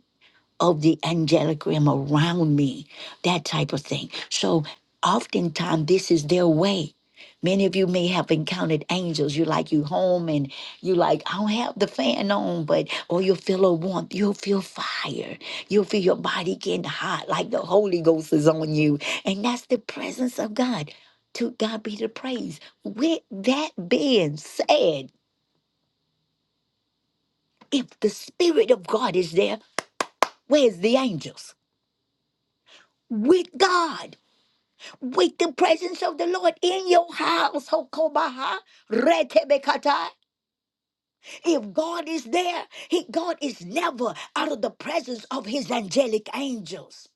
[SPEAKER 1] of the angelic realm around me, that type of thing. So oftentimes this is their way. Many of you may have encountered angels. You're like you home and you like, I don't have the fan on, but or you'll feel a warmth, you'll feel fire, you'll feel your body getting hot, like the Holy Ghost is on you. And that's the presence of God. To God be the praise. With that being said, if the Spirit of God is there, where's the angels? With God. with the presence of the Lord in your house. Hokobaha, retebekata. If God is there, he, God is never out of the presence of his angelic angels.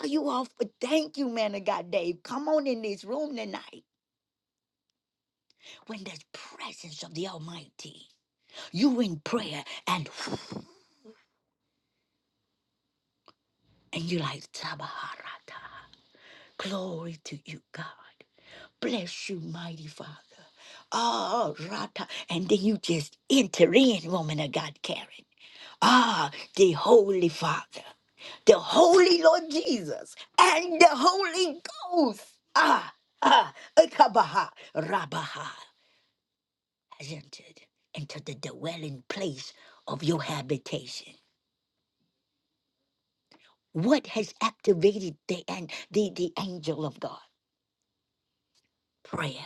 [SPEAKER 1] Are you all for thank you, man of God, Dave? Come on in this room tonight. When the presence of the Almighty, you in prayer and and you like Tabaharata. Glory to you, God. Bless you, mighty Father. Ah, Rata. And then you just enter in, woman of God, Karen. Ah, the Holy Father, the Holy Lord Jesus, and the Holy Ghost. Ah, ah, Ekabaha, Rabaha. Has entered into the dwelling place of your habitation. What has activated the, an- the, the angel of God? Prayer,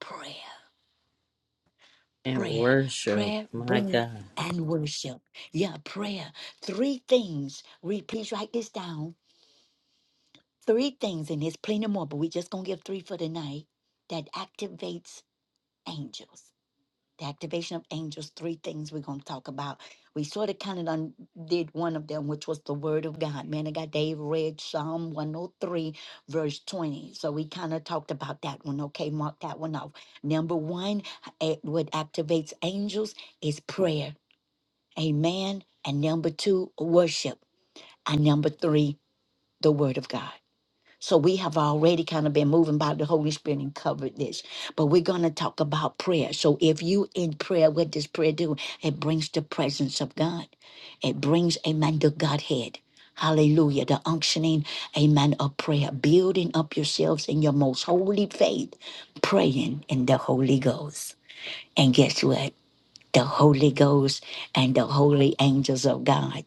[SPEAKER 1] prayer.
[SPEAKER 2] And
[SPEAKER 1] prayer
[SPEAKER 2] worship.
[SPEAKER 1] prayer
[SPEAKER 2] My
[SPEAKER 1] bring
[SPEAKER 2] God.
[SPEAKER 1] and worship yeah prayer three things Read, please write this down three things and there's plenty more but we just gonna give three for tonight that activates angels the activation of angels, three things we're going to talk about. We sort of kind of done did one of them, which was the word of God. Man, I got Dave read Psalm 103, verse 20. So we kind of talked about that one. Okay, mark that one off. Number one, eh, what activates angels is prayer. Amen. And number two, worship. And number three, the word of God. So we have already kind of been moving by the Holy Spirit and covered this. But we're going to talk about prayer. So if you in prayer, what does prayer do? It brings the presence of God. It brings, amen, the Godhead. Hallelujah. The unctioning, amen, of prayer. Building up yourselves in your most holy faith, praying in the Holy Ghost. And guess what? The Holy Ghost and the holy angels of God,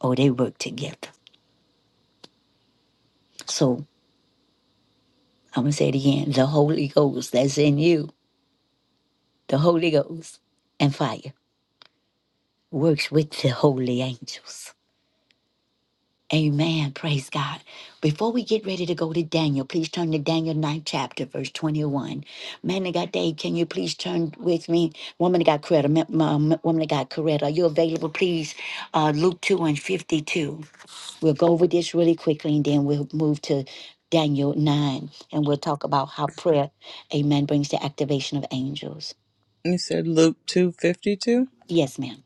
[SPEAKER 1] oh, they work together. So I'm going to say it again the Holy Ghost that's in you The Holy Ghost and fire works with the holy angels. Amen. Praise God. Before we get ready to go to Daniel, please turn to Daniel 9th chapter, verse 21. Man of God, Dave, can you please turn with me? Woman of God, Coretta, ma- ma- ma- woman of God, Coretta, are you available, please? Uh, Luke 2 and 52. We'll go over this really quickly and then we'll move to Daniel 9 and we'll talk about how prayer, amen, brings the activation of angels.
[SPEAKER 3] You said Luke two fifty two.
[SPEAKER 1] Yes, ma'am.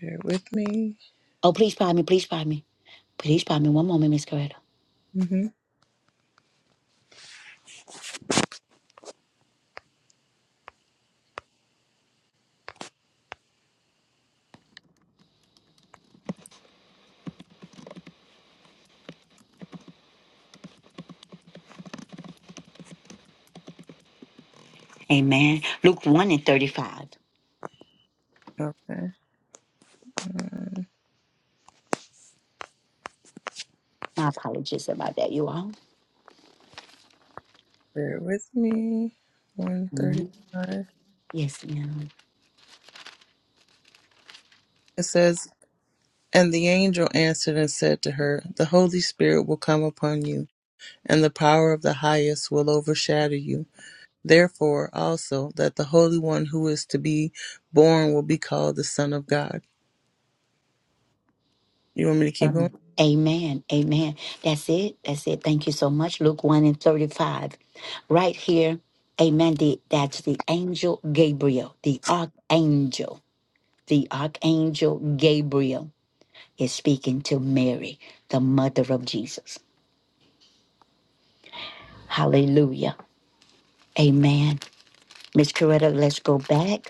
[SPEAKER 3] Bear with me.
[SPEAKER 1] Oh, please pardon me. Please pardon me. Please pardon me. One moment, Miss Coretta.
[SPEAKER 3] hmm
[SPEAKER 1] Amen. Luke 1 and 35.
[SPEAKER 3] Okay.
[SPEAKER 1] My apologies about that, you all.
[SPEAKER 3] Bear with me. One thirty
[SPEAKER 1] Mhm.
[SPEAKER 3] five.
[SPEAKER 1] Yes, ma'am.
[SPEAKER 3] It says, And the angel answered and said to her, The Holy Spirit will come upon you, and the power of the highest will overshadow you. Therefore also that the Holy One who is to be born will be called the Son of God. You want me to keep going?
[SPEAKER 1] Um, amen. Amen. That's it. That's it. Thank you so much. Luke 1 and 35. Right here. Amen. The, that's the angel Gabriel, the archangel. The archangel Gabriel is speaking to Mary, the mother of Jesus. Hallelujah. Amen. Miss Coretta, let's go back.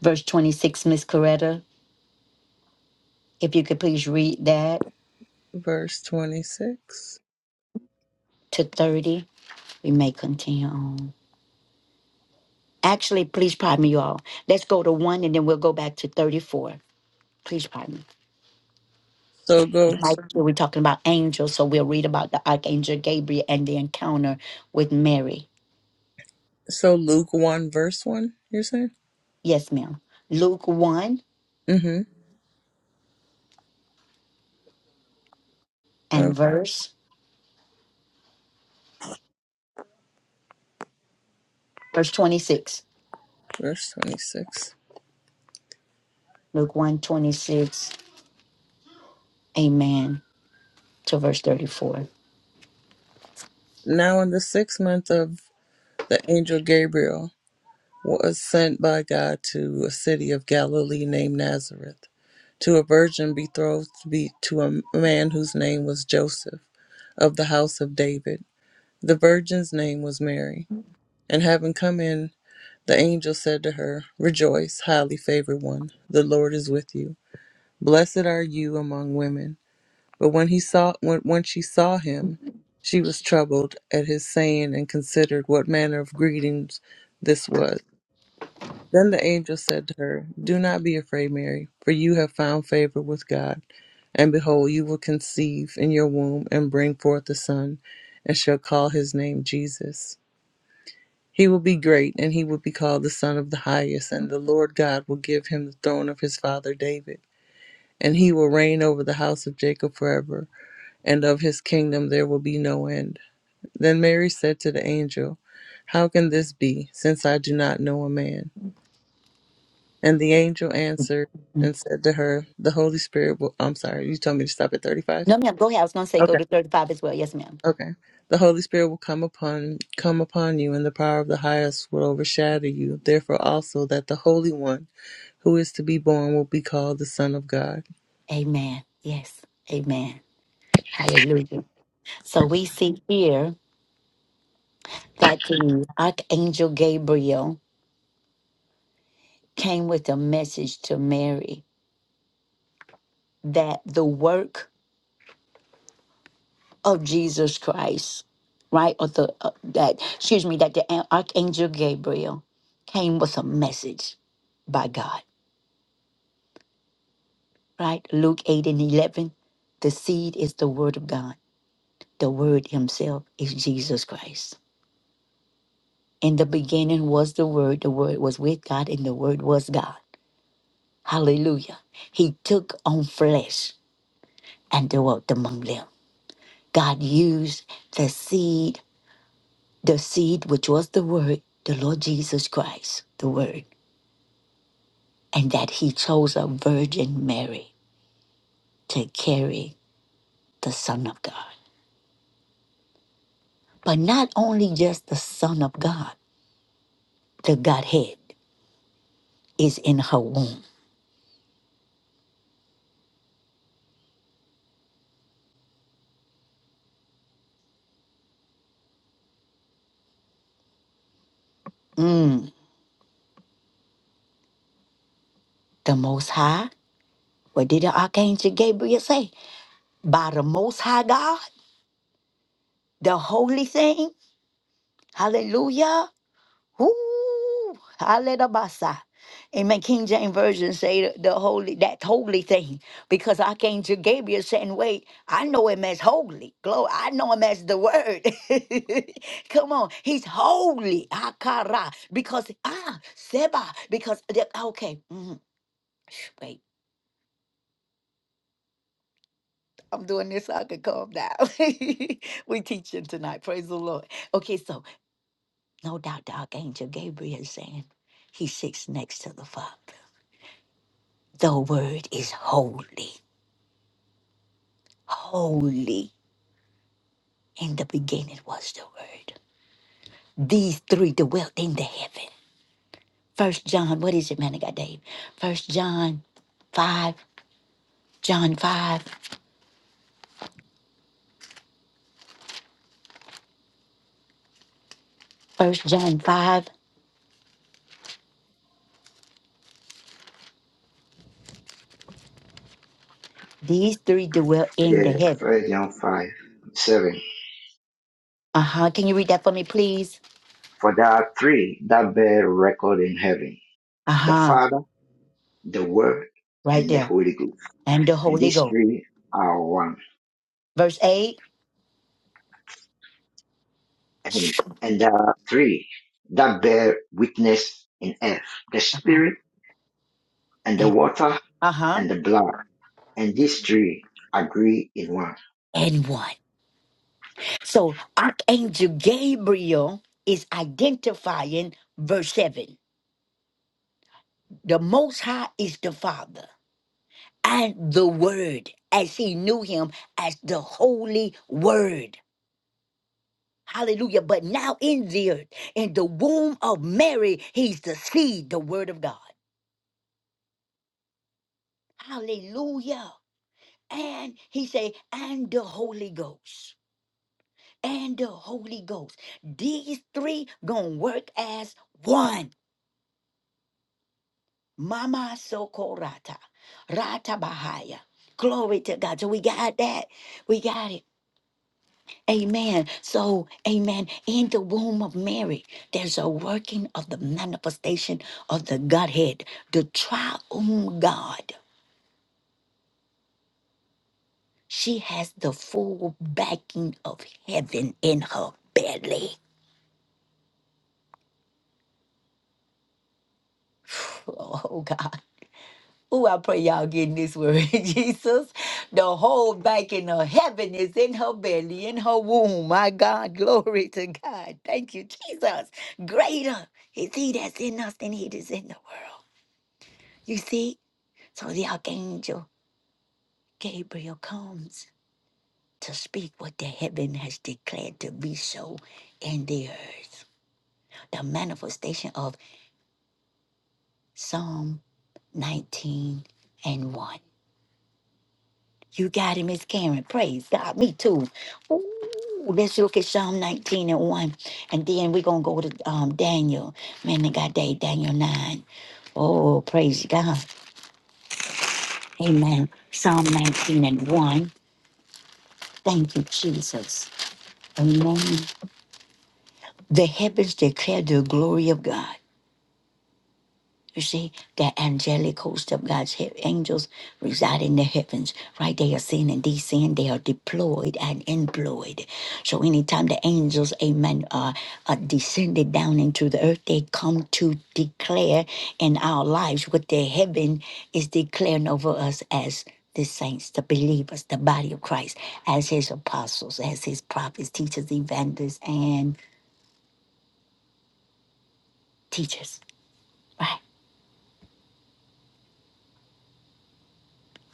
[SPEAKER 1] Verse 26, Miss Coretta, if you could please read that
[SPEAKER 3] Verse 26.
[SPEAKER 1] to 30, we may continue on. Actually, please pardon me, you all. Let's go to one and then we'll go back to 34. Please pardon me.
[SPEAKER 3] So
[SPEAKER 1] Because
[SPEAKER 3] go,
[SPEAKER 1] Mike, we're talking about angels, so we'll read about the Archangel Gabriel and the encounter with Mary.
[SPEAKER 3] so Luke 1, verse 1, you're saying?
[SPEAKER 1] Yes, ma'am. Luke 1
[SPEAKER 3] Mm-hmm. Uh,
[SPEAKER 1] and verse verse 26.
[SPEAKER 3] verse 26.
[SPEAKER 1] Luke one 26. Amen. To verse 34.
[SPEAKER 3] Now in the sixth month of the angel Gabriel was sent by God to a city of Galilee named Nazareth to a virgin betrothed to be to a man whose name was Joseph of the house of David The virgin's name was Mary. And having come in, the angel said to her, Rejoice, highly favored one, the Lord is with you. Blessed are you among women. But when he saw when, when she saw him, she was troubled at his saying and considered what manner of greetings this was. Then the angel said to her, Do not be afraid, Mary, for you have found favor with God. And behold, you will conceive in your womb and bring forth a son, and shall call his name Jesus. He will be great, and he will be called the Son of the Highest, and the Lord God will give him the throne of his father David. And he will reign over the house of Jacob forever, and of his kingdom there will be no end. Then Mary said to the angel, How can this be, since I do not know a man? And the angel answered
[SPEAKER 1] Mm-hmm.
[SPEAKER 3] and said to her, The Holy Spirit will. I'm sorry, you told me to stop at 35?
[SPEAKER 1] No, ma'am. Go ahead. I was going to say go
[SPEAKER 3] Okay.
[SPEAKER 1] to 35 as well. Yes, ma'am.
[SPEAKER 3] Okay. The Holy Spirit will come upon come upon you, and the power of the highest will overshadow you. Therefore also that the Holy One who is to be born will be called the Son of God.
[SPEAKER 1] Amen. Yes. Amen. Hallelujah. So we see here that the Archangel Gabriel came with a message to Mary that the work of Jesus Christ, right? Or the, uh, that, excuse me, that the an- Archangel Gabriel came with a message by God, right? Luke 8 and 11. The seed is the word of God, the word himself is Jesus Christ. In the beginning was the Word, the Word was with God, and the Word was God. Hallelujah. He took on flesh and dwelt among them. God used the seed, the seed which was the Word, the Lord Jesus Christ, the Word, and that He chose a Virgin Mary to carry the Son of God. But not only just the Son of God, the Godhead is in her womb. Mm, the Most High. What did the Archangel Gabriel say? by the Most High God, the holy thing. Hallelujah. Woo. Hallelujah. Amen. King James Version say the, the holy, that holy thing. Because I came to Gabriel saying, wait, I know him as holy. Glory. I know him as the word. Come on. He's holy. Akara. Because ah, Seba. Because the- okay. mhm. Shh, Wait. I'm doing this so I can calm down. we teaching tonight. Praise the Lord. Okay, so No doubt the Archangel Gabriel is saying he sits next to the Father. The Word is holy, holy. In the beginning was the Word. These three dwelt in the heaven. First John, what is it, man? I got Dave. First John 5, John 5, First John 5. These three dwell in
[SPEAKER 5] Yeah,
[SPEAKER 1] the heaven.
[SPEAKER 5] First John 5, 7.
[SPEAKER 1] Uh huh. Can you read that for me, please?
[SPEAKER 5] For there are three that bear record in heaven.
[SPEAKER 1] Uh
[SPEAKER 5] The
[SPEAKER 1] huh.
[SPEAKER 5] Father the Word,
[SPEAKER 1] Right
[SPEAKER 5] and the
[SPEAKER 1] there.
[SPEAKER 5] Holy Ghost.
[SPEAKER 1] And the
[SPEAKER 5] And
[SPEAKER 1] Holy
[SPEAKER 5] these
[SPEAKER 1] Ghost.
[SPEAKER 5] three are one.
[SPEAKER 1] Verse 8.
[SPEAKER 5] And, and there are three that bear witness in earth, the Spirit and the water
[SPEAKER 1] Uh huh. And, uh-huh.
[SPEAKER 5] and the blood. And these three agree in one.
[SPEAKER 1] and one. So Archangel Gabriel is identifying verse 7. The Most High is the Father and the Word, as he knew him as the Holy Word. Hallelujah. But now in the earth, in the womb of Mary, he's the seed, the Word of God. Hallelujah. And he say, and the Holy Ghost. And the Holy Ghost. These three gonna work as one Mama Sokorata. Rata Bahaya. Glory to God. So we got that. We got it. Amen. So, amen. In the womb of Mary, there's a working of the manifestation of the Godhead, the triune God. She has the full backing of heaven in her belly. Oh, God. Ooh, I pray y'all getting this word, Jesus. The whole back in of heaven is in her belly, in her womb. My God, glory to God. Thank you, Jesus. Greater is he that's in us than he that's in the world. You see? So the archangel Gabriel comes to speak what the heaven has declared to be so in the earth. The manifestation of Psalm 19 and 1. You got it, Miss Karen. Praise God. Me too. Ooh, let's look at Psalm 19 and 1. And then we're going to go to um, Daniel. Man, they got day, Daniel 9. Oh, praise God. Amen. Psalm 19 and 1. Thank you, Jesus. Amen. The heavens declare the glory of God. You see, that angelic host of God's he- angels reside in the heavens, right? They are seen and descend. They are deployed and employed. So anytime the angels, amen, are, are descended down into the earth, they come to declare in our lives what the heaven is declaring over us as the saints, the believers, the body of Christ, as his apostles, as his prophets, teachers, evangelists, and teachers, right?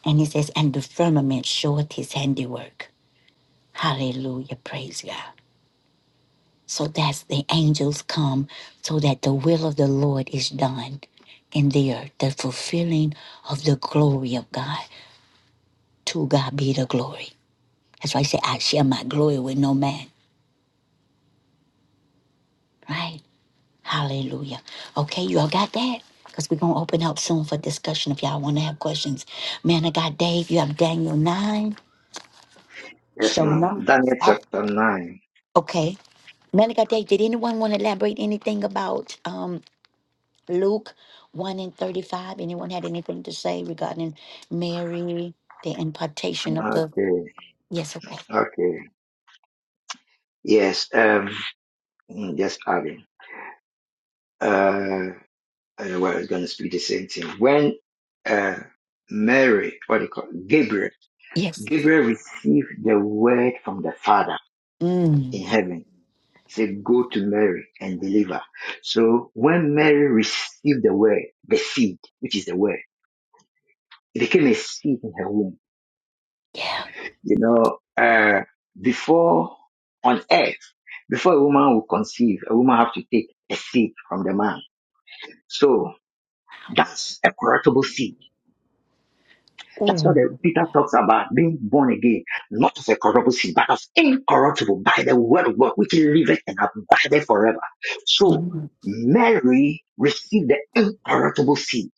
[SPEAKER 1] And he says, and the firmament showeth his handiwork. Hallelujah. Praise God. So that's the angels come so that the will of the Lord is done in the earth, the fulfilling of the glory of God. To God be the glory. That's why I say, I share my glory with no man, right? Hallelujah. Okay, you all got that? Because we're going to open up soon for discussion if y'all want to have questions. Man of God, Dave, you have Daniel 9.
[SPEAKER 5] Yes,
[SPEAKER 1] Show
[SPEAKER 5] ma'am.
[SPEAKER 1] no.
[SPEAKER 5] Daniel chapter 9.
[SPEAKER 1] Okay. Man of God, Dave, did anyone want to elaborate anything about? um, Luke 1 and 35. Anyone had anything to say regarding Mary, the impartation of the.
[SPEAKER 5] Okay.
[SPEAKER 1] Yes, okay.
[SPEAKER 5] Okay. Yes. Um, mm, just adding. Uh, I know I was going to speak the same thing. When, uh, Mary, what do you call Gabriel,
[SPEAKER 1] Yes, yes.
[SPEAKER 5] Gabriel received the word from the Father
[SPEAKER 1] Mm,
[SPEAKER 5] in heaven said, go to Mary and deliver. So when Mary received the word, the seed, which is the word, it became a seed in her womb.
[SPEAKER 1] yeah.
[SPEAKER 5] You know, uh, before on earth, before a woman will conceive, a woman have to take a seed from the man. So that's a corruptible seed That's what the,
[SPEAKER 1] Ooh.
[SPEAKER 5] Peter talks about being born again, not of a corruptible seed, but of incorruptible by the word of God, which liveth and abideth forever. So
[SPEAKER 1] Mhm.
[SPEAKER 5] Mary received the incorruptible seed,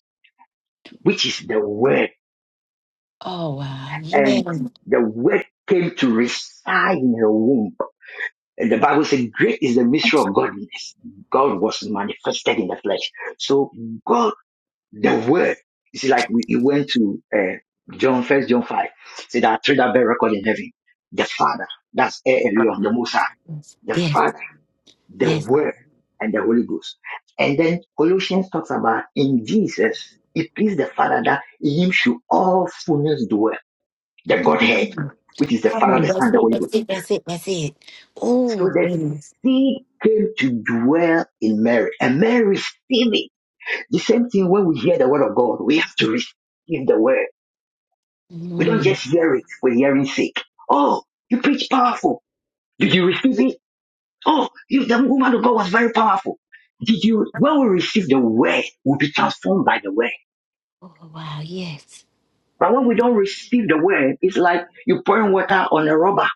[SPEAKER 5] which is the word,
[SPEAKER 1] Oh, wow. Yeah.
[SPEAKER 5] and the word came to reside in her womb. And the Bible said, great is the mystery of godliness. God was manifested in the flesh. So God The word, you see, like we, you went to uh, John, first John 5, see that three that bear record in heaven. The Father, that's El Elyon, the Most High, the
[SPEAKER 1] Yes,
[SPEAKER 5] Father, the
[SPEAKER 1] yes.
[SPEAKER 5] Word, and the Holy Ghost. And then Colossians talks about in Jesus, it pleased the Father that in him should all fullness dwell, the Godhead,
[SPEAKER 1] Mm.
[SPEAKER 5] which is the
[SPEAKER 1] Come
[SPEAKER 5] Father,
[SPEAKER 1] on,
[SPEAKER 5] the
[SPEAKER 1] that's
[SPEAKER 5] Son, the
[SPEAKER 1] it,
[SPEAKER 5] Holy Ghost.
[SPEAKER 1] that's it, that's it, that's it.
[SPEAKER 5] So
[SPEAKER 1] Oh,
[SPEAKER 5] the
[SPEAKER 1] goodness.
[SPEAKER 5] seed came to dwell in Mary, and Mary received it. The same thing when we hear the word of God, we have to receive the word. We don't
[SPEAKER 1] Mm.
[SPEAKER 5] just hear it, we hear it sick. Oh, you preach powerful. Did you receive it? Oh, you, the woman of God was very powerful. Did you, when we receive the word, we'll be transformed by the word.
[SPEAKER 1] Oh, wow, yes.
[SPEAKER 5] But when we don't receive the word, it's like you pouring water on a rubber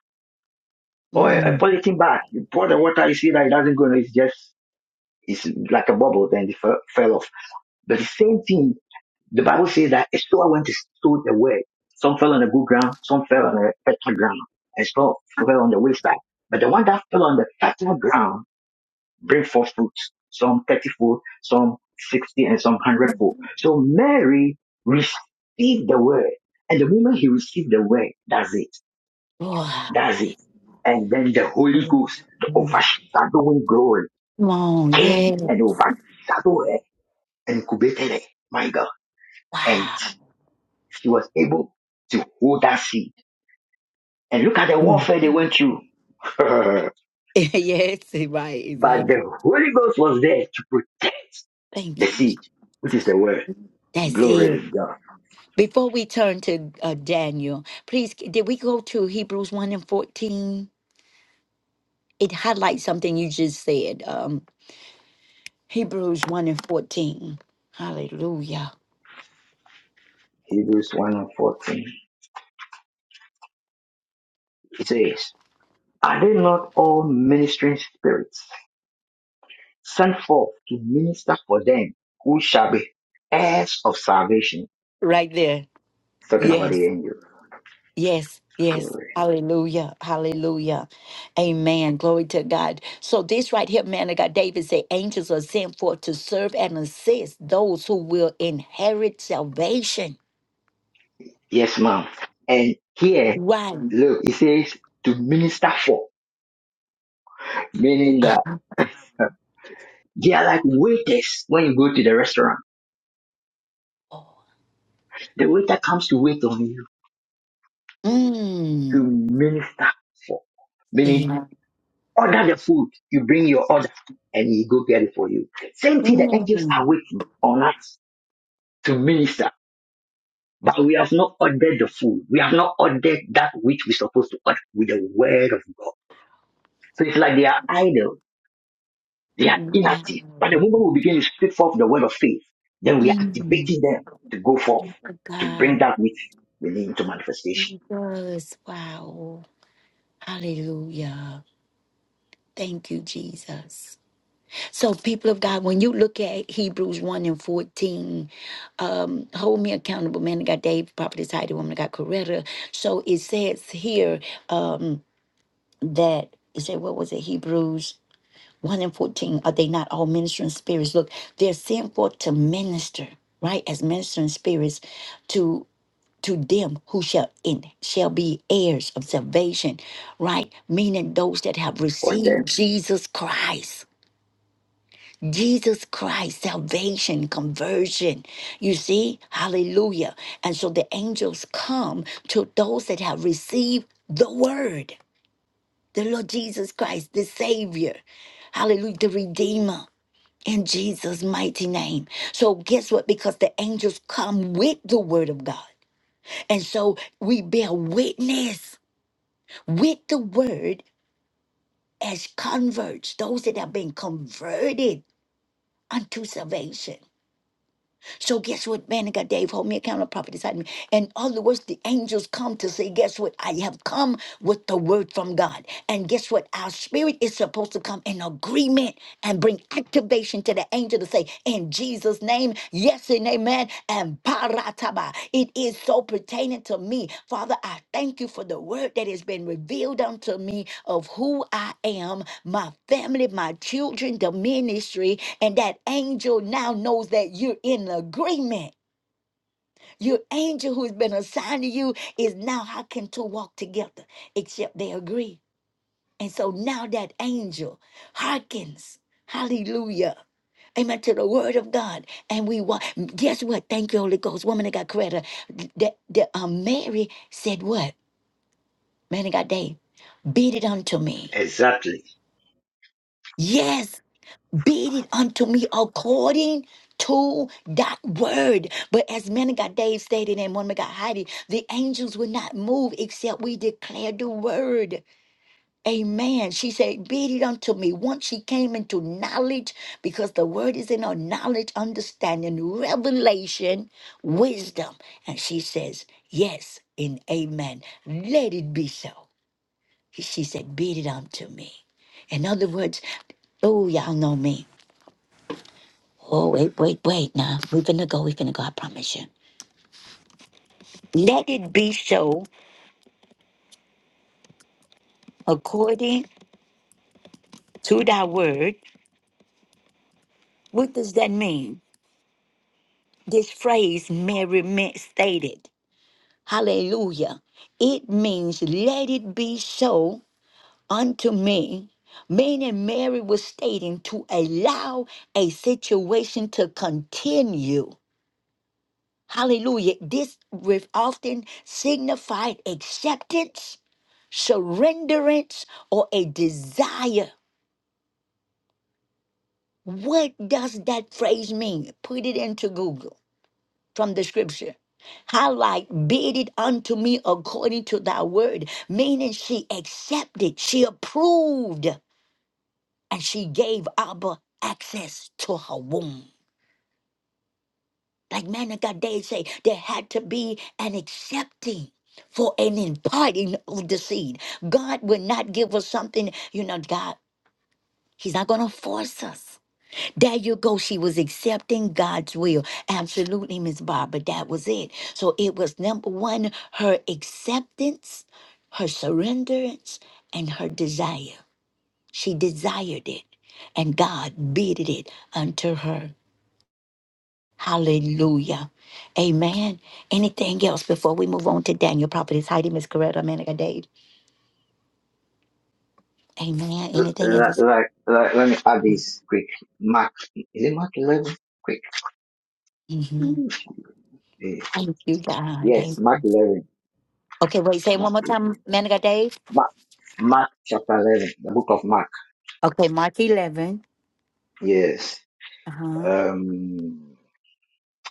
[SPEAKER 5] or a, a
[SPEAKER 1] Mm.
[SPEAKER 5] polythene bag. You pour the water, you see that it doesn't go, it's just, it's like a bubble, then it fe- fell off. But the same thing The Bible says that Esau went to sow the word. Some fell on the good ground, some fell on the fertile ground, and some fell on the wayside. But the one that fell on the fertile ground bring forth fruit, some 30 fold, some 60, and some hundredfold. So Mary received the word, and the moment he received the word, that's it,
[SPEAKER 1] Wow.
[SPEAKER 5] that's it. And then the Holy
[SPEAKER 1] Oh,
[SPEAKER 5] Ghost, the
[SPEAKER 1] yeah.
[SPEAKER 5] overshadowing glory,
[SPEAKER 1] Come on,
[SPEAKER 5] came
[SPEAKER 1] yeah.
[SPEAKER 5] and overshadowed her and incubated her. My God. and
[SPEAKER 1] Wow.
[SPEAKER 5] she was able to hold that seed. And look at the
[SPEAKER 1] Mm.
[SPEAKER 5] warfare they went through. but
[SPEAKER 1] yes, right, exactly.
[SPEAKER 5] the Holy Ghost was there to protect
[SPEAKER 1] Thank
[SPEAKER 5] the
[SPEAKER 1] you.
[SPEAKER 5] seed, which is the word.
[SPEAKER 1] That's
[SPEAKER 5] Glory
[SPEAKER 1] it.
[SPEAKER 5] to God.
[SPEAKER 1] Before we turn to uh, Daniel, please, c- did we go to Hebrews 1 and 14? It highlights something you just said. Um, Hebrews 1 and 14. Hallelujah.
[SPEAKER 5] Hebrews 1 and 14. It says, Are they not all ministering spirits sent forth to minister for them who shall be heirs of salvation?
[SPEAKER 1] Right there.
[SPEAKER 5] It's talking about the
[SPEAKER 1] Yes,
[SPEAKER 5] angel.
[SPEAKER 1] yes, yes.
[SPEAKER 5] Glory.
[SPEAKER 1] Hallelujah. Hallelujah. Amen. Glory to God. So, this right here, man of God, David said, angels are sent forth to serve and assist those who will inherit salvation.
[SPEAKER 5] Yes, ma'am. And here,
[SPEAKER 1] Right.
[SPEAKER 5] look, it says to minister for, meaning that. They are like waiters when you go to the restaurant.
[SPEAKER 1] Oh,
[SPEAKER 5] The waiter comes to wait on you to
[SPEAKER 1] Mm.
[SPEAKER 5] minister for.
[SPEAKER 1] thing.
[SPEAKER 5] Meaning, order the food. You bring your order and he go get it for you. Same thing, the angels are
[SPEAKER 1] Mm.
[SPEAKER 5] waiting on us to minister. But we have not ordered the food. We have not ordered that which we're supposed to order with the word of God. So it's like they are idle. They are inactive. But the
[SPEAKER 1] Wow.
[SPEAKER 5] moment we begin to speak forth the word of faith, then we are
[SPEAKER 1] Mm.
[SPEAKER 5] activating them to go forth,
[SPEAKER 1] My
[SPEAKER 5] to bring
[SPEAKER 1] God.
[SPEAKER 5] that which we need into manifestation.
[SPEAKER 1] Jesus. Wow. Hallelujah. Thank you, Jesus. So, people of God, when you look at Hebrews 1 and 14, um, hold me accountable, man. I got Dave, Prophetess Heidi, woman, I got Coretta. So it says here um, that, it said, what was it, Hebrews? 1 and 14 are they not all ministering spirits look they're sent forth to minister right as ministering spirits to to them who shall in shall be heirs of salvation right meaning those that have
[SPEAKER 5] for
[SPEAKER 1] received
[SPEAKER 5] them.
[SPEAKER 1] jesus christ jesus christ salvation conversion you see hallelujah and so the angels come to those that have received the word the lord jesus christ the savior hallelujah the redeemer in Jesus' mighty name. So, guess what? Because the angels come with the word of God. And so we bear witness with the word as converts, those that have been converted unto salvation. So guess what, man Manica, Dave, hold me accountable, prophet inside me. In other words, the angels come to say, guess what? I have come with the word from God. And guess what? Our spirit is supposed to come in agreement and bring activation to the angel to say, in Jesus' name, yes and amen, and parataba. It is so pertaining to me. Father, I thank you for the word that has been revealed unto me of who I am, my family, my children, the ministry, and that angel now knows that you're in agreement. Your angel who's been assigned to you is now how can two walk together except they agree? And so now that angel hearkens, hallelujah, amen, to the word of God. And we walk. Guess what? Thank you, Holy Ghost. Woman that got credit. That, that um, Mary said what? Man of God, they beat it unto me.
[SPEAKER 5] Exactly.
[SPEAKER 1] Yes. Be it unto me according to that word. But as man of God Dave stated and woman of God Heidi, the angels will not move except we declare the word. Amen. She said, Be it unto me. Once she came into knowledge, because the word is in our knowledge, understanding, revelation, wisdom. And she says, Yes and amen. Let it be so. She said, Be it unto me. In other words, oh, y'all know me. Oh, wait, wait, wait. Now, we're going to go. We're going to go. I promise you. Let it be so according to thy word. What does that mean? This phrase Mary meant stated. Hallelujah. It means, let it be so unto me. Meaning, Mary was stating to allow a situation to continue. Hallelujah. This with often signified acceptance surrenderance or a desire. What does that phrase mean? Put it into Google from the scripture. Highlight, bid it unto me according to thy word, meaning she accepted, she approved, and she gave Abba access to her womb. Like man of God, they say there had to be an accepting for an imparting of the seed. God will not give us something, you know, God, He's not going to force us. There you go. She was accepting God's will. Absolutely, Miss Barbara. That was it. So it was number one, her acceptance, her surrenderance, and her desire. She desired it, and God bidded it unto her. Hallelujah. Amen. Anything else before we move on to Daniel Properties? Heidi, Miss Coretta, Manica Dave. Amen.
[SPEAKER 5] L-
[SPEAKER 1] Anything
[SPEAKER 5] Like,
[SPEAKER 1] else?
[SPEAKER 5] like, like, let me add this quick. Mark, is it Mark 11? Quick.
[SPEAKER 1] hmm
[SPEAKER 5] Eh,
[SPEAKER 1] Thank you, God.
[SPEAKER 5] Yes, Mark
[SPEAKER 1] Amen.
[SPEAKER 5] 11.
[SPEAKER 1] Okay, wait, say it
[SPEAKER 5] Mark,
[SPEAKER 1] one more time, Manica Dave.
[SPEAKER 5] Mark, Mark chapter 11, the book of Mark.
[SPEAKER 1] Okay, Mark 11.
[SPEAKER 5] Yes.
[SPEAKER 1] Uh-huh.
[SPEAKER 5] Um,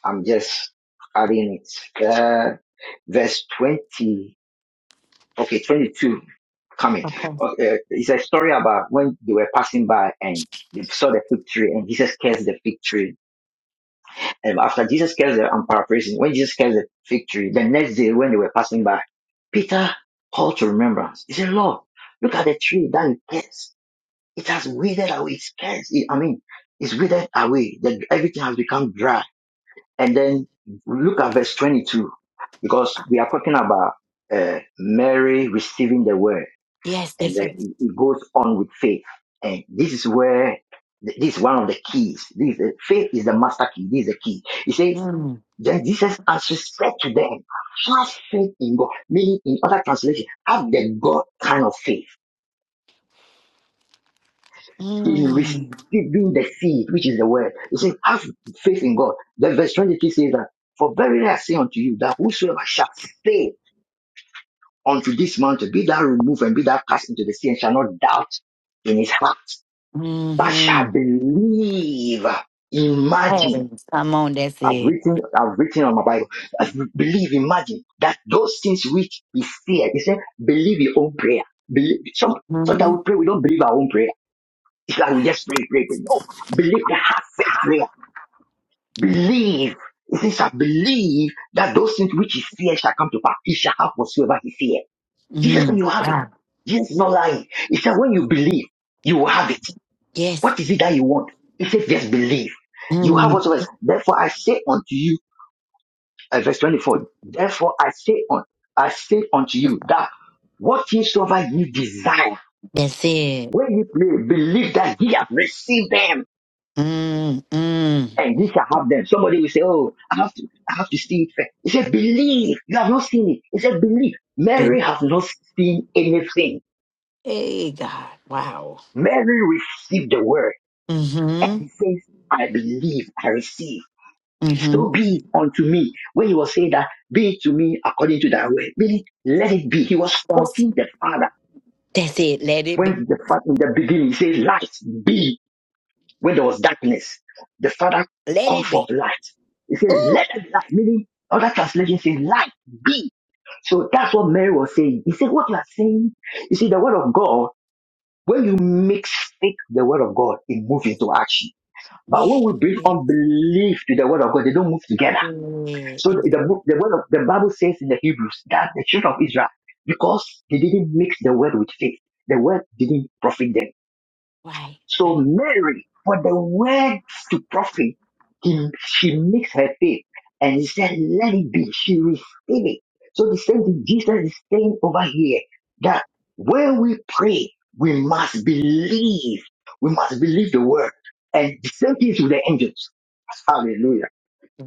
[SPEAKER 5] I'm just adding it. Uh, verse 20. Okay, 22 coming.
[SPEAKER 1] Okay.
[SPEAKER 5] Okay, it's a story about when they were passing by and they saw the fig tree and Jesus cursed the fig tree Um, after Jesus gets the, I'm paraphrasing, when Jesus gets the fig tree, the next day when they were passing by, Peter called to remembrance. He said, Lord, look at the tree that you cursed. It has withered away. It's cursed. It- I mean, it's withered away. The, everything has become dry. And then look at verse 22, because we are talking about uh, Mary receiving the word
[SPEAKER 1] Yes,
[SPEAKER 5] and
[SPEAKER 1] yes,
[SPEAKER 5] then
[SPEAKER 1] sir.
[SPEAKER 5] it it goes on with faith. And this is where th- this is one of the keys. This is the, faith is the master key. This is the key. He says,
[SPEAKER 1] Mm.
[SPEAKER 5] then Jesus answered said to them, have faith in God. Meaning, in other translation, have the God kind of faith in
[SPEAKER 1] Mm.
[SPEAKER 5] receiving the seed, which is the word. He says, have faith in God. Then verse 23 says that, for verily I say unto you that whosoever shall say unto this mountain, be thou removed and be thou cast into the sea and shall not doubt in his heart that shall
[SPEAKER 1] Mm-hmm.
[SPEAKER 5] believe.
[SPEAKER 1] Hey,
[SPEAKER 5] Imagine.
[SPEAKER 1] come on, that's
[SPEAKER 5] I've
[SPEAKER 1] it.
[SPEAKER 5] written, I've written on my Bible. I Believe, imagine that those things which is feared. He said, believe your own prayer. Believe. Some,
[SPEAKER 1] Mm-hmm.
[SPEAKER 5] sometimes we pray, we don't believe our own prayer. It's like we just pray, pray, pray. No, believe the heart faith prayer. Believe. He says, I believe that those things which is fear shall come to pass. He shall have whatsoever he feared. Jesus
[SPEAKER 1] Mm-hmm.
[SPEAKER 5] said, you have it.
[SPEAKER 1] Ah,
[SPEAKER 5] Jesus is not lying. He said, when you believe, you will have it.
[SPEAKER 1] yes.
[SPEAKER 5] What is it that you want? He says, just believe. You have
[SPEAKER 1] Mm.
[SPEAKER 5] whatsoever. Therefore I say unto you, uh, verse 24, therefore I say on, I say unto you that whatsoever you desire,
[SPEAKER 1] That's it.
[SPEAKER 5] when you pray, believe that ye have received them
[SPEAKER 1] Mm. Mm.
[SPEAKER 5] and ye shall have them. Somebody will say, oh, I have to, I have to see it first." He said, believe. You have not seen it. He said, believe.
[SPEAKER 1] Big-
[SPEAKER 5] Mary has not seen anything.
[SPEAKER 1] Hey, God. Wow.
[SPEAKER 5] Mary received the word and
[SPEAKER 1] Mm-hmm.
[SPEAKER 5] he says, I believe, I receive.
[SPEAKER 1] Mm-hmm.
[SPEAKER 5] So be unto me, when he was saying that, be it to me according to thy word, meaning let it be. He was
[SPEAKER 1] That's,
[SPEAKER 5] quoting the Father
[SPEAKER 1] that's it. Let it be.
[SPEAKER 5] when the Father in the beginning he says, Light be when there was darkness. The Father
[SPEAKER 1] Let
[SPEAKER 5] called
[SPEAKER 1] it be.
[SPEAKER 5] forth light. He says,
[SPEAKER 1] Ooh.
[SPEAKER 5] Let it light, meaning other translation says, Light be so that's what Mary was saying. He said, What you are saying, you see, the word of God, when you make faith the word of God, it moves into action. But when
[SPEAKER 1] Yes.
[SPEAKER 5] we bring unbelief to the word of God, they don't move together.
[SPEAKER 1] it.
[SPEAKER 5] So
[SPEAKER 1] That's
[SPEAKER 5] the,
[SPEAKER 1] it.
[SPEAKER 5] book- the word of the Bible says in the Hebrews that the children of Israel, because they didn't mix the word with faith, the word didn't profit them.
[SPEAKER 1] Right.
[SPEAKER 5] So
[SPEAKER 1] Why?
[SPEAKER 5] Mary, for the word to profit, he, she mixed her faith and he said, let it be. She received it. So the same thing Jesus is saying over here that when we pray, we must believe. We must believe the word. And the same thing is with the angels. Hallelujah.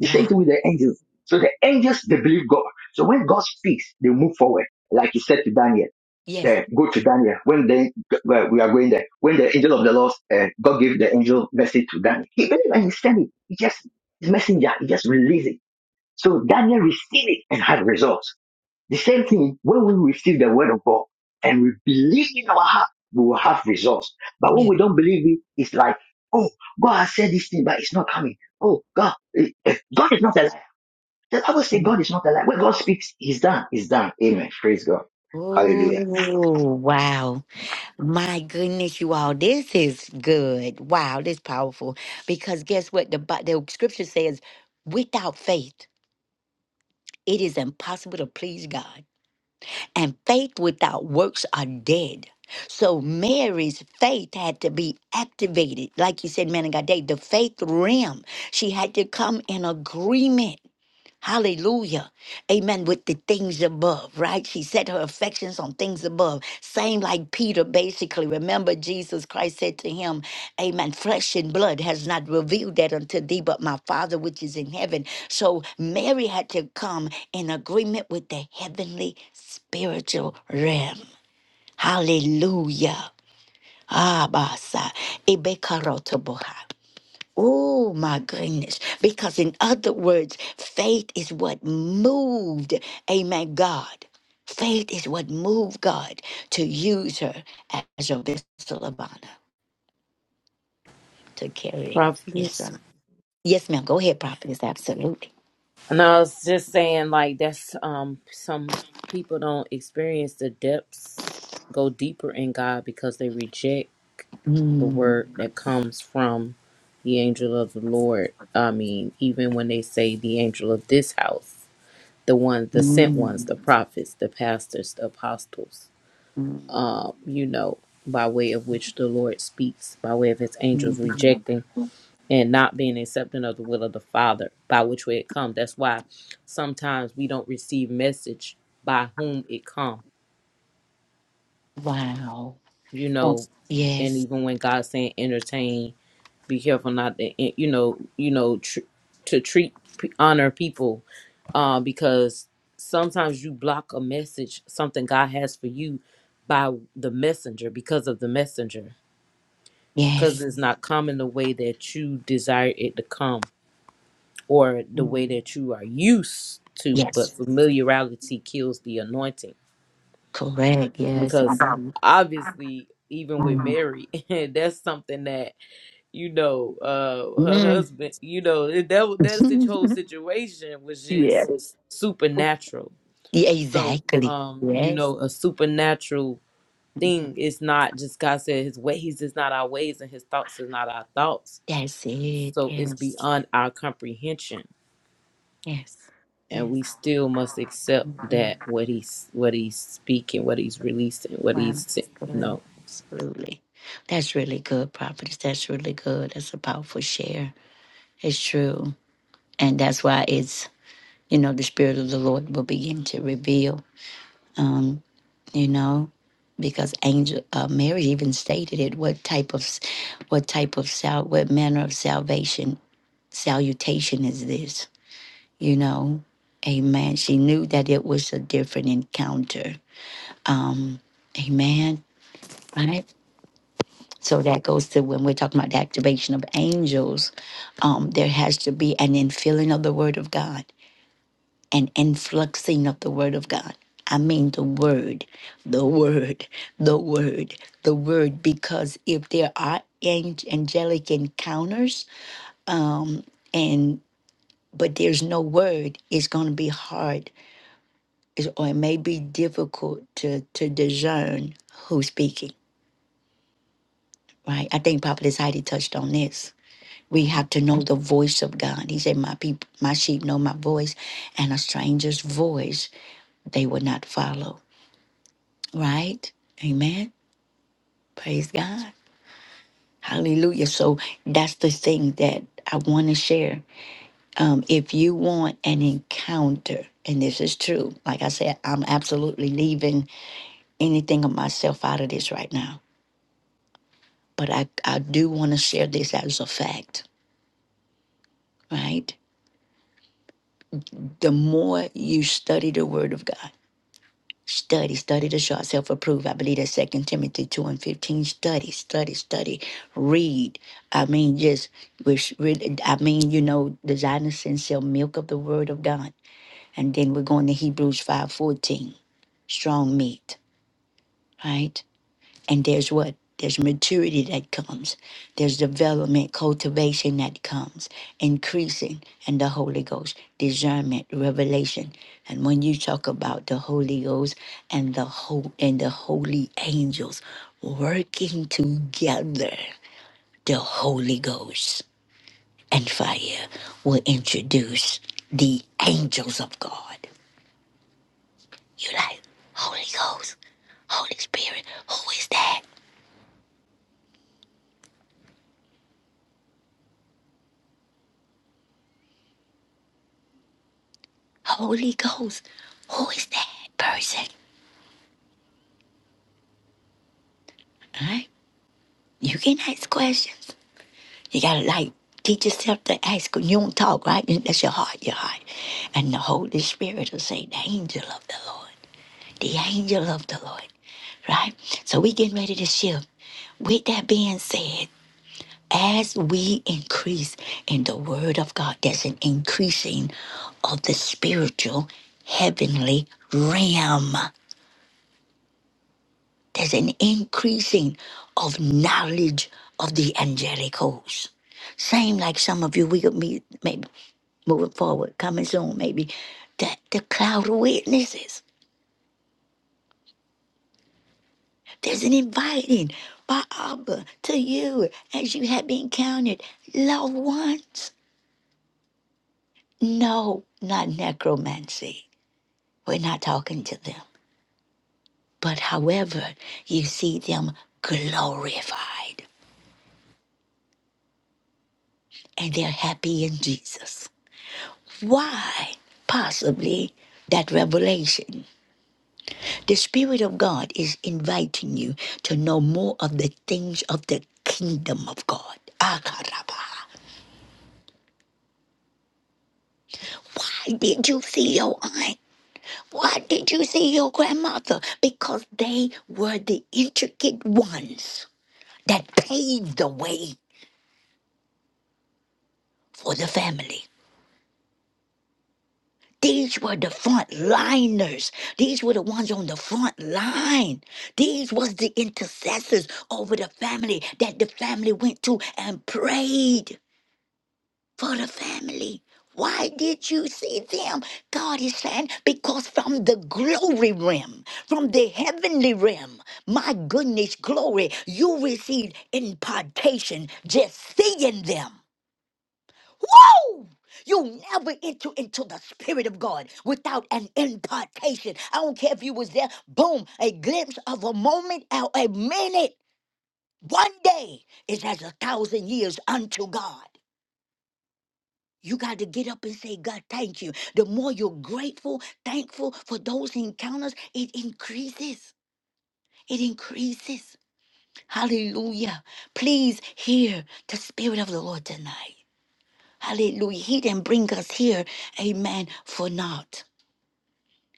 [SPEAKER 5] The same thing with the angels. So the angels, they believe God. So when God speaks, they move forward. Like you said to Daniel,
[SPEAKER 1] Yes.
[SPEAKER 5] they go to Daniel. When they, well, we are going there, when the angel of the Lord, uh, God gave the angel message to Daniel. He believed and he sent it. He just, his messenger, he just released it. So Daniel received it and had results. The same thing, when we receive the word of God and we believe in our heart, we will have results. But when
[SPEAKER 1] Yes.
[SPEAKER 5] we don't believe it, it's like, oh, God has said this thing, but it's not coming. Oh, God, eh, eh, God is not alive. I will say God is not a liar. When God speaks, He's done. He's done. Amen. Praise God. Hallelujah.
[SPEAKER 1] Oh, wow. My goodness, you all, this is good. Wow, this powerful. Because guess what? The, Bi- the scripture says, without faith, it is impossible to please God. And faith without works are dead. So Mary's faith had to be activated. Like you said, man of God, Dave, the faith realm. She had to come in agreement. Hallelujah. Amen. With the things above, right? She set her affections on things above. Same like Peter, basically. Remember, Jesus Christ said to him, Amen. Flesh and blood has not revealed that unto thee, but my Father which is in heaven. So Mary had to come in agreement with the heavenly spiritual realm. Hallelujah. Abasa. Ebekarotoboha. Oh my goodness. Because, in other words, faith is what moved, amen, God. Faith is what moved God to use her as a vessel of honor to carry his
[SPEAKER 2] Prophetess.
[SPEAKER 1] son. Yes, ma'am. Go ahead, prophetess. Absolutely.
[SPEAKER 2] And I was just saying, like, that's um some people don't experience the depths, go deeper in God because they reject the
[SPEAKER 1] Mm,
[SPEAKER 2] word that comes from the angel of the Lord. I mean, even when they say the angel of this house, the one, the sent ones,
[SPEAKER 1] mm,
[SPEAKER 2] the prophets, the pastors, the apostles,
[SPEAKER 1] mm,
[SPEAKER 2] uh, you know, by way of which the Lord speaks, by way of his angels
[SPEAKER 1] mm.
[SPEAKER 2] rejecting and not being accepting of the will of the Father by which way it come. That's why sometimes we don't receive message by whom it come.
[SPEAKER 1] Wow.
[SPEAKER 2] You know, and
[SPEAKER 1] Yes.
[SPEAKER 2] even when God's saying entertain, be careful not to en- you know you know tr- to treat p- honor people uh, because sometimes you block a message something God has for you by the messenger because of the messenger because
[SPEAKER 1] Yes.
[SPEAKER 2] it's not coming the way that you desire it to come or the way
[SPEAKER 1] Mm.
[SPEAKER 2] that you are used to, but
[SPEAKER 1] Yes.
[SPEAKER 2] familiarity kills the anointing.
[SPEAKER 1] Correct. Yes.
[SPEAKER 2] Because obviously, even with
[SPEAKER 1] Mhm.
[SPEAKER 2] Mary, that's something that, you know, uh her
[SPEAKER 1] Mm.
[SPEAKER 2] husband, you know, that that that's the whole
[SPEAKER 1] Mm.
[SPEAKER 2] situation was just
[SPEAKER 1] yes.
[SPEAKER 2] supernatural.
[SPEAKER 1] Yeah,
[SPEAKER 2] So,
[SPEAKER 1] exactly.
[SPEAKER 2] um, you
[SPEAKER 1] Yes.
[SPEAKER 2] know, a supernatural
[SPEAKER 1] Mhm.
[SPEAKER 2] thing is not just God said his way he's just not our ways and his thoughts is not our thoughts.
[SPEAKER 1] That's it.
[SPEAKER 2] So it's
[SPEAKER 1] Yes.
[SPEAKER 2] beyond our comprehension
[SPEAKER 1] Yes.
[SPEAKER 2] and
[SPEAKER 1] Yes.
[SPEAKER 2] we still must accept
[SPEAKER 1] Mhm.
[SPEAKER 2] that what he's what he's speaking, what he's releasing, what
[SPEAKER 1] Wow,
[SPEAKER 2] he's
[SPEAKER 1] that's
[SPEAKER 2] you
[SPEAKER 1] good.
[SPEAKER 2] know.
[SPEAKER 1] Absolutely. That's really good, properties. That's really good. That's a powerful share. It's true. And that's why it's, you know, the Spirit of the Lord will begin to reveal, you know, because angel uh, Mary even stated it what type of s- what type of sal what manner of salvation salutation is this you know. Amen. She knew that it was a different encounter. Um, amen. Right? So that goes to when we're talking about the activation of angels, um, there has to be an infilling of the word of God, an influxing of the word of God. I mean the word, the word, the word, the word, because if there are ang- angelic encounters, um, and but there's no word, it's gonna be hard is- or it may be difficult to to discern who's speaking, right? I think Papa Heidi touched on this. We have to know the voice of God. He said, My people, my sheep know my voice, and a stranger's voice they will not follow. Right? Amen. Praise God. Hallelujah. So that's the thing that I want to share. Um, if you want an encounter, and this is true, like I said, I'm absolutely leaving anything of myself out of this right now but I, I do want to share this as a fact, right? The more you study the Word of God, study, study to show yourself approved. I believe that Second Timothy 2 and 15, study, study, study, read. I mean, just, which really, I mean, you know, desire the sincere milk of the Word of God. And then we're going to Hebrews 5.14, strong meat, right? And there's what? There's maturity that comes. There's development, cultivation that comes, increasing, and the Holy Ghost, discernment, revelation. And when you talk about the Holy Ghost and the whole and the holy angels working together, the Holy Ghost and fire will introduce the angels of God. You like Holy Ghost, Holy Spirit, who is that? Holy Ghost, who is that person? Alright? You can ask questions. You gotta like teach yourself to ask you don't talk, right? That's your heart, your heart. And the Holy Spirit will say, The angel of the Lord. The angel of the Lord. Right? So we getting ready to shift. With that being said, as we increase in the word of God, there's an increasing of the spiritual heavenly realm. There's an increasing of knowledge of the angelic host. Same like some of you, we could meet maybe moving forward, coming soon, maybe that the cloud of witnesses. There's an inviting by Abba to you as you have been counted loved ones. No, not necromancy. We're not talking to them. But however, you see them glorified and they're happy in Jesus. Why? Possibly that revelation. The Spirit of God is inviting you to know more of the things of the kingdom of God. Akaraba. Why did you see your aunt? Why did you see your grandmother? Because they were the intricate ones that paved the way for the family. These were the front liners. These were the ones on the front line. These was the intercessors over the family that the family went to and prayed for the family. Why did you see them? God is saying, because from the glory realm, from the heavenly realm, my goodness, glory, you received impartation just seeing them. Woo! You never enter into the Spirit of God without an impartation. I don't care if you was there, boom, a glimpse of a moment or a minute. One day is as a thousand years unto God. You got to get up and say, God, thank you. The more you're grateful, thankful for those encounters, it increases. It increases. Hallelujah. Please hear the Spirit of the Lord tonight. Hallelujah. He didn't bring us here, amen, for naught.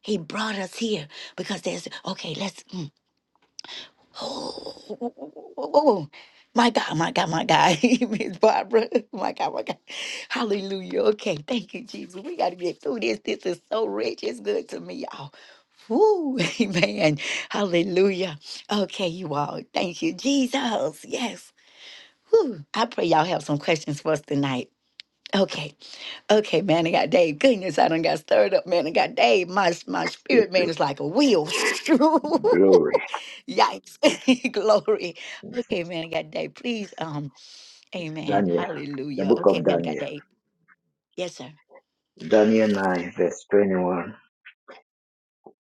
[SPEAKER 1] He brought us here because there's, okay, let's, mm, oh, oh, oh, oh, oh, my God, my God, my God. Miss Barbara, my God, my God. Hallelujah. Okay, thank you, Jesus. We got to get through this. This is so rich. It's good to me, y'all. Woo, amen. Hallelujah. Okay, you all. Thank you, Jesus. Yes. Woo. I pray y'all have some questions for us tonight. Okay, okay, man, I got Dave. Goodness, I done got stirred up, man. I got Dave. My my spirit man is like a wheel.
[SPEAKER 5] Glory.
[SPEAKER 1] Yikes, glory. Okay, man, I got Dave. Please, um, Amen.
[SPEAKER 5] Daniel. The
[SPEAKER 1] Hallelujah.
[SPEAKER 5] book
[SPEAKER 1] Okay,
[SPEAKER 5] of
[SPEAKER 1] man, I got
[SPEAKER 5] Daniel.
[SPEAKER 1] Dave. Yes, sir.
[SPEAKER 5] Daniel 9, verse 21.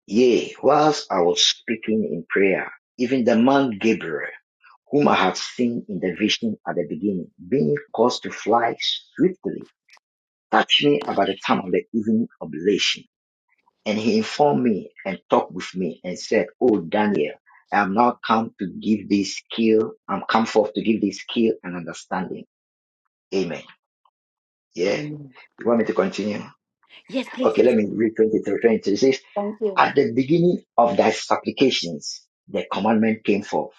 [SPEAKER 5] Yea, whilst I was speaking in prayer, even the man Gabriel, whom I had seen in the vision at the beginning, being caused to fly swiftly, touched me about the time of the evening oblation And he informed me and talked with me and said, Oh, Daniel, I have not come to give this skill. I'm come forth to give this skill and understanding. Amen. Yeah.
[SPEAKER 1] Amen.
[SPEAKER 5] You want me to continue?
[SPEAKER 1] Yes, please.
[SPEAKER 5] Okay,
[SPEAKER 1] Yes,
[SPEAKER 5] let me
[SPEAKER 1] please.
[SPEAKER 5] read 23, twenty-three. It says,
[SPEAKER 1] Thank you.
[SPEAKER 5] At the beginning of thy supplications, the commandment came forth,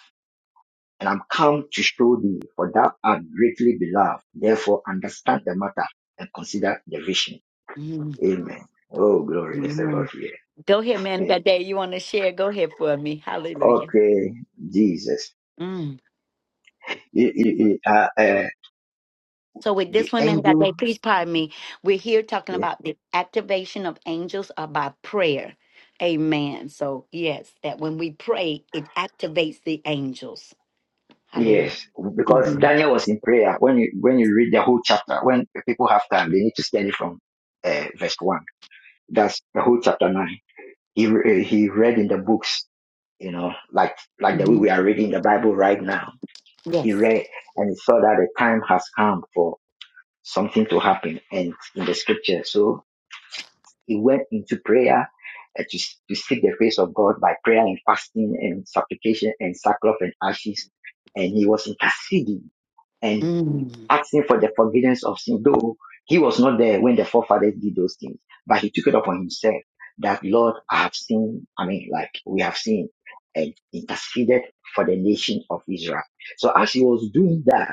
[SPEAKER 5] and I'm come to show thee, for thou art greatly beloved. Therefore, understand the matter and consider the vision.
[SPEAKER 1] Mm,
[SPEAKER 5] Amen. Oh, glory. There's a
[SPEAKER 1] mm.
[SPEAKER 5] lot here.
[SPEAKER 1] Go ahead, man. I
[SPEAKER 5] Hey,
[SPEAKER 1] got Dave. You want to share? Go ahead for me. Hallelujah.
[SPEAKER 5] Okay, Jesus.
[SPEAKER 1] Mm.
[SPEAKER 5] eh, eh, eh, uh, uh,
[SPEAKER 1] So with
[SPEAKER 5] the
[SPEAKER 1] this one, man of God,
[SPEAKER 5] angel.
[SPEAKER 1] Dave, please pardon me. We're here talking
[SPEAKER 5] eh,
[SPEAKER 1] about the activation of angels are by prayer. Amen. So yes, that when we pray, it activates the angels. Hallelujah.
[SPEAKER 5] Yes, because
[SPEAKER 1] hmm
[SPEAKER 5] Daniel was in prayer. When you when you read the whole chapter, when people have time, they need to study from uh, verse one. That's the whole chapter nine. He re- eh, he read in the books, you know, like like the way
[SPEAKER 1] hmm
[SPEAKER 5] we are reading the Bible right now. He
[SPEAKER 1] Yes.
[SPEAKER 5] read and he saw that the time has come for something to happen, and in the scripture. So He went into prayer uh, to, to seek the face of God by prayer and fasting and supplication and sackcloth and ashes. And he was interceding and
[SPEAKER 1] Mm.
[SPEAKER 5] asking for the forgiveness of sin, though he was not there when the forefathers did those things, but he took it upon himself that Lord, I have sinned. I mean, like we have sinned, and interceded for the nation of Israel. So as he was doing that,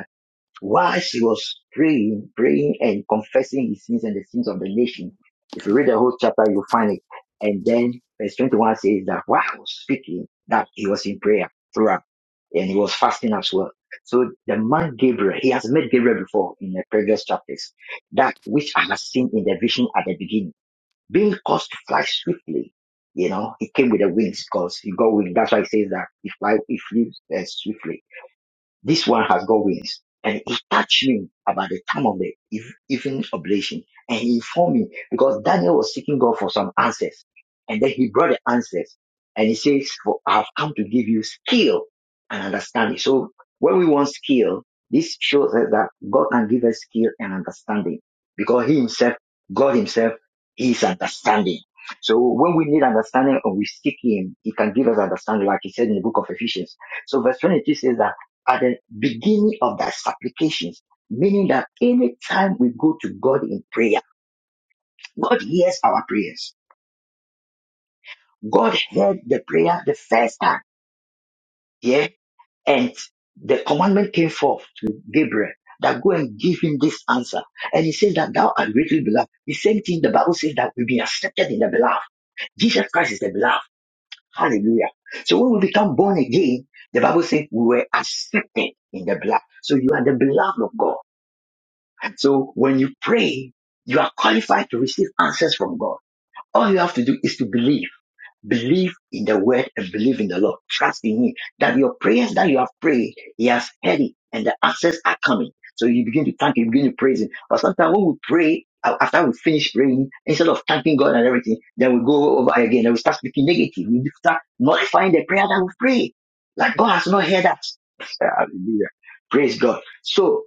[SPEAKER 5] while she was praying, praying and confessing his sins and the sins of the nation, if you read the whole chapter, you'll find it. And then verse 21 says that while he was speaking, that he was in prayer throughout and he was fasting as well. So the man Gabriel, he has met Gabriel before in the previous chapters, that which I have seen in the vision at the beginning, being caused to fly swiftly. You know, he came with the wings because he got wings. That's why he says that he fly, he flew uh, swiftly this one has got wings. And he touched me about the time of the eve- evening oblation. And he informed me because Daniel was seeking God for some answers. And then he brought the answers. And he says, for I've come to give you skill and understanding. So when we want skill, this shows us that God can give us skill and understanding because he himself, God himself, he is understanding. So when we need understanding and we seek him, he can give us understanding, like he said in the book of Ephesians. So verse 22 says that at the beginning of that supplications, meaning that anytime we go to God in prayer, God hears our prayers. God heard the prayer the first time, yeah, and the commandment came forth to Gabriel that go and give him this answer. And he says that thou art greatly beloved. The same thing the Bible says that we've been accepted in the beloved. Jesus Christ is the beloved. Hallelujah. So when we become born again, the Bible says we were accepted in the beloved. So you are the beloved of God. So when you pray, you are qualified to receive answers from God. All you have to do is to believe. Believe in the word and believe in the Lord. Trust in Him that your prayers that you have prayed, He has heard it and the answers are coming. So you begin to thank Him, you begin to praise Him. But sometimes when we pray, uh, after we finish praying, instead of thanking God and everything, then we go over again and we start speaking negative. We start nullifying the prayer that we pray. Like God has not heard us. Hallelujah. Praise God. So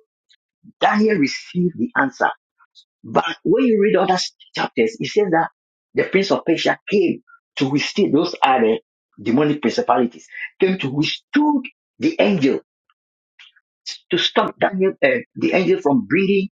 [SPEAKER 5] Daniel received the answer but when you read other chapters, it says that the prince of Persia came to withstand those are the demonic principalities, came to withstand the angel to stop Daniel, uh, the angel from bringing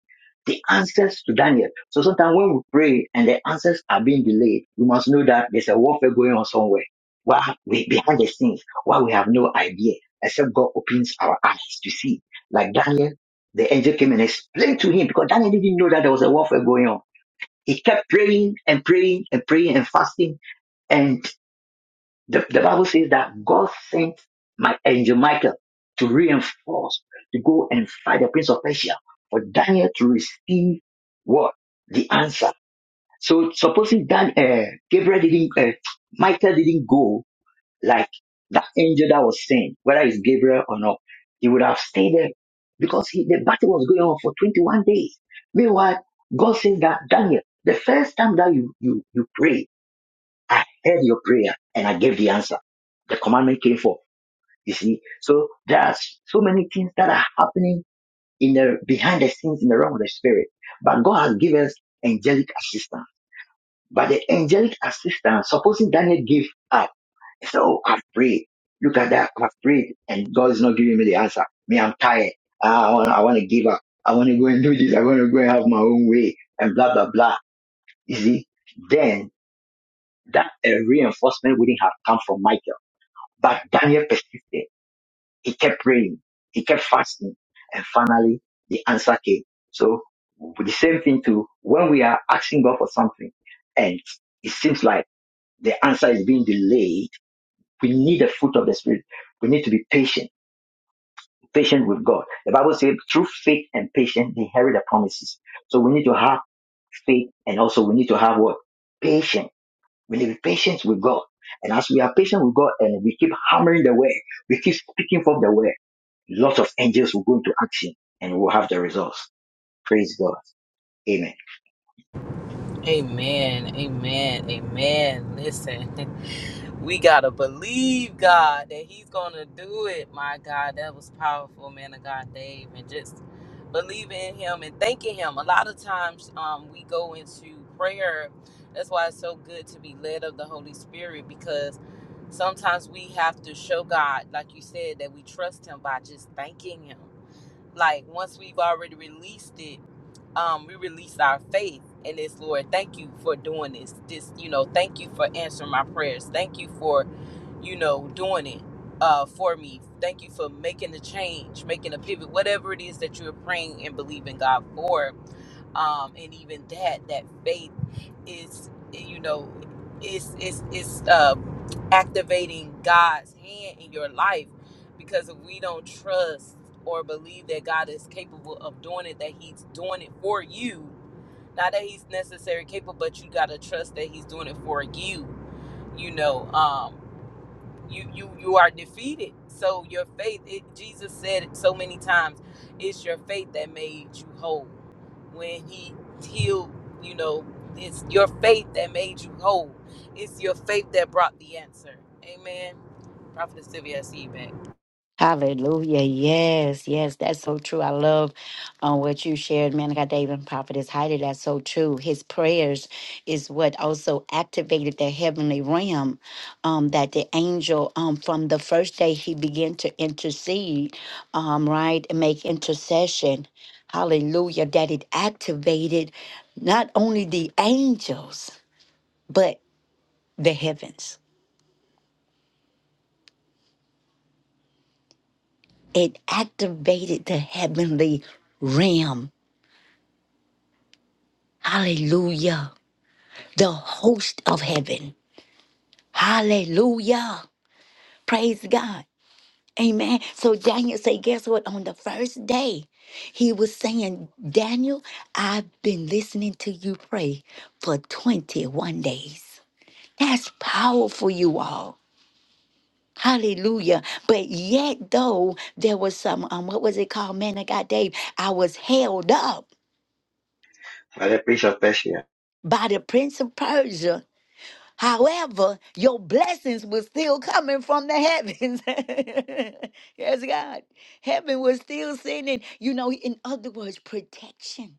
[SPEAKER 5] the answers to Daniel. So sometimes when we pray and the answers are being delayed, we must know that there's a warfare going on somewhere. Why we behind the scenes, why we have no idea, except God opens our eyes to see. Like Daniel, the angel came and explained to him because Daniel didn't know that there was a warfare going on. He kept praying and praying and praying and fasting. And the, the Bible says that God sent my angel Michael to reinforce, to go and fight the prince of Persia for Daniel to receive what? The answer. So supposing Dan, uh, Gabriel didn't, uh, Michael didn't go, like that angel that was sent, whether it's Gabriel or not, he would have stayed there because he, the battle was going on for 21 days. Meanwhile, God says that Daniel, the first time that you, you, you pray, I heard your prayer and I gave the answer. The commandment came forth. You see, so there are so many things that are happening in the behind the scenes in the realm of the spirit, but God has given us angelic assistance by the angelic assistance, supposing Daniel gave up, he said, Oh, I've prayed. Look at that. I've prayed. And God is not giving me the answer. Me, I'm tired. Ah, I want, I want to give up. I want to go and do this. I want to go and have my own way and blah, blah, blah. You see, then that uh, reinforcement wouldn't have come from Michael. But Daniel persisted. He kept praying. He kept fasting. And finally, the answer came. So the same thing too, when we are asking God for something and it seems like the answer is being delayed. We need the fruit of the Spirit. We need to be patient, patient with God. The Bible says through faith and patience, they inherit the promises. So we need to have faith and also we need to have what? Patience. We need to be patient with God. And as we are patient with God and we keep hammering the word, we keep speaking from the word, lots of angels will go into action and we'll have the results. Praise God. Amen.
[SPEAKER 2] Amen. Amen. Amen. Listen. We gotta believe God that He's gonna do it. My God, that was powerful, man of God, Dave, and just believing in Him and thanking Him. A lot of times, um, we go into prayer. That's why it's so good to be led of the Holy Spirit because sometimes we have to show God, like you said, that we trust Him by just thanking Him. Like once we've already released it um, we release our faith in this, Lord. Thank you for doing this. This, you know, thank you for answering my prayers. Thank you for, you know, doing it uh, for me. Thank you for making the change, making a pivot, whatever it is that you are praying and believing God for um, and even that that faith is you know is is is um, activating God's hand in your life because if we don't trust or believe that God is capable of doing it that He's doing it for you not that He's necessarily capable but you gotta trust that He's doing it for you you know um, you you you are defeated so your faith it, jesus said it so many times it's your faith that made you whole when he healed you know it's your faith that made you whole it's your faith that brought the answer amen prophet sylvia i see you back
[SPEAKER 1] Hallelujah. Yes, yes, that's so true. I love um, what you shared, man of God, David and Prophetess Heidi. That's so true. His prayers is what also activated the heavenly realm um, that the angel, um, from the first day he began to intercede, um, right, and make intercession. Hallelujah. That it activated not only the angels, but the heavens. It activated the heavenly realm Hallelujah. The host of heaven. Hallelujah. Praise God. Amen. So Daniel said, guess what? On the first day, he was saying, Daniel, I've been listening to you pray for 21 days. That's powerful, you all. Hallelujah. But yet, though, there was some, um, what was it called? Man, of God, Dave. I was held up
[SPEAKER 5] Father, preach of Persia.
[SPEAKER 1] by the Prince of Persia However, your blessings were still coming from the heavens. yes, God. Heaven was still sending, you know, in other words, protection,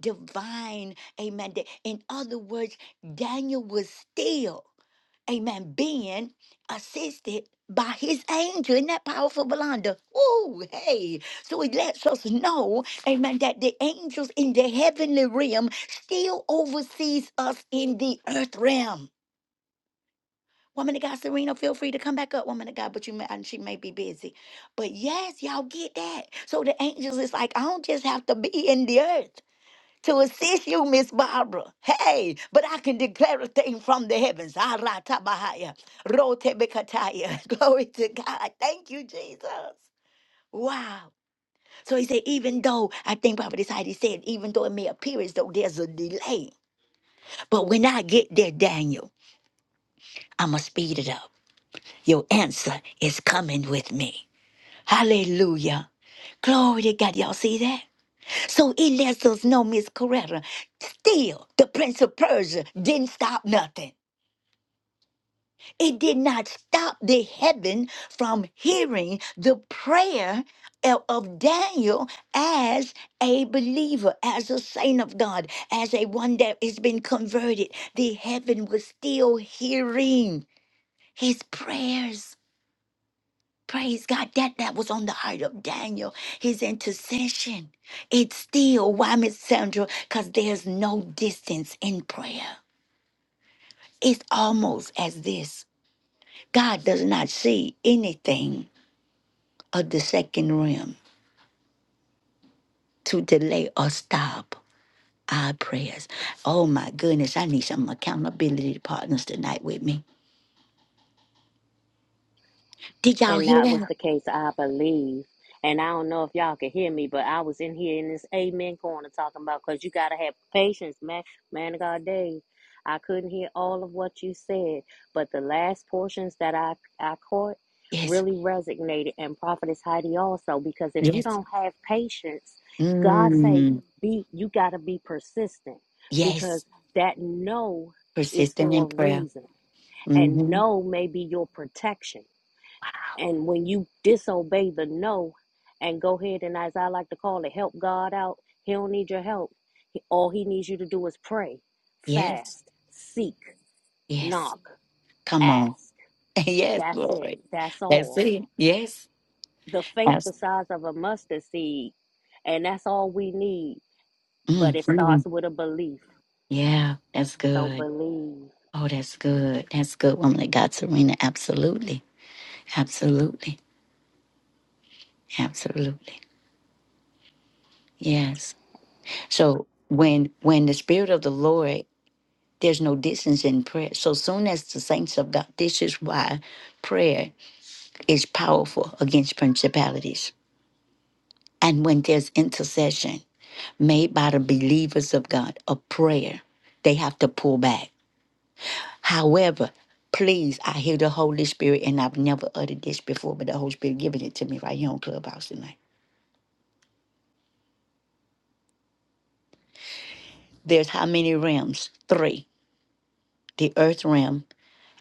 [SPEAKER 1] divine, amen. Da- In other words, Daniel was still, amen, being assisted by his angel. Isn't that powerful, Belanda? Ooh, hey. So it lets us know, amen, that the angels in the heavenly realm still oversees us in the earth realm. Woman of God, Serena, feel free to come back up, woman of God, but you may, and she may be busy. But yes, y'all get that. So the angels is like, I don't just have to be in the earth to assist you, Miss Barbara. Hey, but I can declare a thing from the heavens. Aratabahaya, rotebekataya. Glory to God. Thank you, Jesus. Wow. So he said, even though I think Prophet Heidi said, even though it may appear as though there's a delay, but when I get there, Daniel, I'ma speed it up. Your answer is coming with me. Hallelujah. Glory to God. Y'all see that? So it lets us know, Miss Coretta, still the Prince of Persia didn't stop nothing. It did not stop the heaven from hearing the prayer of of Daniel as a believer, as a saint of God, as a one that has been converted. The heaven was still hearing his prayers. Praise God that that was on the heart of Daniel, his intercession. It's still, why, Miss Sandra? Because there's no distance in prayer. It's almost as this God does not see anything of the second realm to delay or stop our prayers. Oh my goodness, I need some accountability partners tonight with me. Did y'all
[SPEAKER 4] And
[SPEAKER 1] hear
[SPEAKER 4] that was
[SPEAKER 1] that?
[SPEAKER 4] the case, I believe. And I don't know if y'all can hear me, but I was in here in this amen corner talking about because you got to have patience, man. Man of God, Dave. I couldn't hear all of what you said, but the last portions that I, I caught
[SPEAKER 1] Yes,
[SPEAKER 4] really resonated. And Prophetess Heidi also, because if you
[SPEAKER 1] yes.
[SPEAKER 4] don't have patience, God say,
[SPEAKER 1] Mm,
[SPEAKER 4] be you got to be persistent because
[SPEAKER 1] yes.
[SPEAKER 4] that no is
[SPEAKER 1] Persistent
[SPEAKER 4] for
[SPEAKER 1] in
[SPEAKER 4] a
[SPEAKER 1] prayer.
[SPEAKER 4] reason. And
[SPEAKER 1] Mm-hmm.
[SPEAKER 4] no may be your protection And when you disobey the no and go ahead and, as I like to call it, help God out, He don't need your help. All He needs you to do is pray,
[SPEAKER 1] Yes,
[SPEAKER 4] fast, seek,
[SPEAKER 1] yes.
[SPEAKER 4] knock,
[SPEAKER 1] Come on.
[SPEAKER 4] ask.
[SPEAKER 1] yes,
[SPEAKER 4] That's it.
[SPEAKER 1] Lord.
[SPEAKER 4] That's
[SPEAKER 1] That's
[SPEAKER 4] all.
[SPEAKER 1] it. Yes.
[SPEAKER 4] The faith the
[SPEAKER 1] That's,
[SPEAKER 4] size of a mustard seed, and that's all we need. But
[SPEAKER 1] mm,
[SPEAKER 4] it
[SPEAKER 1] mm.
[SPEAKER 4] starts with a belief.
[SPEAKER 1] Yeah, that's
[SPEAKER 4] So
[SPEAKER 1] good.
[SPEAKER 4] believe.
[SPEAKER 1] Oh, that's good. That's good, woman of God, Serena. Absolutely. Absolutely. Absolutely. Yes. So when when the spirit of the Lord, there's no distance in prayer. So soon as the saints of God, this is why prayer is powerful against principalities. And when there's intercession, made by the believers of God, a prayer. They have to pull back. However, please, I hear the Holy Spirit, and I've never uttered this before, but the Holy Spirit giving it to me right here on Clubhouse tonight. There's how many realms? Three. The earth realm,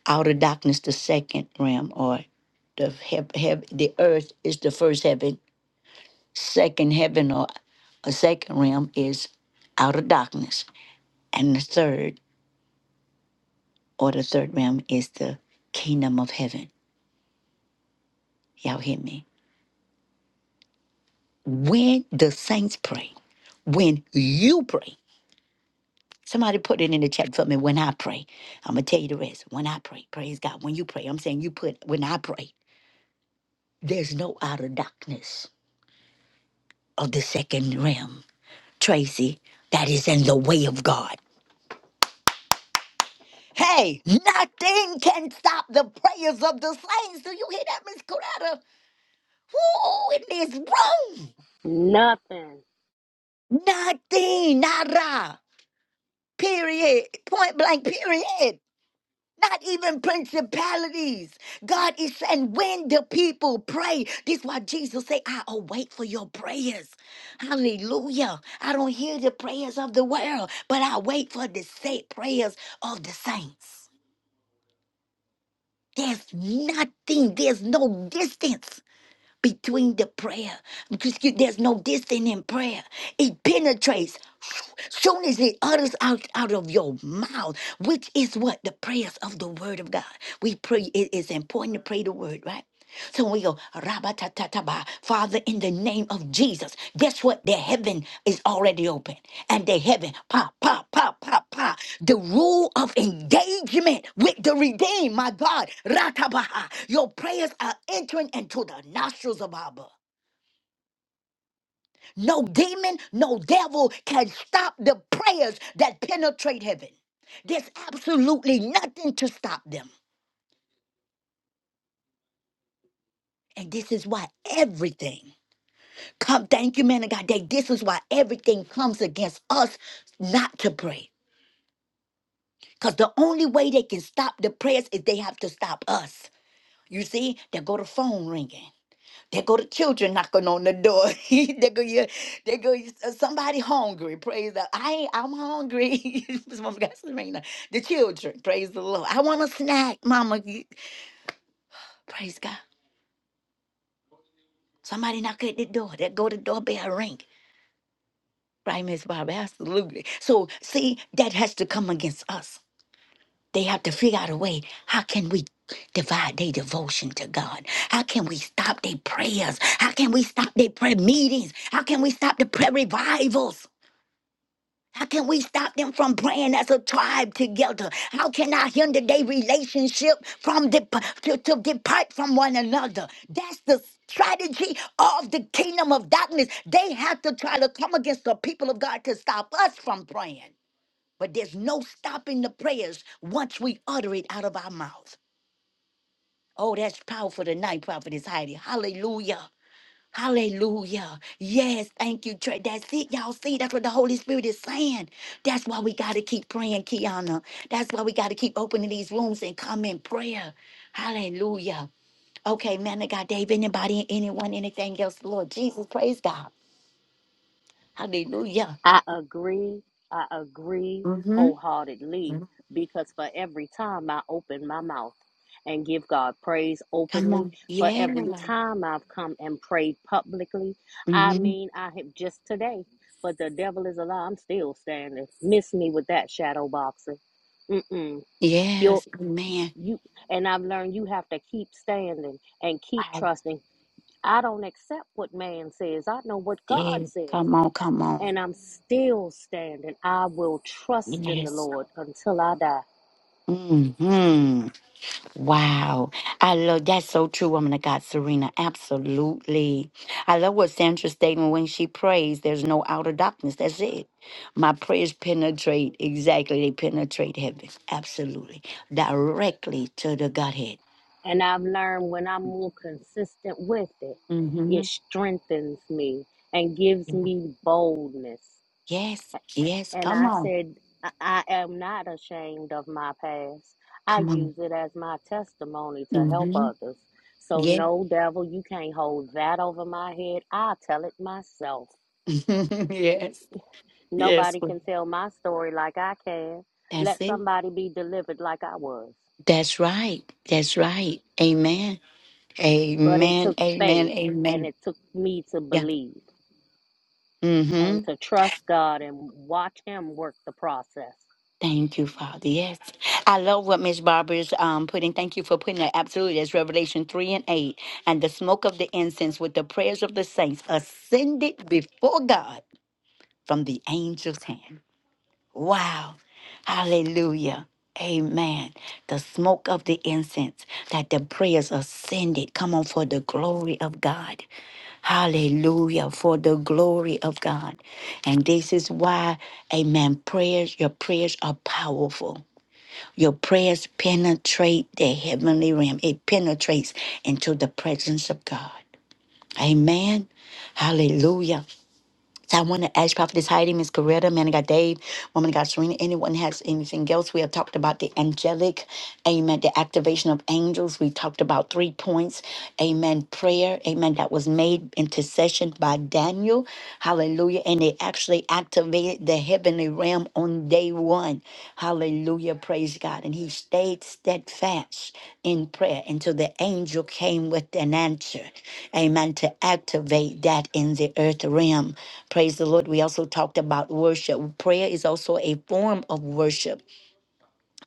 [SPEAKER 1] outer darkness, the second realm, or the hev- hev- the earth is the first heaven. Second heaven or a second realm is outer darkness. And the third or the third realm is the kingdom of heaven. Y'all hear me? When the saints pray, when you pray, somebody put it in the chat for me. When I pray, I'm gonna tell you the rest. When I pray, praise God. When you pray, I'm saying you put when I pray. There's no outer darkness of the second realm, Tracy. That is in the way of God. Hey, nothing can stop the prayers of the saints. Do you hear that, Miss Coretta? Who in this
[SPEAKER 4] Nothing
[SPEAKER 1] room? Nothing, nada. Period. Point blank. Period. not even principalities. God is saying, when the people pray, this is why Jesus say, I await for your prayers. Hallelujah. I don't hear the prayers of the world, but I wait for the said prayers of the saints. There's nothing, there's no distance between the prayer. Because you- there's no distance in prayer. It penetrates. Soon as it utters out, out of your mouth, which is what the prayers of the word of God. We pray it is important to pray the word, right? So we go, Rabatatataba, Father, in the name of Jesus. Guess what? The heaven is already open and the heaven. Pop, pop, pop, pop, pop. The rule of engagement with the redeemed, my God. Ratabaha. Your prayers are entering into the nostrils of Abba. No demon, no devil can stop the prayers that penetrate heaven. There's absolutely nothing to stop them. And this is why everything come. Thank you, man of God. That this is why everything comes against us not to pray. Because the only way they can stop the prayers is they have to stop us. You see, there go the phone ringing. There go the children knocking on the door. there go your, there go your- uh, somebody hungry. Praise the. I I'm hungry. This woman got Serena. The children. Praise the Lord. I want a snack, Mama. You- Praise God. Somebody knock at the door. There go the doorbell ring. Right, Miss Bobby? Absolutely. So see, that has to come against us. They have to figure out a way. How can we divide their devotion to God? How can we stop their prayers? How can we stop their prayer meetings? How can we stop the prayer revivals? How can we stop them from praying as a tribe together? How can I hinder their relationship from dep to, to depart from one another? That's the strategy of the kingdom of darkness. They have to try to come against the people of God to stop us from praying. But there's no stopping the prayers once we utter it out of our mouth. Oh, that's powerful tonight, Prophetess Heidi. Hallelujah. Hallelujah. Yes, thank you, Trey. That's it, y'all. See, that's what the Holy Spirit is saying. That's why we got to keep praying, Kiana. That's why we got to keep opening these rooms and come in prayer. Hallelujah. Okay, man of God, Dave, anybody, anyone, anything else? Lord Jesus, praise God. Hallelujah.
[SPEAKER 4] I agree. I agree
[SPEAKER 1] Mm-hmm.
[SPEAKER 4] wholeheartedly because for every time I open my mouth and give God praise
[SPEAKER 1] Come
[SPEAKER 4] openly,
[SPEAKER 1] on.
[SPEAKER 4] for
[SPEAKER 1] Yeah.
[SPEAKER 4] every time I've come and prayed publicly, I
[SPEAKER 1] Mm-hmm.
[SPEAKER 4] mean, I have just today, but the devil is alive. I'm still standing. Miss me with that shadow boxing. Mm-mm. You'll,
[SPEAKER 1] Yes, amen.
[SPEAKER 4] you, and I've learned you have to keep standing and keep
[SPEAKER 1] I
[SPEAKER 4] trusting. I don't accept what man says. I know what God
[SPEAKER 1] did.
[SPEAKER 4] says
[SPEAKER 1] Come on, come on.
[SPEAKER 4] and I'm still standing. I will trust in the
[SPEAKER 1] Yes.
[SPEAKER 4] Lord until I die.
[SPEAKER 1] hmm Wow. I love that's so true, woman of God, Serena. Absolutely. I love what Sandra statement when she prays, there's no outer darkness. That's it. My prayers penetrate exactly. They penetrate heaven. Absolutely. Directly to the Godhead.
[SPEAKER 4] And I've learned when I'm more consistent with it,
[SPEAKER 1] hmm
[SPEAKER 4] it strengthens me and gives me boldness.
[SPEAKER 1] Yes. Yes.
[SPEAKER 4] And
[SPEAKER 1] Come
[SPEAKER 4] I
[SPEAKER 1] on.
[SPEAKER 4] said, I I am not ashamed of my past. I
[SPEAKER 1] Come on.
[SPEAKER 4] use it as my testimony to help
[SPEAKER 1] Mm
[SPEAKER 4] others.
[SPEAKER 1] hmm
[SPEAKER 4] So,
[SPEAKER 1] Yes.
[SPEAKER 4] no, devil, you can't hold that over my head. I'll tell it myself.
[SPEAKER 1] yes. Yes.
[SPEAKER 4] Nobody can tell my story like I can.
[SPEAKER 1] That's
[SPEAKER 4] Let
[SPEAKER 1] it.
[SPEAKER 4] somebody be delivered like I was.
[SPEAKER 1] That's right. That's right. Amen.
[SPEAKER 4] But it
[SPEAKER 1] Amen.
[SPEAKER 4] took
[SPEAKER 1] Amen.
[SPEAKER 4] faith and
[SPEAKER 1] Amen.
[SPEAKER 4] it took me to
[SPEAKER 1] Yeah.
[SPEAKER 4] believe and
[SPEAKER 1] Mm-hmm.
[SPEAKER 4] to trust God and watch Him work the process.
[SPEAKER 1] Thank you, Father. Yes. I love what Miss Barbara's um putting. Thank you for putting that. Absolutely. That's Revelation 3 and 8. And the smoke of the incense with the prayers of the saints ascended before God from the angel's hand. Wow. Hallelujah. Amen. The smoke of the incense that the prayers ascended. Come on, for the glory of God. Hallelujah. For the glory of God. And this is why, amen, prayers, your prayers are powerful. Your prayers penetrate the heavenly realm, it penetrates into the presence of God. Amen. Hallelujah. So I want to ask Prophetess Heidi, Miss Coretta, Man of God Dave, Woman of God Serena, anyone has anything else? We have talked about the angelic, amen, the activation of angels. We talked about three points, amen, prayer, amen, that was made intercession by Daniel, hallelujah, and it actually activated the heavens heavenly realm on day one. Hallelujah. Praise God. And he stayed steadfast in prayer until the angel came with an answer. Amen. To activate that in the earth realm. Praise the Lord. We also talked about worship. Prayer is also a form of worship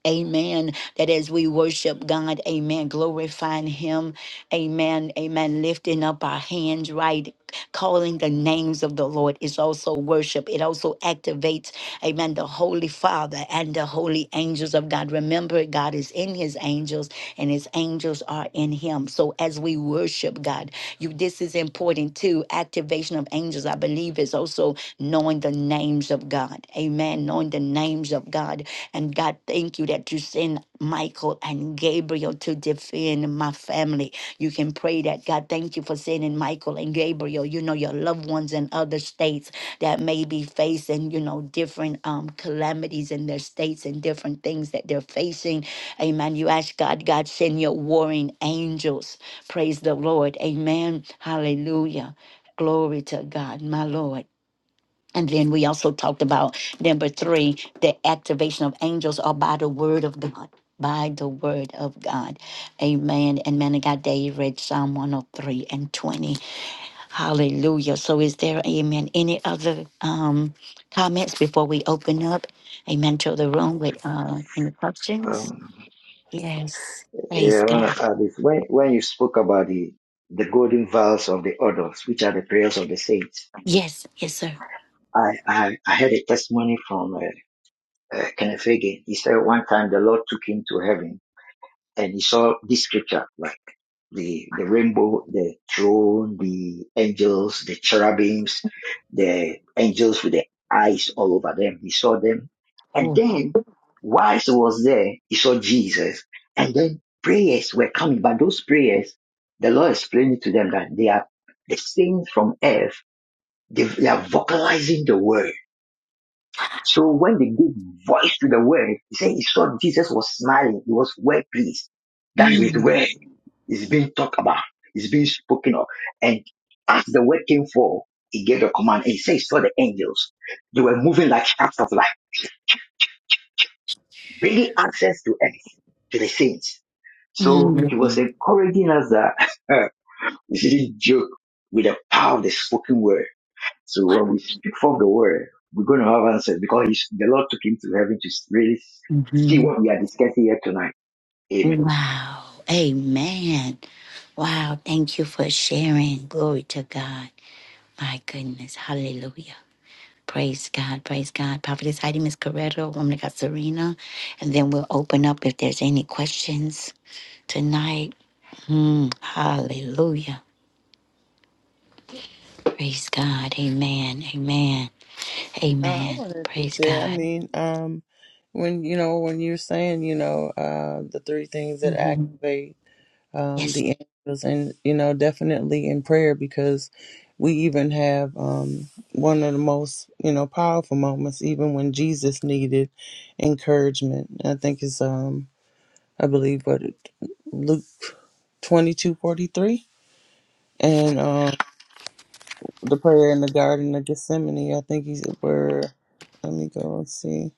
[SPEAKER 1] Amen. That as we worship God, amen, glorifying Him, amen, amen, lifting up our hands, right? Calling the names of the Lord is also worship. It also activates, amen, the Holy Father and the holy angels of God. Remember, God is in His angels and His angels are in Him. So as we worship God, you this is important too. Activation of angels, I believe, is also knowing the names of God. Amen. Knowing the names of God and God, thank you that you send Michael and Gabriel to defend my family. You can pray that. God, thank you for sending Michael and Gabriel, you know, your loved ones in other states that may be facing, you know, different um, calamities in their states and different things that they're facing. Amen. You ask God, God, send your warring angels. Praise the Lord. Amen. Hallelujah. Glory to God, my Lord. And then we also talked about number three, the activation of angels are by the word of God. By the word of God. Amen. And man of God, Dave read Psalm 103 and 20. Hallelujah. So is there, amen, any other um, comments before we open up? Amen to the room with uh, any questions? Yes. Praise
[SPEAKER 5] Yeah, I want
[SPEAKER 1] God.
[SPEAKER 5] to add this. When, when you spoke about the, the golden vows of the orders, which are the prayers of the saints,
[SPEAKER 1] Yes. Yes, sir.
[SPEAKER 5] I, I, I had a testimony from uh, uh, Kenneth Hagin. He said one time the Lord took him to heaven and he saw this scripture, right? the, the rainbow, the throne, the angels, the cherubims, the angels with the eyes all over them. He saw them. And
[SPEAKER 1] Oh.
[SPEAKER 5] then whilst he was there, he saw Jesus. And then prayers were coming, but those prayers, the Lord explained it to them that they are the saints from earth. They, they are vocalizing the word. So when they gave voice to the word, he said he saw Jesus was smiling. He was well pleased. That is his
[SPEAKER 1] Mm,
[SPEAKER 5] it's being talked about. It's being spoken of. And as the word came forth, he gave a command and he said, he saw the angels. They were moving like shafts of light, bringing access to earth, to the saints.
[SPEAKER 1] mm,
[SPEAKER 5] So he was
[SPEAKER 1] mm,
[SPEAKER 5] encouraging us that this is a joke with the power of the spoken word. So when we speak from the word, we're going to have answers because he's, the Lord took him to heaven to really
[SPEAKER 1] mhm.
[SPEAKER 5] see what we are discussing here tonight. Amen.
[SPEAKER 1] Wow. Amen. Wow. Thank you for sharing. Glory to God. My goodness. Hallelujah. Praise God. Praise God. Prophetess Heidi, Miss Coretta, Woman of God, Serena. And then we'll open up if there's any questions tonight. Hmm. hallelujah. Praise God. Amen. Amen.
[SPEAKER 3] Uh, I
[SPEAKER 1] Amen.
[SPEAKER 3] wanted to
[SPEAKER 1] Praise
[SPEAKER 3] share. I
[SPEAKER 1] God.
[SPEAKER 3] mean, um, when you know, when you're saying, you know, uh, the three things that
[SPEAKER 1] Mhm.
[SPEAKER 3] activate um,
[SPEAKER 1] Yes.
[SPEAKER 3] the angels, and you know, definitely in prayer because we even have um, one of the most you know powerful moments, even when Jesus needed encouragement. I think it's um, I believe what it, Luke twenty two forty three, and um. the prayer in the Garden of Gethsemane. I think he's where. Let me go and see.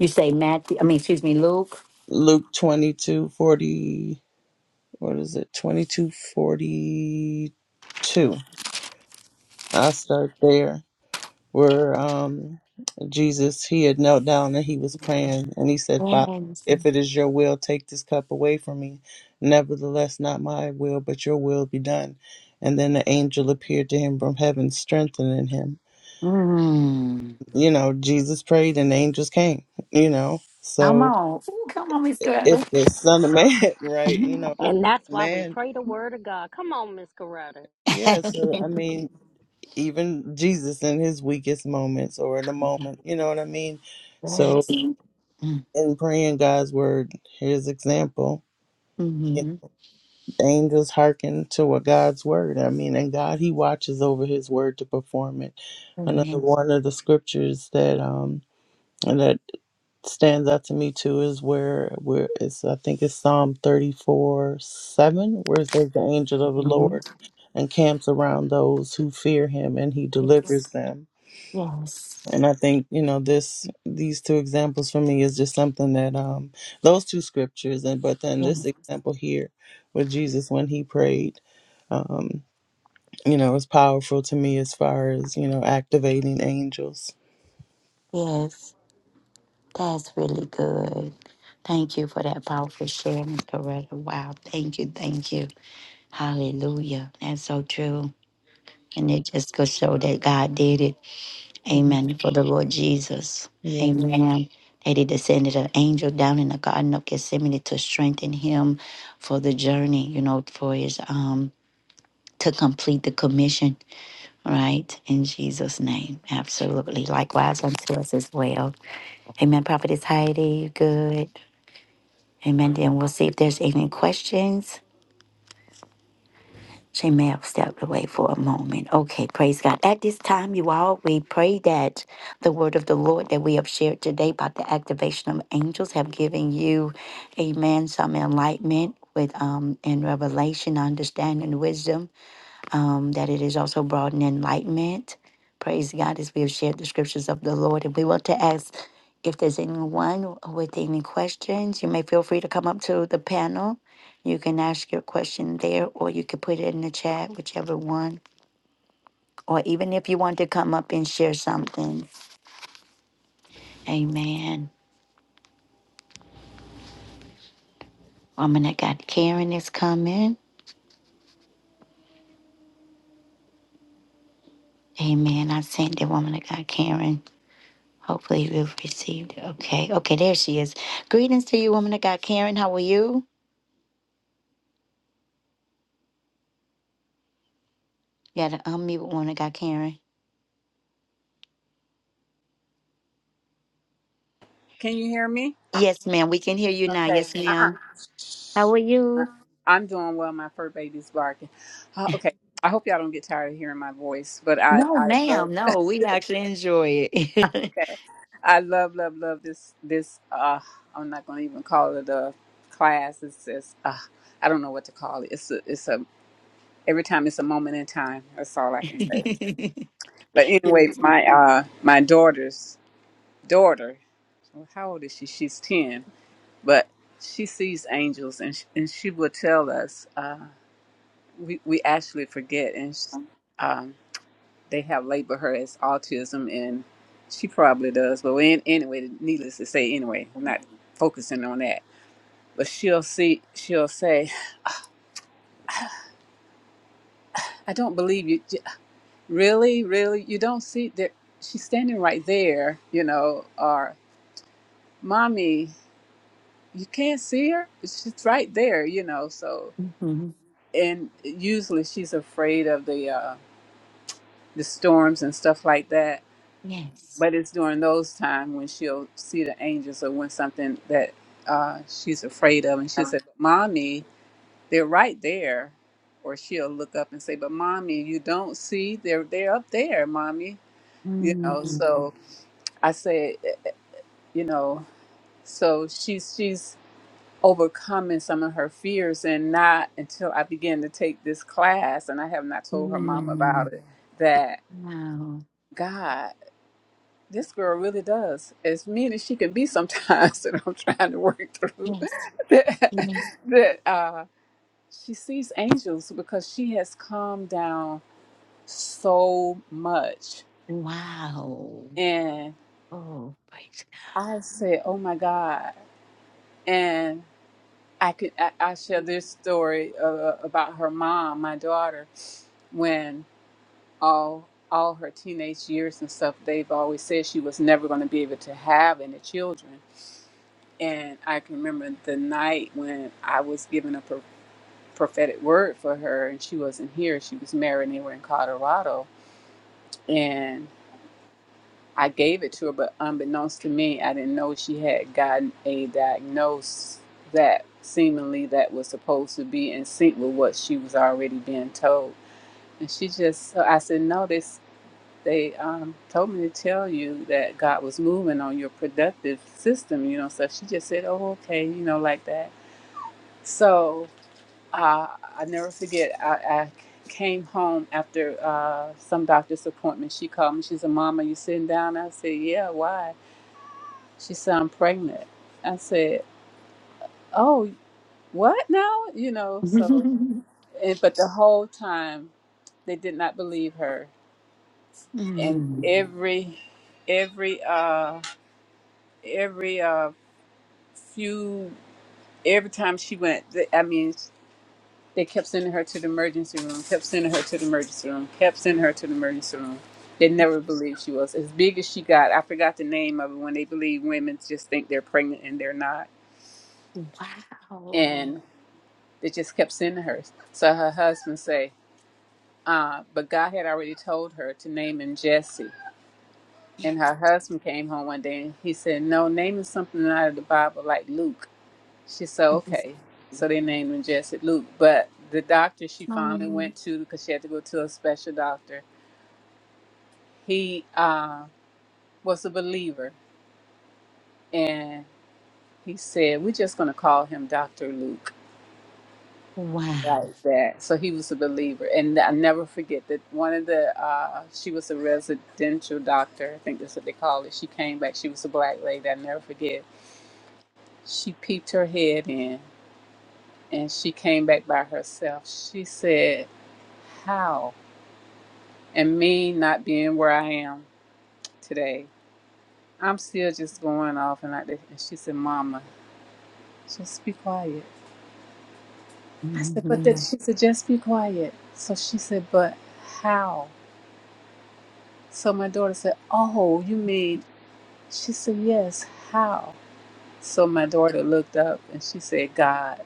[SPEAKER 1] You say Matthew, I mean, excuse me, Luke.
[SPEAKER 3] Luke twenty two forty. What is it? Twenty two forty two. I start there where um Jesus he had knelt down and he was praying and he said, "Father,
[SPEAKER 1] Yes.
[SPEAKER 3] if it is your will, take this cup away from me. Nevertheless, not my will, but your will be done." And then the angel appeared to him from heaven, strengthening him.
[SPEAKER 1] Mm.
[SPEAKER 3] You know, Jesus prayed and the angels came, you know.
[SPEAKER 1] Come
[SPEAKER 3] So
[SPEAKER 1] on. Ooh, come on, Miss Girl.
[SPEAKER 3] if the Son of Man, right,
[SPEAKER 1] yes.
[SPEAKER 3] you know,
[SPEAKER 4] And that's why we
[SPEAKER 3] man,
[SPEAKER 4] pray the word of God. Come on, Miss Coretta.
[SPEAKER 3] yeah. So, I mean, even Jesus in his weakest moments or in a moment, you know what I mean? So
[SPEAKER 1] Mhm.
[SPEAKER 3] in praying God's word, His example. If Angels hearken to what God's word. I mean, and God, He watches over His word to perform it. Another
[SPEAKER 1] Mhm.
[SPEAKER 3] one of the scriptures that um stands out to me too is where where it's I think it's Psalm thirty four seven where it says the angel of the Lord encamps around those who fear him and he
[SPEAKER 1] Yes.
[SPEAKER 3] delivers them.
[SPEAKER 1] Yes.
[SPEAKER 3] And I think, you know, this these two examples for me is just something that um those two scriptures and but then this
[SPEAKER 1] Yes.
[SPEAKER 3] example here with Jesus when he prayed, um, you know, is powerful to me as far as, you know, activating angels.
[SPEAKER 1] Yes. That's really good. Thank you for that powerful share, Miss Coretta. Wow. Thank you. Thank you. Hallelujah. That's so true. And it just goes show that God did it.
[SPEAKER 3] Mhm.
[SPEAKER 1] Amen. For the Lord Jesus.
[SPEAKER 3] Yeah.
[SPEAKER 1] Amen. That he descended an angel down in the Garden of Gethsemane to strengthen him for the journey, you know, for his, um, to complete the commission, right? In Jesus' name. Absolutely. Likewise unto us as well. Amen. Prophetess Heidi, you good. Amen. Then we'll see if there's any questions. She may have stepped away for a moment. Okay, praise God. At this time, you all, we pray that the word of the Lord that we have shared today about the activation of angels have given you, amen, some enlightenment with um and revelation, understanding, wisdom um, that it is also brought in enlightenment. Praise God as we have shared the scriptures of the Lord. And we want to ask if there's anyone with any questions, you may feel free to come up to the panel. You can ask your question there, or you can put it in the chat, whichever one. Or even if you want to come up and share something. Amen. Woman of God, Karen is coming. Amen. I sent the woman of God, Karen. Hopefully, we've received. it. Okay. Okay, there she is. Greetings to you, woman of God, Karen. How are you? You gotta unmute one. that got Karen.
[SPEAKER 6] Can you hear me?
[SPEAKER 1] Yes, ma'am. We can hear you now.
[SPEAKER 6] Okay.
[SPEAKER 1] Yes, ma'am.
[SPEAKER 6] Uh-uh.
[SPEAKER 1] How are you?
[SPEAKER 6] I'm doing well. My fur baby's barking. Uh, okay. I hope y'all don't get tired of hearing my voice, but I,
[SPEAKER 1] No,
[SPEAKER 6] I love,
[SPEAKER 1] ma'am.
[SPEAKER 6] okay.
[SPEAKER 1] No, we actually enjoy it.
[SPEAKER 6] I love, love, love this, this, uh, I'm not going to even call it a class. It's, it's, uh, I don't know what to call it. It's a, it's a, every time it's a moment in time. That's all I can say. But anyway,
[SPEAKER 1] yes.
[SPEAKER 6] my, uh, my daughter's daughter, how old is she? She's 10 but she sees angels and she, and she will tell us uh, we, we actually forget and sh um, they have labeled her as autism and she probably does but in, anyway needless to say anyway I'm not focusing on that but she'll see she'll say i don't believe you J- really really you don't see that she's standing right there you know or mommy you can't see her she's right there you know so
[SPEAKER 1] madam
[SPEAKER 6] and usually she's afraid of the uh, the storms and stuff like that.
[SPEAKER 1] Yes.
[SPEAKER 6] But it's during those times when she'll see the angels or when something that uh, she's afraid of. And she'll say, but Mommy, they're right there. Or she'll look up and say, But Mommy, you don't see? They're, they're up there, Mommy. You know, Mhm.
[SPEAKER 1] Mm.
[SPEAKER 6] so I say, you know, so she's she's overcoming some of her fears and not until I began to take this class and I have not told her mom
[SPEAKER 1] Mm.
[SPEAKER 6] about it that
[SPEAKER 1] Wow.
[SPEAKER 6] God. This girl really does, as mean as she can be sometimes, that I'm trying to work through.
[SPEAKER 1] Yes.
[SPEAKER 6] That,
[SPEAKER 1] Yes.
[SPEAKER 6] that uh, she sees angels because she has calmed down so much.
[SPEAKER 1] Wow.
[SPEAKER 6] And
[SPEAKER 1] Oh, praise
[SPEAKER 6] I said, Oh my God. And I could, I, I share this story uh, about her mom, my daughter, when all all her teenage years and stuff, they've always said she was never going to be able to have any children And I can remember the night when I was given a pro- prophetic word for her, and she wasn't here. She was married, and they were in Colorado. And I gave it to her, but unbeknownst to me, I didn't know she had gotten a diagnosis that seemingly that was supposed to be in sync with what she was already being told. And she just, so I said, no, this, they um, told me to tell you that God was moving on your productive system, you know. So she just said, oh, okay, you know, like that. So uh, I never forget. I, I came home after uh, some doctor's appointment. She called me. She said, "Mama, you sitting down?" I said, "Yeah. Why?" She said, "I'm pregnant." I said, "Oh, what now?" You know.
[SPEAKER 1] God.
[SPEAKER 6] So, and, but the whole time they did not believe her, and
[SPEAKER 1] mm.
[SPEAKER 6] every every uh every uh few every time she went, I mean. They kept sending her to the emergency room, kept sending her to the emergency room, kept sending her to the emergency room. They never believed she was. As big as she got, I forgot the name of it when they believe women just think they're pregnant and they're not.
[SPEAKER 1] Wow.
[SPEAKER 6] And they just kept sending her. So her husband say, uh, but God had already told her to name him Jesse.
[SPEAKER 1] Yes.
[SPEAKER 6] And her husband came home one day and he said, No, name him something out of the Bible like Luke. She said, okay. So they named him Jesse Luke. But the doctor she finally
[SPEAKER 1] Mhm. Oh,
[SPEAKER 6] went to, because she had to go to a special doctor, he uh, was a believer. And he said, we're just going to call him Dr. Luke.
[SPEAKER 1] wow.
[SPEAKER 6] Right. That. So he was a believer. And I never forget that one of the, uh, she was a residential doctor. I think that's what they call it. She came back. She was a black lady. I never forget. She peeped her head in and she came back by herself. She said, how? and me not being where I am today, I'm still just going off and like that. And she said, Mama, just be quiet. I said, but that
[SPEAKER 1] Mhm.
[SPEAKER 6] she said, just be quiet. So she said, but how? So my daughter said, Oh, you mean she said, Yes, how? So my daughter looked up and she said, God.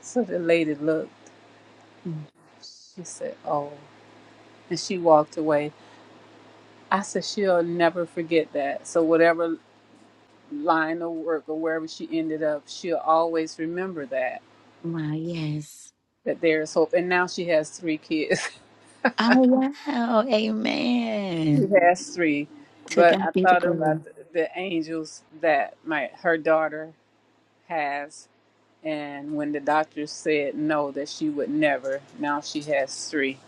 [SPEAKER 6] So the lady looked.
[SPEAKER 1] Mm.
[SPEAKER 6] She said, Oh. And she walked away. I said, She'll never forget that. So whatever line of work or wherever she ended up, she'll always remember that
[SPEAKER 1] Wow. Yes.
[SPEAKER 6] that there is hope. And now she has three kids.
[SPEAKER 1] Oh, wow.
[SPEAKER 6] she
[SPEAKER 1] Amen.
[SPEAKER 6] has three,
[SPEAKER 1] To
[SPEAKER 6] but
[SPEAKER 1] God
[SPEAKER 6] I
[SPEAKER 1] be the
[SPEAKER 6] thought
[SPEAKER 1] glory.
[SPEAKER 6] about the, the angels that my her daughter has, and when the doctor said no that she would never, now she has three.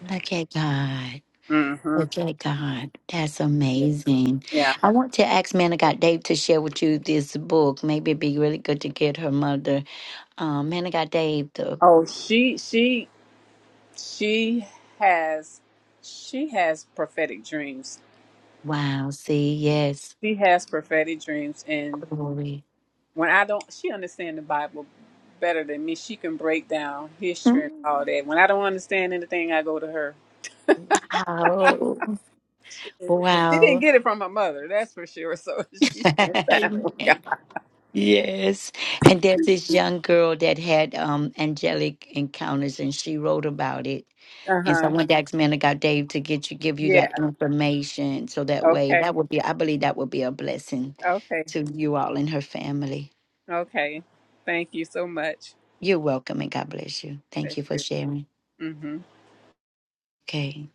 [SPEAKER 1] Look at God.
[SPEAKER 6] Mm-hmm.
[SPEAKER 1] Look at God. That's amazing.
[SPEAKER 6] Yeah.
[SPEAKER 1] I want to ask Man of God Dave to share with you this book. Maybe it'd be really good to get her mother. Um, Man of God Dave, the
[SPEAKER 6] Oh, she she she has she has prophetic dreams.
[SPEAKER 1] wow. See, yes.
[SPEAKER 6] She has prophetic dreams, and
[SPEAKER 1] Glory.
[SPEAKER 6] when I don't, she understand the Bible better than me. She can break down history and all
[SPEAKER 1] Mm.
[SPEAKER 6] that. When I don't understand anything, I go to her.
[SPEAKER 1] Wow.
[SPEAKER 6] She didn't
[SPEAKER 1] Wow.
[SPEAKER 6] get it from her mother, that's for sure. So she spent time
[SPEAKER 1] Amen.
[SPEAKER 6] with God.
[SPEAKER 1] Yes. And there's this young girl that had um angelic encounters and she wrote about it
[SPEAKER 6] Uh
[SPEAKER 1] And so I
[SPEAKER 6] huh.
[SPEAKER 1] wanted to ask man of God Dave to get you give you that
[SPEAKER 6] Yeah.
[SPEAKER 1] information so that way that
[SPEAKER 6] Okay.
[SPEAKER 1] would be I believe that would be a blessing
[SPEAKER 6] Okay.
[SPEAKER 1] to you all and her family.
[SPEAKER 6] Okay. Thank you so much.
[SPEAKER 1] You're welcome and God bless you. Thank
[SPEAKER 6] That's
[SPEAKER 1] you for
[SPEAKER 6] it.
[SPEAKER 1] sharing.
[SPEAKER 6] Mhm.
[SPEAKER 1] Okay.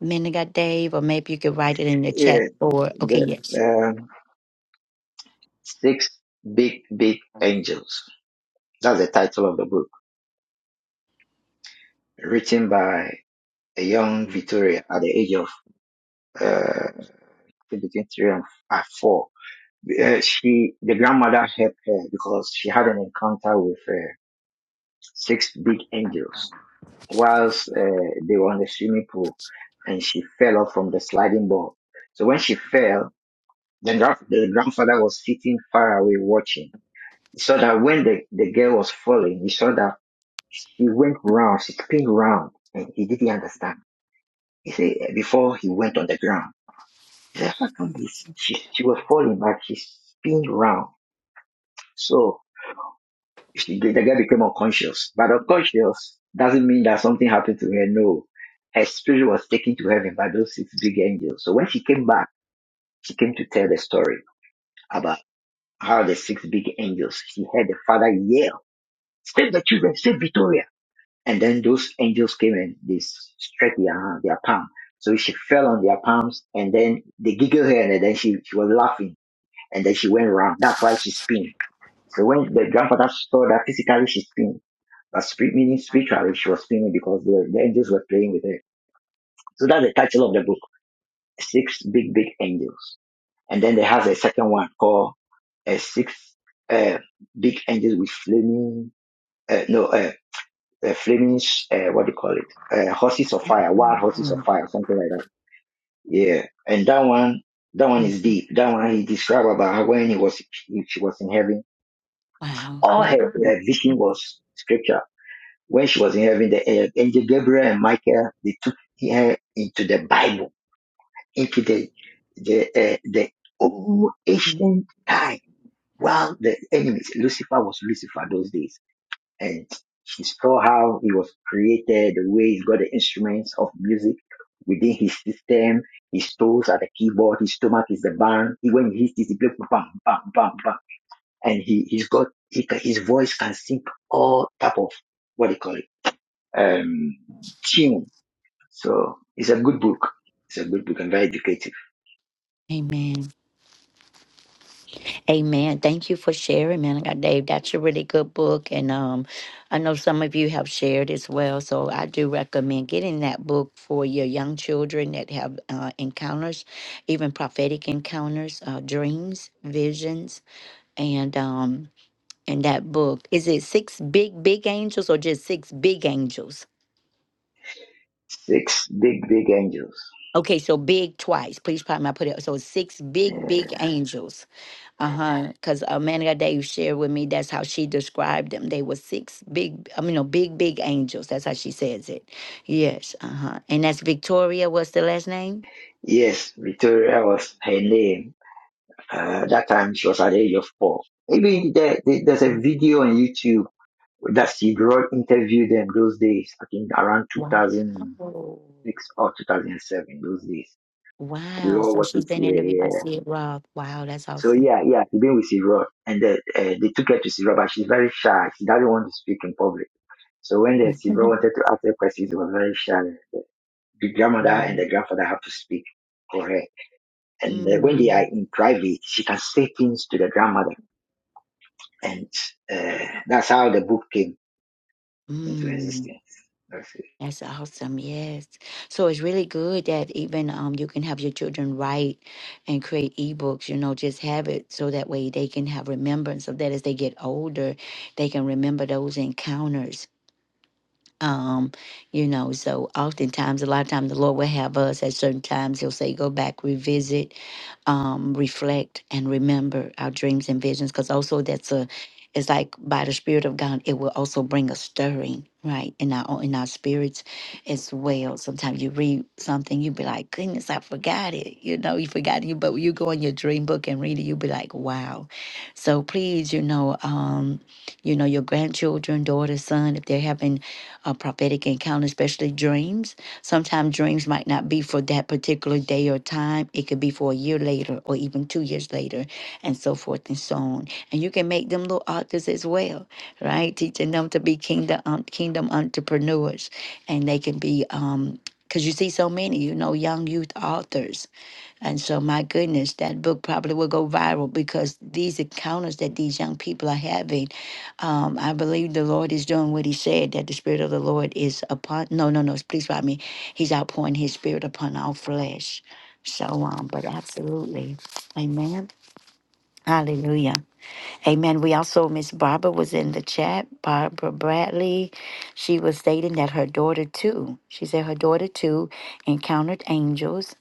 [SPEAKER 1] Man of God Dave, or maybe you could write it in the chat
[SPEAKER 5] Yeah,
[SPEAKER 1] or okay, yes.
[SPEAKER 5] the um, six big, big angels. That's the title of the book, written by a young Victoria at the age of uh, between three and uh, four. Uh, she, the grandmother helped her because she had an encounter with uh, six big angels whilst uh, they were on the swimming pool, and she fell off from the sliding board. So when she fell, the, gra- the grandfather was sitting far away watching. He saw that when the, the girl was falling, he saw that she went round, she spun round, and he didn't understand. He said, before he went on the ground, he said, how come he's, she, she was falling back? She spinning round. So she, the the girl became unconscious. But unconscious doesn't mean that something happened to her. No. Her spirit was taken to heaven by those six big angels. So when she came back, she came to tell the story about how the six big angels, she heard the father yell, save the children, save Victoria And then those angels came and they stretched their their palm. So she fell on their palms and then they giggled her and then she, she was laughing and then she went round. That's why she spinning. So when the grandfather saw that physically she spinning, but spirit meaning spiritually she was spinning because the, the angels were playing with her. So that's the title of the book. Six big, big angels. And then they have a second one called uh, six uh, big angels with flaming, uh, no, uh, uh, Flemish, uh, what do you call it? Uh, horses of fire, wild horses of
[SPEAKER 1] Mhm.
[SPEAKER 5] fire, something like that. Yeah. And that one, that one is deep. That one he described about how when he was, if she was in heaven,
[SPEAKER 1] Wow.
[SPEAKER 5] all
[SPEAKER 1] Yeah.
[SPEAKER 5] her, her vision was scripture. When she was in heaven, the uh, angel Gabriel and Michael, they took her into the Bible, into the, the, uh, the old
[SPEAKER 1] Mm.
[SPEAKER 5] ancient time. While the enemies, Lucifer was Lucifer those days and she saw how he was created, the way he's got the instruments of music within his system. His toes are the keyboard, his stomach is the band. He when he hits this, he plays bam, bam, bam, bam, and he he's got he, ca- his voice can sing all type of what do you call it um tune. So it's a good book. It's a good book and very educative.
[SPEAKER 1] Amen. Amen. Thank you for sharing, man. I got Dave. That's a really good book, and um, I know some of you have shared as well. So I do recommend getting that book for your young children that have uh, encounters, even prophetic encounters, uh, dreams, visions, and um, and that book is it six big big angels or just six big angels?
[SPEAKER 5] Six big big angels.
[SPEAKER 1] Okay, so big twice. Please, probably I put it. So six big big angels Uh huh. Because uh, Manica Dave shared with me that's how she described them. They were six big, I mean, no, big, big angels. That's how she says it. Yes. Uh huh. And that's Victoria. What's the last name?
[SPEAKER 5] Yes, Victoria was her name Uh, that time she was at the age of four. Maybe there, there- there's a
[SPEAKER 1] Mm,
[SPEAKER 5] video on YouTube that Steve Roy interviewed them those days. I think around 2006
[SPEAKER 1] Wow.
[SPEAKER 5] or 2007, those days. We
[SPEAKER 1] Wow.
[SPEAKER 5] all
[SPEAKER 1] So
[SPEAKER 5] watched
[SPEAKER 1] she's
[SPEAKER 5] it.
[SPEAKER 1] been
[SPEAKER 5] Yeah,
[SPEAKER 1] interviewed by
[SPEAKER 5] yeah.
[SPEAKER 1] Sid Roth. Wow. That's
[SPEAKER 5] So
[SPEAKER 1] awesome.
[SPEAKER 5] yeah, yeah. She been with Steve Roy, and the, uh, they took her to Steve Roy, but she's very shy. She doesn't want to speak in public. So when the Steve Roy wanted to ask her questions, she was very shy. The the grandmother and the grandfather have to speak for her. And uh, when they are
[SPEAKER 1] mm,
[SPEAKER 5] in private, she can say things to the grandmother And uh, that's how the book came into
[SPEAKER 1] mm.
[SPEAKER 5] existence. That's
[SPEAKER 1] That's awesome. Yes. So it's really good that even um you can have your children write and create ebooks, you know, just have it so that way they can have remembrance of that as they get older, they can remember those encounters um, you know, so oftentimes, a lot of times, the Lord will have us at certain times. He'll say, "Go back, revisit, um, reflect, and remember our dreams and visions." Because also, that's a, it's like by the Spirit of God, it will also bring a stirring, right, in our own- in our spirits as well. Sometimes you read something, you be like, "Goodness, I forgot it," you know, you forgot it. But when you go in your dream book and read it, you be like, "Wow!" So please, you know, um, you know, your grandchildren, daughter, son, if they're having a prophetic encounter, especially dreams. Sometimes dreams might not be for that particular day or time. It could be for a year later or even two years later, and so forth and so on. And you can make them little authors as well, right? Teaching them to be kingdom um, kingdom entrepreneurs, and they can be um because you see so many, you know, young youth authors and so, my goodness, that book probably will go viral because these encounters that these young people are having, um, I believe the Lord is doing what He said that the Spirit of the Lord is upon. No, no, no, please pardon me. He's outpouring His Spirit upon all flesh. So, um, but absolutely. Amen. Hallelujah. Amen. We also, Miss Barbara was in the chat. Barbara Bradley, she was stating that her daughter, too, she said her daughter, too, encountered angels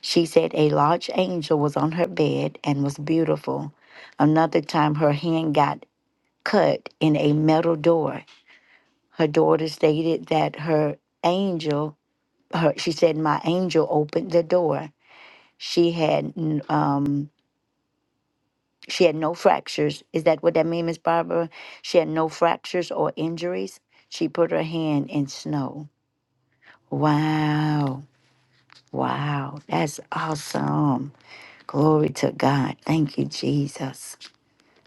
[SPEAKER 1] she said a large angel was on her bed and was beautiful. Another time, her hand got cut in a metal door. Her daughter stated that her angel, her, she said, my angel opened the door. She had, n- um, she had no fractures. Is that what that means, Miss Barbara? She had no fractures or injuries. She put her hand in snow. Wow. Wow. That's awesome. Glory to God. Thank you, Jesus.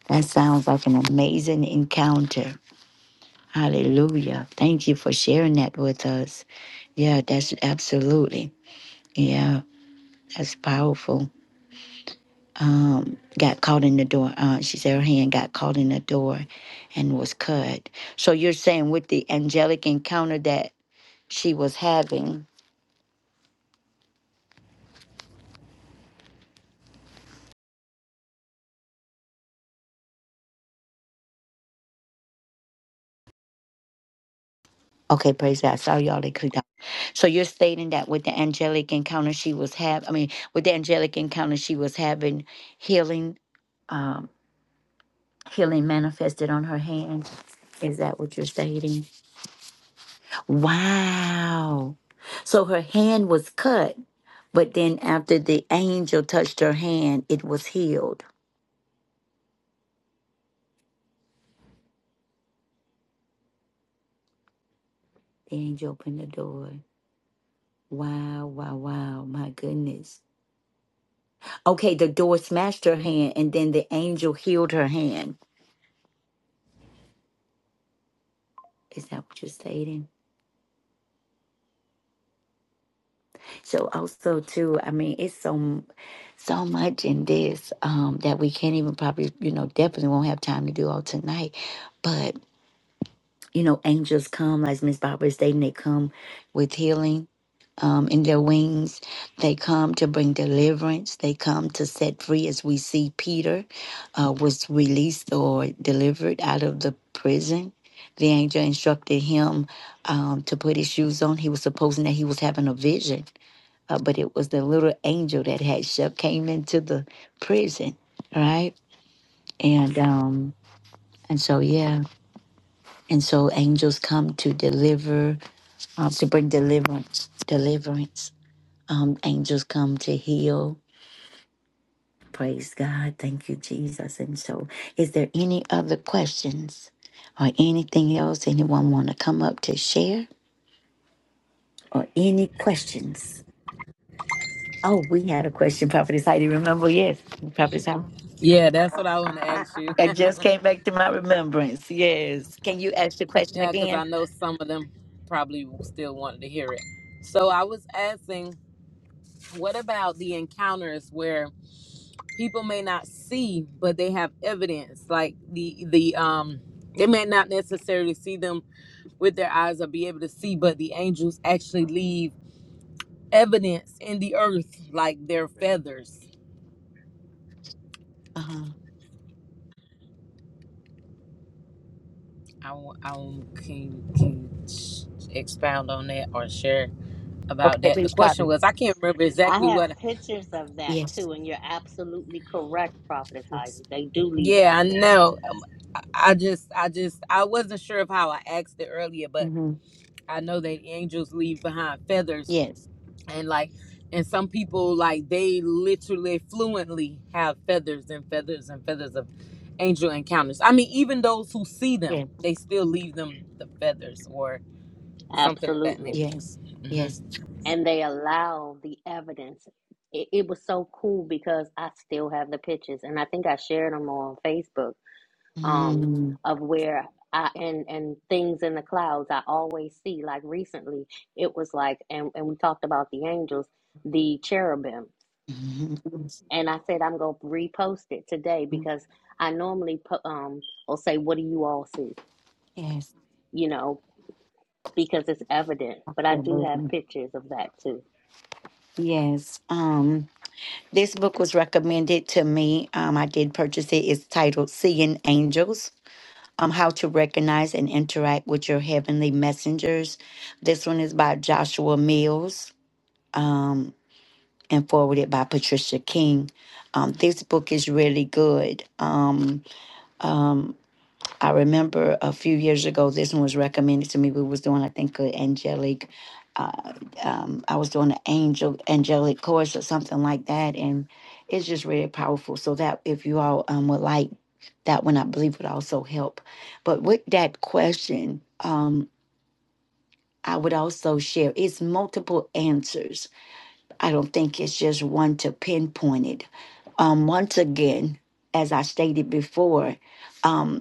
[SPEAKER 1] That sounds like an amazing encounter. Hallelujah. Thank you for sharing that with us. Yeah, that's absolutely. Yeah, that's powerful. Um, got caught in the door. Uh, she said her hand got caught in the door and was cut. So you're saying with the angelic encounter that she was having. Okay, praise God. Sorry, y'all. They clicked out. So you're stating that with the angelic encounter she was having, I mean, with the angelic encounter she was having, healing um, healing manifested on her hand. Is that what you're stating? Wow. So her hand was cut, but then after the angel touched her hand, it was healed. The angel opened the door. Wow, wow, wow. My goodness. Okay, the door smashed her hand, and then the angel healed her hand. Is that what you're stating? So also too, I mean, it's so so much in this um, that we can't even probably, you know, definitely won't have time to do all tonight. But you know, angels come, as Miss Barbara is stating, they come with healing. Um, in their wings, they come to bring deliverance. They come to set free, as we see Peter uh, was released or delivered out of the prison. The angel instructed him um, to put his shoes on. He was supposing that he was having a vision uh, but it was the little angel that had sh- came into the prison, right? And um, and so yeah, and so angels come to deliver, uh, to bring deliverance, deliverance. Um, angels come to heal. Praise God, thank you, Jesus. And so, is there any other questions or anything else anyone want to come up to share or any questions? Oh, we had a question, Prophetess Heidi. Remember, yes, Prophetess Heidi.
[SPEAKER 2] Yeah, that's what I want to ask you.
[SPEAKER 1] I just came back to my remembrance. Yes. Can you ask the question
[SPEAKER 2] yeah, because I
[SPEAKER 1] again?
[SPEAKER 2] know some of them probably still wanted to hear it. So I was asking, what about the encounters where? people may not see but they have evidence like the the um they may not necessarily see them with their eyes or be able to see but the angels actually leave evidence in the earth like their feathers
[SPEAKER 1] Uh-huh.
[SPEAKER 2] i, w- I w- can can sh- expound on that or share about
[SPEAKER 1] Okay,
[SPEAKER 2] that the
[SPEAKER 1] please
[SPEAKER 2] question
[SPEAKER 1] copy.
[SPEAKER 2] was i can't remember exactly
[SPEAKER 4] I have
[SPEAKER 2] what
[SPEAKER 4] pictures of that
[SPEAKER 1] Yes.
[SPEAKER 4] too, and you're absolutely correct, Prophetess
[SPEAKER 1] Yes.
[SPEAKER 4] Heidi. They do leave
[SPEAKER 2] yeah i
[SPEAKER 4] evidence.
[SPEAKER 2] know i I just i just i wasn't sure of how i asked it earlier but
[SPEAKER 1] Mm-hmm.
[SPEAKER 2] i know that angels leave behind feathers
[SPEAKER 1] Yes.
[SPEAKER 2] and like and some people like they literally fluently have feathers and feathers and feathers of angel encounters i mean even those who see them
[SPEAKER 1] Yes.
[SPEAKER 2] they still leave them the feathers or something of that
[SPEAKER 4] Absolutely.
[SPEAKER 2] nature
[SPEAKER 1] Yes. Yes.
[SPEAKER 2] hmm
[SPEAKER 4] and they allow the evidence. It, it was so cool because I still have the pictures, and I think I shared them on Facebook. Um,
[SPEAKER 1] Mm-hmm.
[SPEAKER 4] of where I and and things in the clouds I always see. Like recently, it was like, and and we talked about the angels, the cherubim, and I said I'm gonna repost it today because I normally po- um will say, what do you all see?
[SPEAKER 1] Yes.
[SPEAKER 4] You know, because it's evident, but I do have
[SPEAKER 1] Absolutely.
[SPEAKER 4] pictures of that too.
[SPEAKER 1] Yes. Um. This book was recommended to me. Um, I did purchase it. It's titled Seeing Angels um, How to Recognize and Interact with Your Heavenly Messengers. This one is by Joshua Mills um, and forwarded by Patricia King. Um, this book is really good. Um, um, I remember a few years ago, this one was recommended to me. We was doing, I think, an angelic. Uh, um, I was doing an angel angelic course or something like that, and it's just really powerful. So that if you all um, would like that one, I believe would also help. But with that question, um, I would also share it's multiple answers. I don't think it's just one to pinpoint it. Um, once again, as I stated before. Um,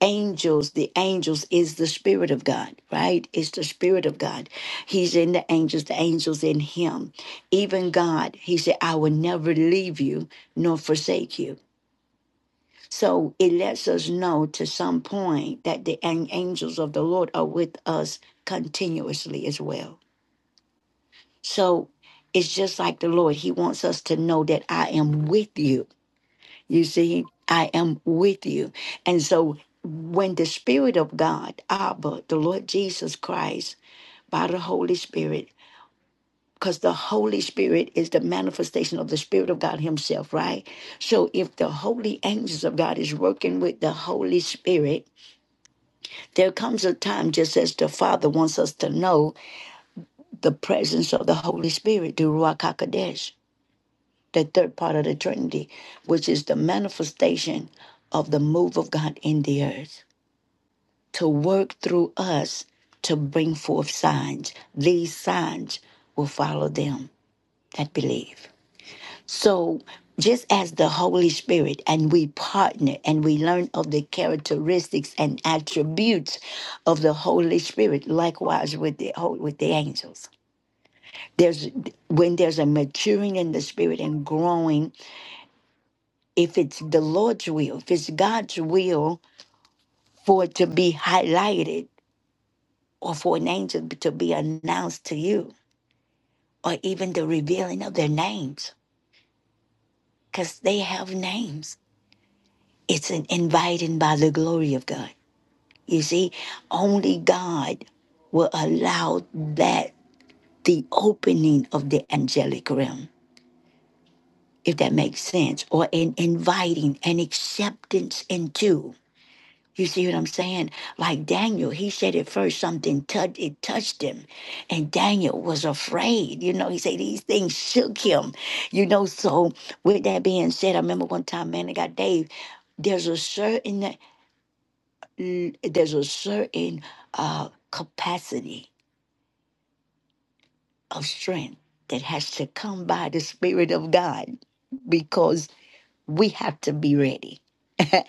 [SPEAKER 1] angels the angels is the spirit of god right it's the spirit of god he's in the angels the angels in him even god he said i will never leave you nor forsake you so it lets us know to some point that the an- angels of the lord are with us continuously as well so it's just like the lord he wants us to know that i am with you you see, I am with you. And so when the Spirit of God, Abba, the Lord Jesus Christ, by the Holy Spirit, because the Holy Spirit is the manifestation of the Spirit of God Himself, right? So if the holy angels of God is working with the Holy Spirit, there comes a time, just as the Father wants us to know the presence of the Holy Spirit, the Ruach HaKodesh, the third part of the Trinity, which is the manifestation of the move of God in the earth. to work through us to bring forth signs. These signs will follow them that believe. So, just as the Holy Spirit and we partner and we learn of the characteristics and attributes of the Holy Spirit, likewise with the with the angels. There's when there's a maturing in the spirit and growing. If it's the Lord's will, if it's God's will for it to be highlighted or for an angel to be announced to you, or even the revealing of their names because they have names. It's an inviting by the glory of God. You see, only God will allow that the opening of the angelic realm, if that makes sense, or an inviting and acceptance into. You see what I'm saying? Like Daniel, he said at first something touched it touched him, and Daniel was afraid. You know, he said these things shook him. You know, so with that being said, I remember one time, man, I got Dave. There's a certain there's a certain uh, capacity of strength that has to come by the Spirit of God, because we have to be ready.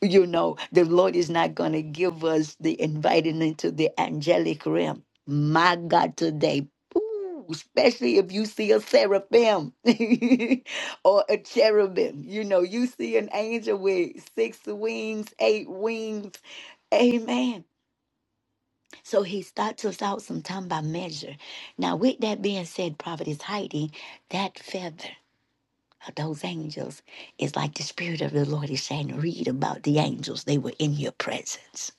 [SPEAKER 1] you know, the Lord is not going to give us the inviting into the angelic realm. My God, today, ooh, especially if you see a seraphim or a cherubim, you know, you see an angel with six wings, eight wings. Amen. So he starts us out sometime by measure. Now, with that being said, Prophetess Heidi, that feather those angels is like the Spirit of the Lord is saying, read about the angels. They were in your presence,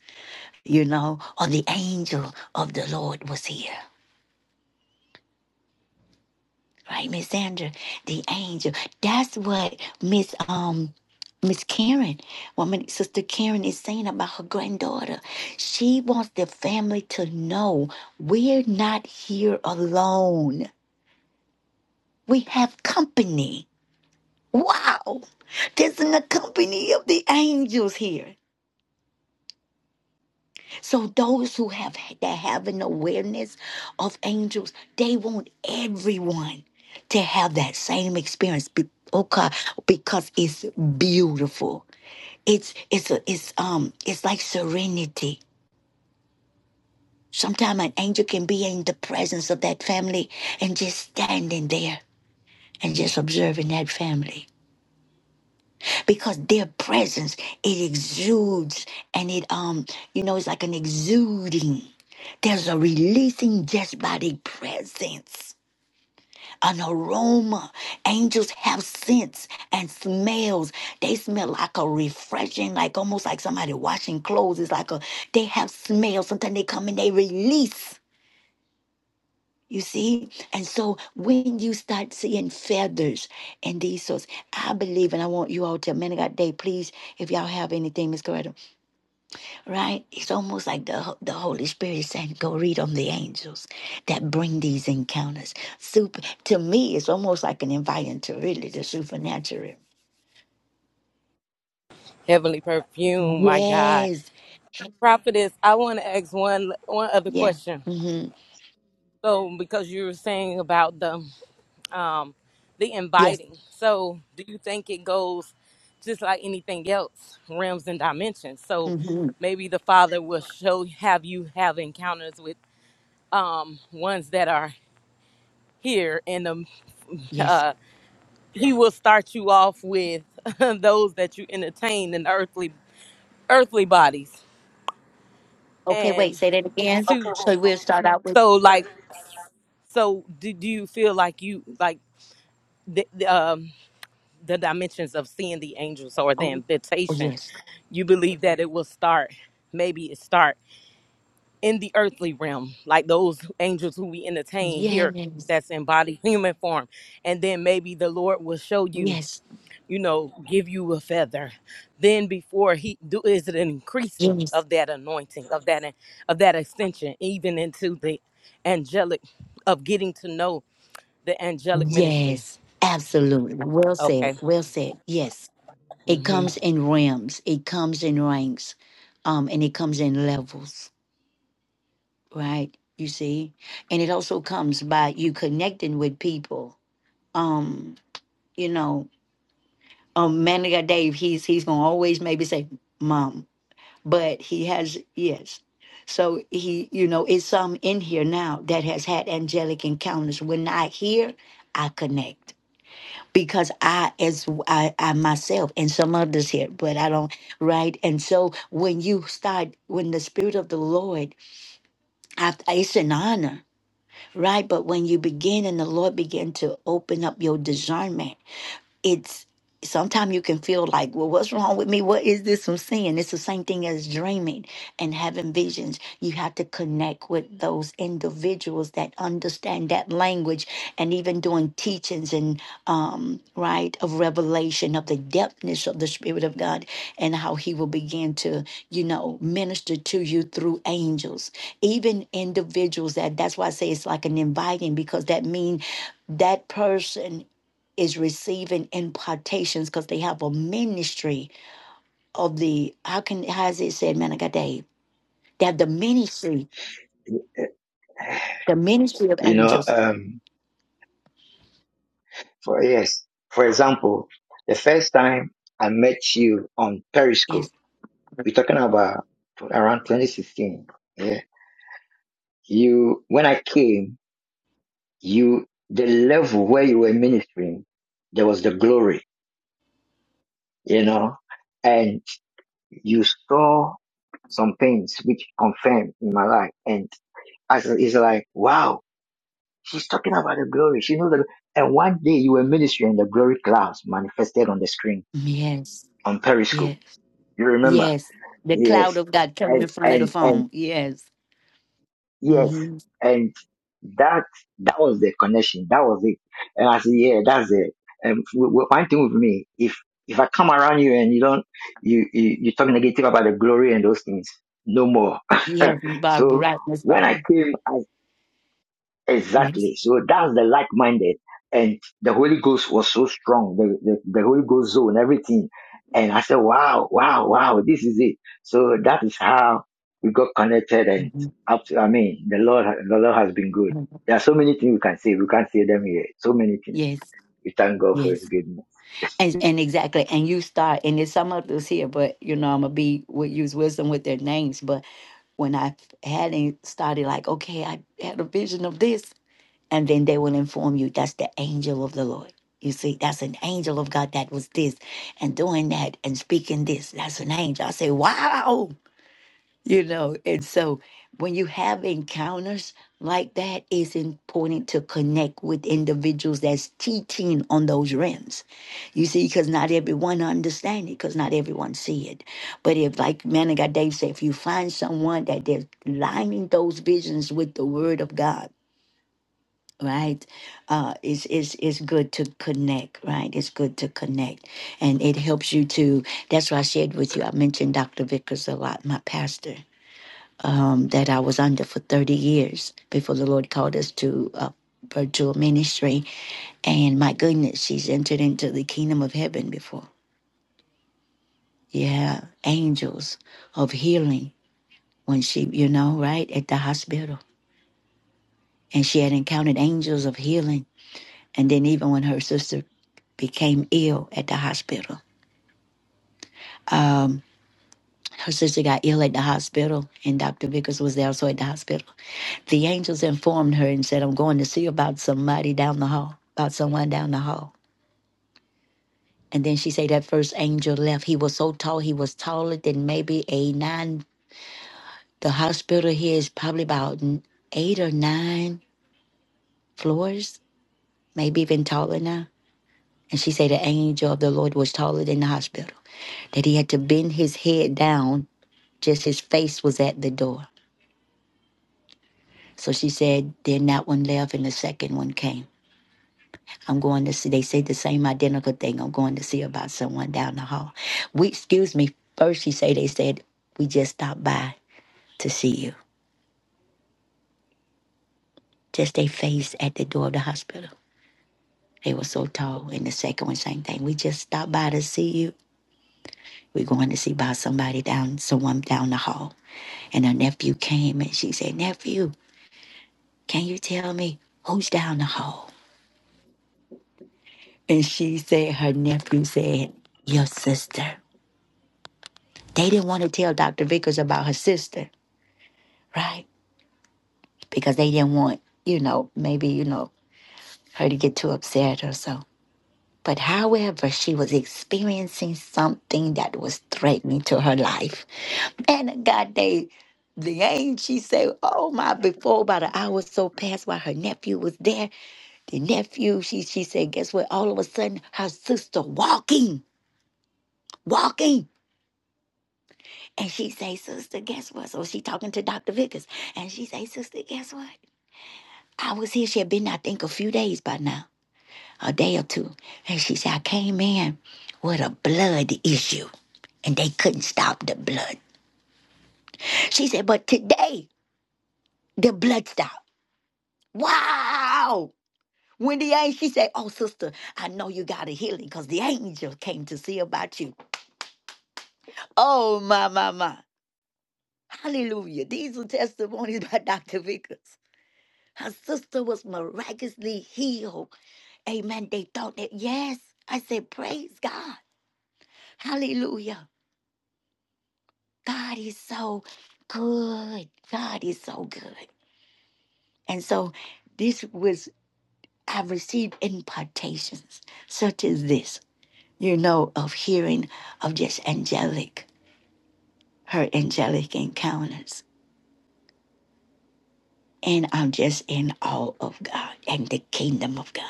[SPEAKER 1] you know, or the angel of the Lord was here. Right, Miss Sandra? The angel. That's what Miss um Miss Karen, woman sister Karen is saying about her granddaughter. She wants the family to know we're not here alone. We have company. Wow. There's an company of the angels here. So those who have that have an awareness of angels, they want everyone to have that same experience. Be- Okay, because it's beautiful. It's it's a, it's um it's like serenity. Sometimes an angel can be in the presence of that family and just standing there and just observing that family because their presence it exudes and it um you know it's like an exuding there's a releasing just by their presence an aroma angels have scents and smells they smell like a refreshing like almost like somebody washing clothes it's like a they have smells sometimes they come and they release you see? And so when you start seeing feathers and these sorts, I believe, and I want you all to, man of God, day, please, if y'all have anything, Miss Coretta, right? It's almost like the, the Holy Spirit is saying, go read on the angels that bring these encounters. Super, to me, it's almost like an invite to really the supernatural.
[SPEAKER 2] Heavenly perfume, my God.
[SPEAKER 1] Yes.
[SPEAKER 2] Prophetess, I want to ask one one other
[SPEAKER 1] Yeah.
[SPEAKER 2] question.
[SPEAKER 1] Mm-hmm.
[SPEAKER 2] So, because you were saying about the um, the
[SPEAKER 1] Yes.
[SPEAKER 2] inviting. So, do you think it goes just like anything else, realms and dimensions? So,
[SPEAKER 1] Mm-hmm.
[SPEAKER 2] maybe the Father will show have you have encounters with um, ones that are here, and um,
[SPEAKER 1] Yes.
[SPEAKER 2] uh, He will start you off with those that you entertain in earthly earthly bodies,
[SPEAKER 1] Okay, wait,
[SPEAKER 2] and
[SPEAKER 1] say that again.
[SPEAKER 2] to
[SPEAKER 1] So we'll start out with,
[SPEAKER 2] so like so do, do you feel like you like the, the um the dimensions of seeing the angels or the
[SPEAKER 1] oh, oh
[SPEAKER 2] invitation?
[SPEAKER 1] yes.
[SPEAKER 2] you believe that it will start maybe it start in the earthly realm like those angels who we entertain here
[SPEAKER 1] Yes.
[SPEAKER 2] that's in body human form and then maybe the lord will show you
[SPEAKER 1] Yes,
[SPEAKER 2] you know give you a feather then before he do is it an increasing
[SPEAKER 1] yes,
[SPEAKER 2] of that anointing of that of that extension even into the angelic of getting to know the angelic ministry
[SPEAKER 1] yes, absolutely. Well said,
[SPEAKER 2] okay
[SPEAKER 1] well said. Yes, it
[SPEAKER 2] hmm
[SPEAKER 1] comes in realms, it comes in ranks, um, and it comes in levels, right? You see, and it also comes by you connecting with people. Um, you know, um, man of God Dave, he's he's gonna always maybe say mom, but he has yes. So he, you know, it's some in here now that has had angelic encounters. When I hear, I connect. because I as I, I myself and some others here, but I don't right. And so when you start when the spirit of the Lord, I, it's an honor, right? But when you begin and the Lord begin to open up your discernment it's sometimes you can feel like, well, what's wrong with me? What is this I'm seeing? It's the same thing as dreaming and having visions. You have to connect with those individuals that understand that language and even doing teachings and um right of revelation of the depthness of the spirit of God and how he will begin to, you know, minister to you through angels, even individuals that that's why I say it's like an inviting because that means that person is receiving impartations because they have a ministry of the how can how is it said man I got Dave they have the ministry
[SPEAKER 5] it.
[SPEAKER 1] the ministry of
[SPEAKER 5] You know,
[SPEAKER 1] angels
[SPEAKER 5] um, for yes, for example, the first time I met you on
[SPEAKER 1] yes
[SPEAKER 5] Periscope, we're talking about around 2016. Yeah, you when I came, you the level where you were ministering, there was the glory, you know, and you saw some things which confirmed in my life, and as it's like wow She's talking about the glory. She knows that. And one day you were ministering, in the glory clouds manifested on the screen
[SPEAKER 1] yes
[SPEAKER 5] on
[SPEAKER 1] yes
[SPEAKER 5] Periscope. You remember?
[SPEAKER 1] yes the cloud
[SPEAKER 5] Yes.
[SPEAKER 1] of God coming
[SPEAKER 5] And
[SPEAKER 1] in front of the
[SPEAKER 5] and and
[SPEAKER 1] phone yes
[SPEAKER 5] yes.
[SPEAKER 1] mm-hmm.
[SPEAKER 5] And that that was the connection. That was it. And I said, yeah, that's it. And w- w- one thing with me, if if I come around you and you don't, you you you talk negative about the glory and those things, no more.
[SPEAKER 1] yes Miss Barbara
[SPEAKER 5] so
[SPEAKER 1] right Miss
[SPEAKER 5] when I
[SPEAKER 1] Barbara
[SPEAKER 5] came.
[SPEAKER 1] yes
[SPEAKER 5] Exactly. So that's the like minded. And the Holy Ghost was so strong, the, the, the Holy Ghost zone, everything. And I said, wow, wow, wow, this is it. So that is how we got connected. And
[SPEAKER 1] hmm
[SPEAKER 5] up to, I mean, the Lord, the Lord has been good. There are so many things we can say. We can't say them here. So many things.
[SPEAKER 1] yes
[SPEAKER 5] We thank God for His
[SPEAKER 1] yes
[SPEAKER 5] goodness.
[SPEAKER 1] and and exactly and you start and there's some of us here but you know I'm gonna be with use wisdom with their names but when I f- hadn't started, like, okay, I had a vision of this. And then they will inform you that's the angel of the Lord. You see, that's an angel of God that was this and doing that and speaking this. That's an angel. I say, wow you know and so when you have encounters like that it's important to connect with individuals that's teaching on those rims you see because not everyone understand it because not everyone see it but if like man of god dave said if you find someone that they're lining those visions with the word of god right uh it's it's it's good to connect right it's good to connect and it helps you to that's why i shared with you i mentioned dr vickers a lot my pastor um, that I was under for 30 years before the Lord called us to uh, virtual ministry. And my goodness, she's entered into the kingdom of heaven before. Yeah, angels of healing when she, you know, right at the hospital. And she had encountered angels of healing. And then even when her sister became ill at the hospital, um, her sister got ill at the hospital, and Dr. Vickers was there also at the hospital The angels informed her and said, I'm going to see about somebody down the hall, about someone down the hall. And then she said that first angel left. He was so tall, he was taller than maybe a nine. The hospital here is probably about eight or nine floors, maybe even taller now. And she said the angel of the Lord was taller than the hospital, that he had to bend his head down, just his face was at the door. So she said, then that one left and the second one came. I'm going to see, they say the same identical thing. I'm going to see about someone down the hall. We, excuse me, first she say, they said, we just stopped by to see you. Just they face at the door of the hospital. They were so tall. And the second one, same thing. We just stopped by to see you. We're going to see about somebody down, someone down the hall. And her nephew came and she said, nephew, can you tell me who's down the hall? And she said, her nephew said, your sister. They didn't want to tell Dr. Vickers about her sister, right? because they didn't want, you know, maybe, you know, her to get too upset or so. But however, she was experiencing something that was threatening to her life. Man of God, they the angel she said, Oh my, before about an hour or so passed while her nephew was there. The nephew, she she said, guess what? All of a sudden her sister walking, walking. And she say, Sister, guess what? So she talking to Dr. Vickers. And she say, Sister, guess what? I was here. She had been, I think, a few days by now. a day or two. And she said, I came in with a blood issue and they couldn't stop the blood. She said, but today the blood stopped. Wow. Wendy A, she said, Oh, sister, I know you got a healing because the angel came to see about you. Oh, my, my, my. Hallelujah. These are testimonies by Dr. Vickers. Her sister was miraculously healed. Amen. They thought that, yes. I said, Praise God. Hallelujah. God is so good. God is so good. And so this was, I received impartations such as this, you know, of hearing of just angelic, her angelic encounters. And I'm just in awe of God and the kingdom of God.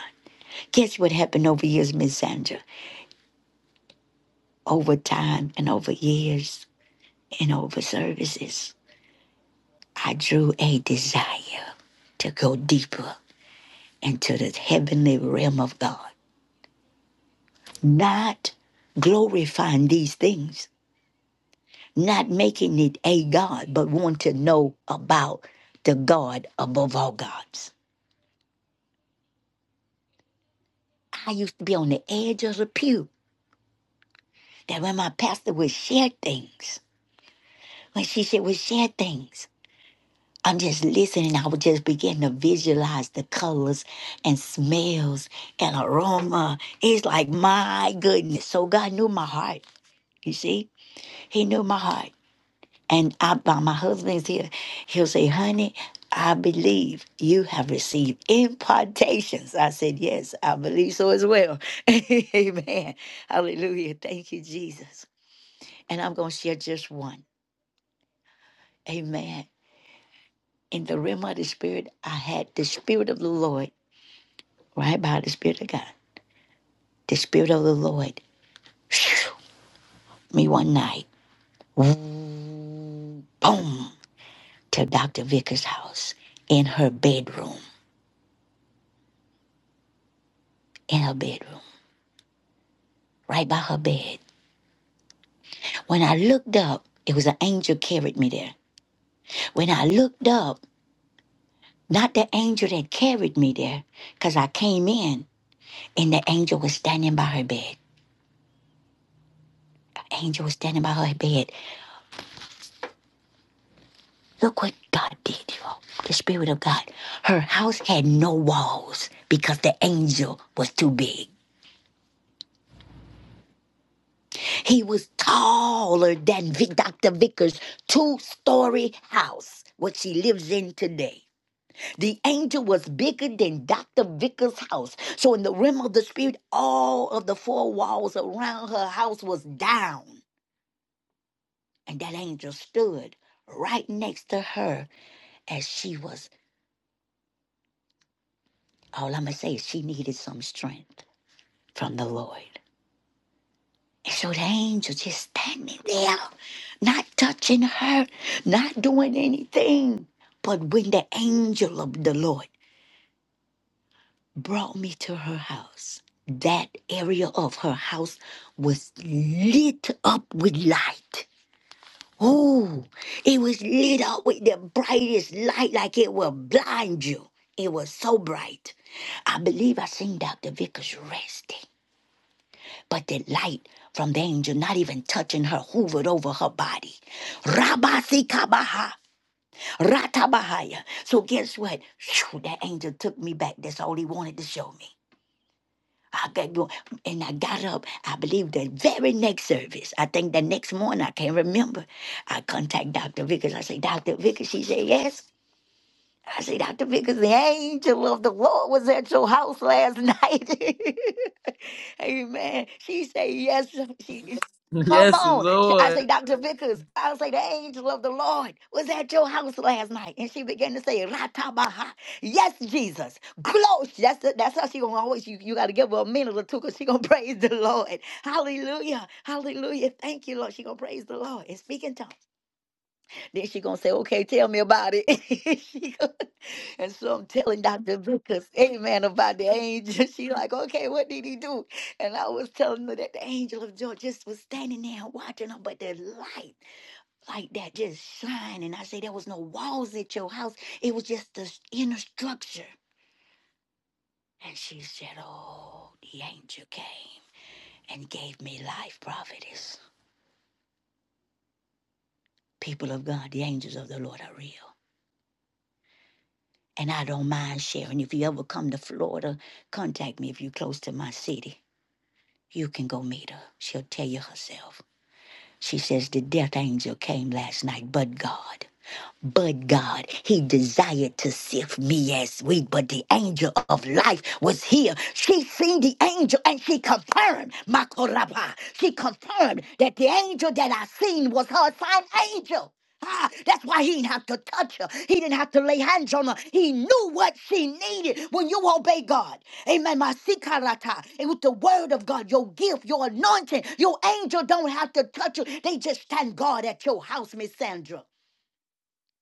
[SPEAKER 1] Guess what happened over years, Miss Sandra? Over time and over years and over services, I drew a desire to go deeper into the heavenly realm of God not glorifying these things, not making it a God, but want to know about the God above all gods. I used to be on the edge of the pew that when my pastor would share things, when she said, would share things, I'm just listening. I would just begin to visualize the colors and smells and aroma. It's like, my goodness. So God knew my heart. You see, He knew my heart. And I, by my husband is here, he'll say, honey, I believe you have received impartations. I said, yes, I believe so as well. Amen. Hallelujah. Thank you, Jesus. And I'm going to share just one. Amen. In the realm of the spirit, I had the spirit of the Lord, right by the spirit of God. The spirit of the Lord, me one night, boom, to Dr. Vickers' house in her bedroom, in her bedroom. right by her bed. When I looked up, it was an angel carried me there. When I looked up, not the angel that carried me there, because I came in and the angel was standing by her bed. Angel was standing by her bed. Look what God did, y'all. The Spirit of God. Her house had no walls because the angel was too big. He was taller than Dr. Vickers' two story house, what she lives in today. The angel was bigger than Dr. Vickers' house. So, in the realm of the spirit, all of the four walls around her house was down. And that angel stood right next to her as she was. All I'm going to say is she needed some strength from the Lord. And so the angel just standing there, not touching her, not doing anything. But when the angel of the Lord brought me to her house. That area of her house was lit up with light. Oh, it was lit up with the brightest light, like it will blind you. It was so bright. I believe I seen Dr. Vickers resting, but the light from the angel, not even touching her, hovered over her body. Rabatikabaha, ratabahaya. So guess what? Phew, that angel took me back. That's all he wanted to show me. I got going, and I got up. I believe the very next service. I think the next morning, I can't remember. I contact Dr. Vickers. I say, Dr. Vickers, she said, yes. I see Dr. Vickers, the angel of the Lord was at your house last night. Amen. She say yes. She come
[SPEAKER 2] Yes,
[SPEAKER 1] on. I say,
[SPEAKER 2] Lord.
[SPEAKER 1] Dr. Vickers, I say the angel of the Lord was at your house last night. And she began to say, Ratabaha. Yes, Jesus. Close. That's that's how she gonna always you, you gotta give her a minute or two because she gonna praise the Lord. Hallelujah. Hallelujah. Thank you, Lord. She gonna praise the Lord and speak in tongues. Then she gonna say, "Okay, tell me about it." She go- and so I'm telling Doctor Vickers, Amen, about the angel. She like, "Okay, what did he do?" And I was telling her that the angel of joy just was standing there and watching her, but the light like that just shining. I say, "There was no walls at your house; it was just the inner structure." And she said, "Oh, the angel came and gave me life, prophetess. People of God, the angels of the Lord are real." And I don't mind sharing. If you ever come to Florida, contact me if you're close to my city. You can go meet her. She'll tell you herself. She says, The death angel came last night, but God. But God, he desired to sift me as wheat, but the angel of life was here. She seen the angel and she confirmed, Makoraba. She confirmed that the angel that I seen was her assigned angel. Ah, that's why he didn't have to touch her. He didn't have to lay hands on her. He knew what she needed when you obey God. Amen. My sikarata. And with the word of God, your gift, your anointing, your angel don't have to touch you. They just stand guard at your house, Miss Sandra.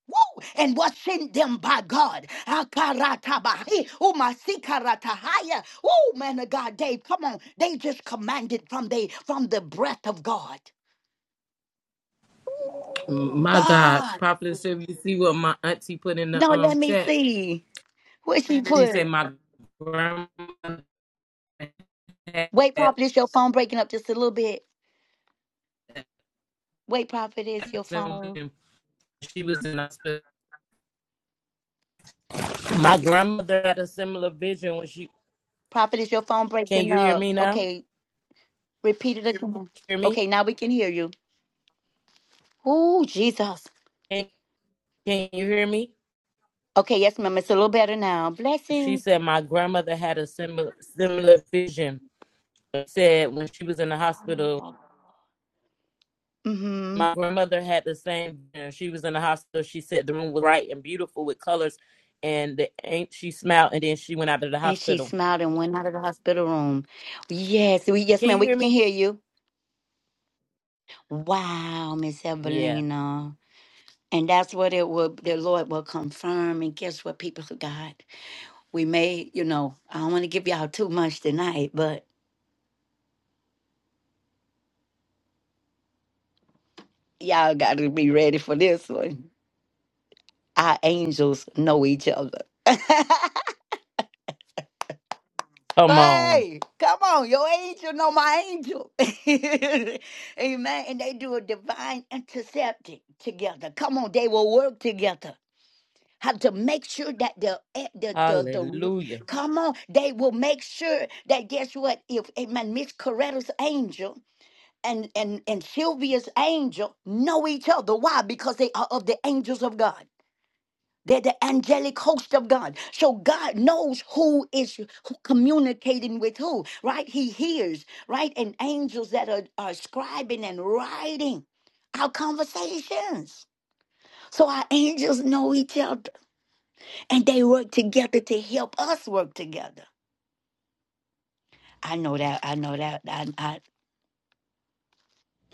[SPEAKER 1] Woo! And what's sent them by God? Akaratabahi. Oh, my sikaratahaya. Oh, man of God, Dave, come on. They just commanded from the from the breath of God.
[SPEAKER 2] My God,
[SPEAKER 1] God.
[SPEAKER 2] Prophet Sylvia, you see what my auntie put in
[SPEAKER 1] No,
[SPEAKER 2] the um
[SPEAKER 1] let me
[SPEAKER 2] chat?
[SPEAKER 1] see. Where she
[SPEAKER 2] She
[SPEAKER 1] put
[SPEAKER 2] said
[SPEAKER 1] it?
[SPEAKER 2] my grandma had
[SPEAKER 1] Wait, prophet, is your phone breaking up just a little bit? Wait, prophet, is your
[SPEAKER 2] a similar
[SPEAKER 1] phone.
[SPEAKER 2] vision. she was in hospital. My grandmother had a similar vision when she
[SPEAKER 1] Prophet, is your phone
[SPEAKER 2] can
[SPEAKER 1] breaking
[SPEAKER 2] you hear
[SPEAKER 1] up?
[SPEAKER 2] me now?
[SPEAKER 1] Okay, Repeat it again.
[SPEAKER 2] Hear me?
[SPEAKER 1] Okay, now we can hear you. Oh, Jesus.
[SPEAKER 2] Can, can you hear me?
[SPEAKER 1] Okay, yes, ma'am. It's a little better now.
[SPEAKER 2] She
[SPEAKER 1] Blessings.
[SPEAKER 2] said my grandmother had a similar similar vision. Said when she was in the hospital
[SPEAKER 1] Mm-hmm.
[SPEAKER 2] My grandmother had the same. And she was in the hospital. She said the room was bright and beautiful with colors, and the ain't she smiled. And then she went out of the
[SPEAKER 1] And she
[SPEAKER 2] hospital.
[SPEAKER 1] smiled and went out of the hospital room. Yes, we yes,
[SPEAKER 2] Can
[SPEAKER 1] ma'am,
[SPEAKER 2] you
[SPEAKER 1] we
[SPEAKER 2] hear
[SPEAKER 1] can
[SPEAKER 2] me?
[SPEAKER 1] hear you. Wow, Miss
[SPEAKER 2] Yeah.
[SPEAKER 1] Evelina. And that's what it will the Lord will confirm. And guess what, people of God? We may, you know, I don't want to give y'all too much tonight, but y'all gotta be ready for this one. Our angels know each other.
[SPEAKER 2] Come on.
[SPEAKER 1] Hey, come on, your angel know my angel. Amen. And they do a divine intercepting together. Come on, they will work together. How to make sure that the eh, the the, the
[SPEAKER 2] Hallelujah.
[SPEAKER 1] come on, they will make sure that guess what? If amen, Miss Coretta's angel and and and Sylvia's angel know each other. Why? Because they are of the angels of God. They're the angelic host of God. So God knows who is who communicating with who, right? He hears, right? And angels that are, are scribing and writing our conversations. So our angels know each other and they work together to help us work together. I know that. I know that. I, I,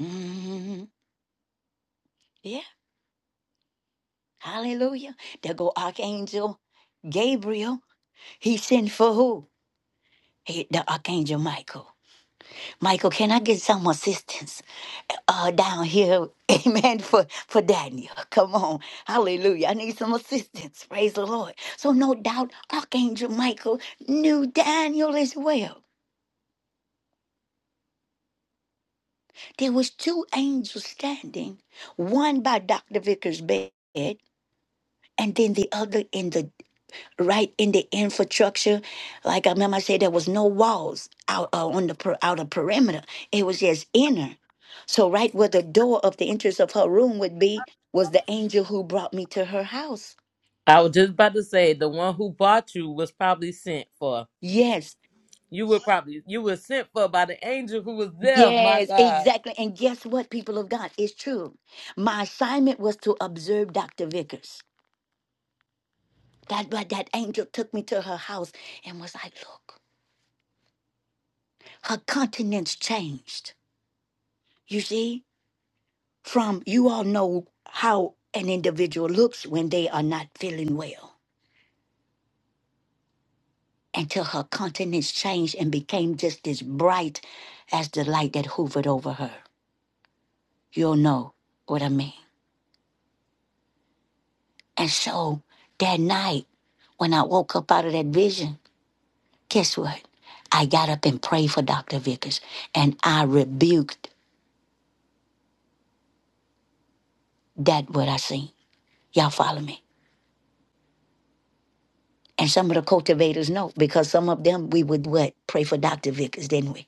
[SPEAKER 1] mhm. yeah. Hallelujah. There go Archangel Gabriel. He sent for who? He, the Archangel Michael. Michael, can I get some assistance uh, down here? Amen. For for Daniel, come on, Hallelujah! I need some assistance. Praise the Lord. So no doubt, Archangel Michael knew Daniel as well. There was two angels standing, one by Doctor Vickers' bed, and then the other in the right in the infrastructure. Like I remember I said, there was no walls out uh, on the per, outer perimeter. It was just inner. So right where the door of the entrance of her room would be was the angel who brought me to her house.
[SPEAKER 2] I was just about to say the one who bought you was probably sent for.
[SPEAKER 1] Yes,
[SPEAKER 2] You were probably you were sent for by the angel who was there. My
[SPEAKER 1] yes,
[SPEAKER 2] God.
[SPEAKER 1] exactly. And guess what, people of God? It's true. My assignment was to observe Dr. Vickers. That, but that angel took me to her house and was like, look, her countenance changed. You see? from you all know how an individual looks when they are not feeling well until her countenance changed and became just as bright as the light that hovered over her. You'll know what I mean. And so that night, when I woke up out of that vision, guess what? I got up and prayed for Dr. Vickers and I rebuked that what I seen. Y'all follow me? And some of the cultivators know because some of them we would what? Pray for Dr. Vickers, didn't we?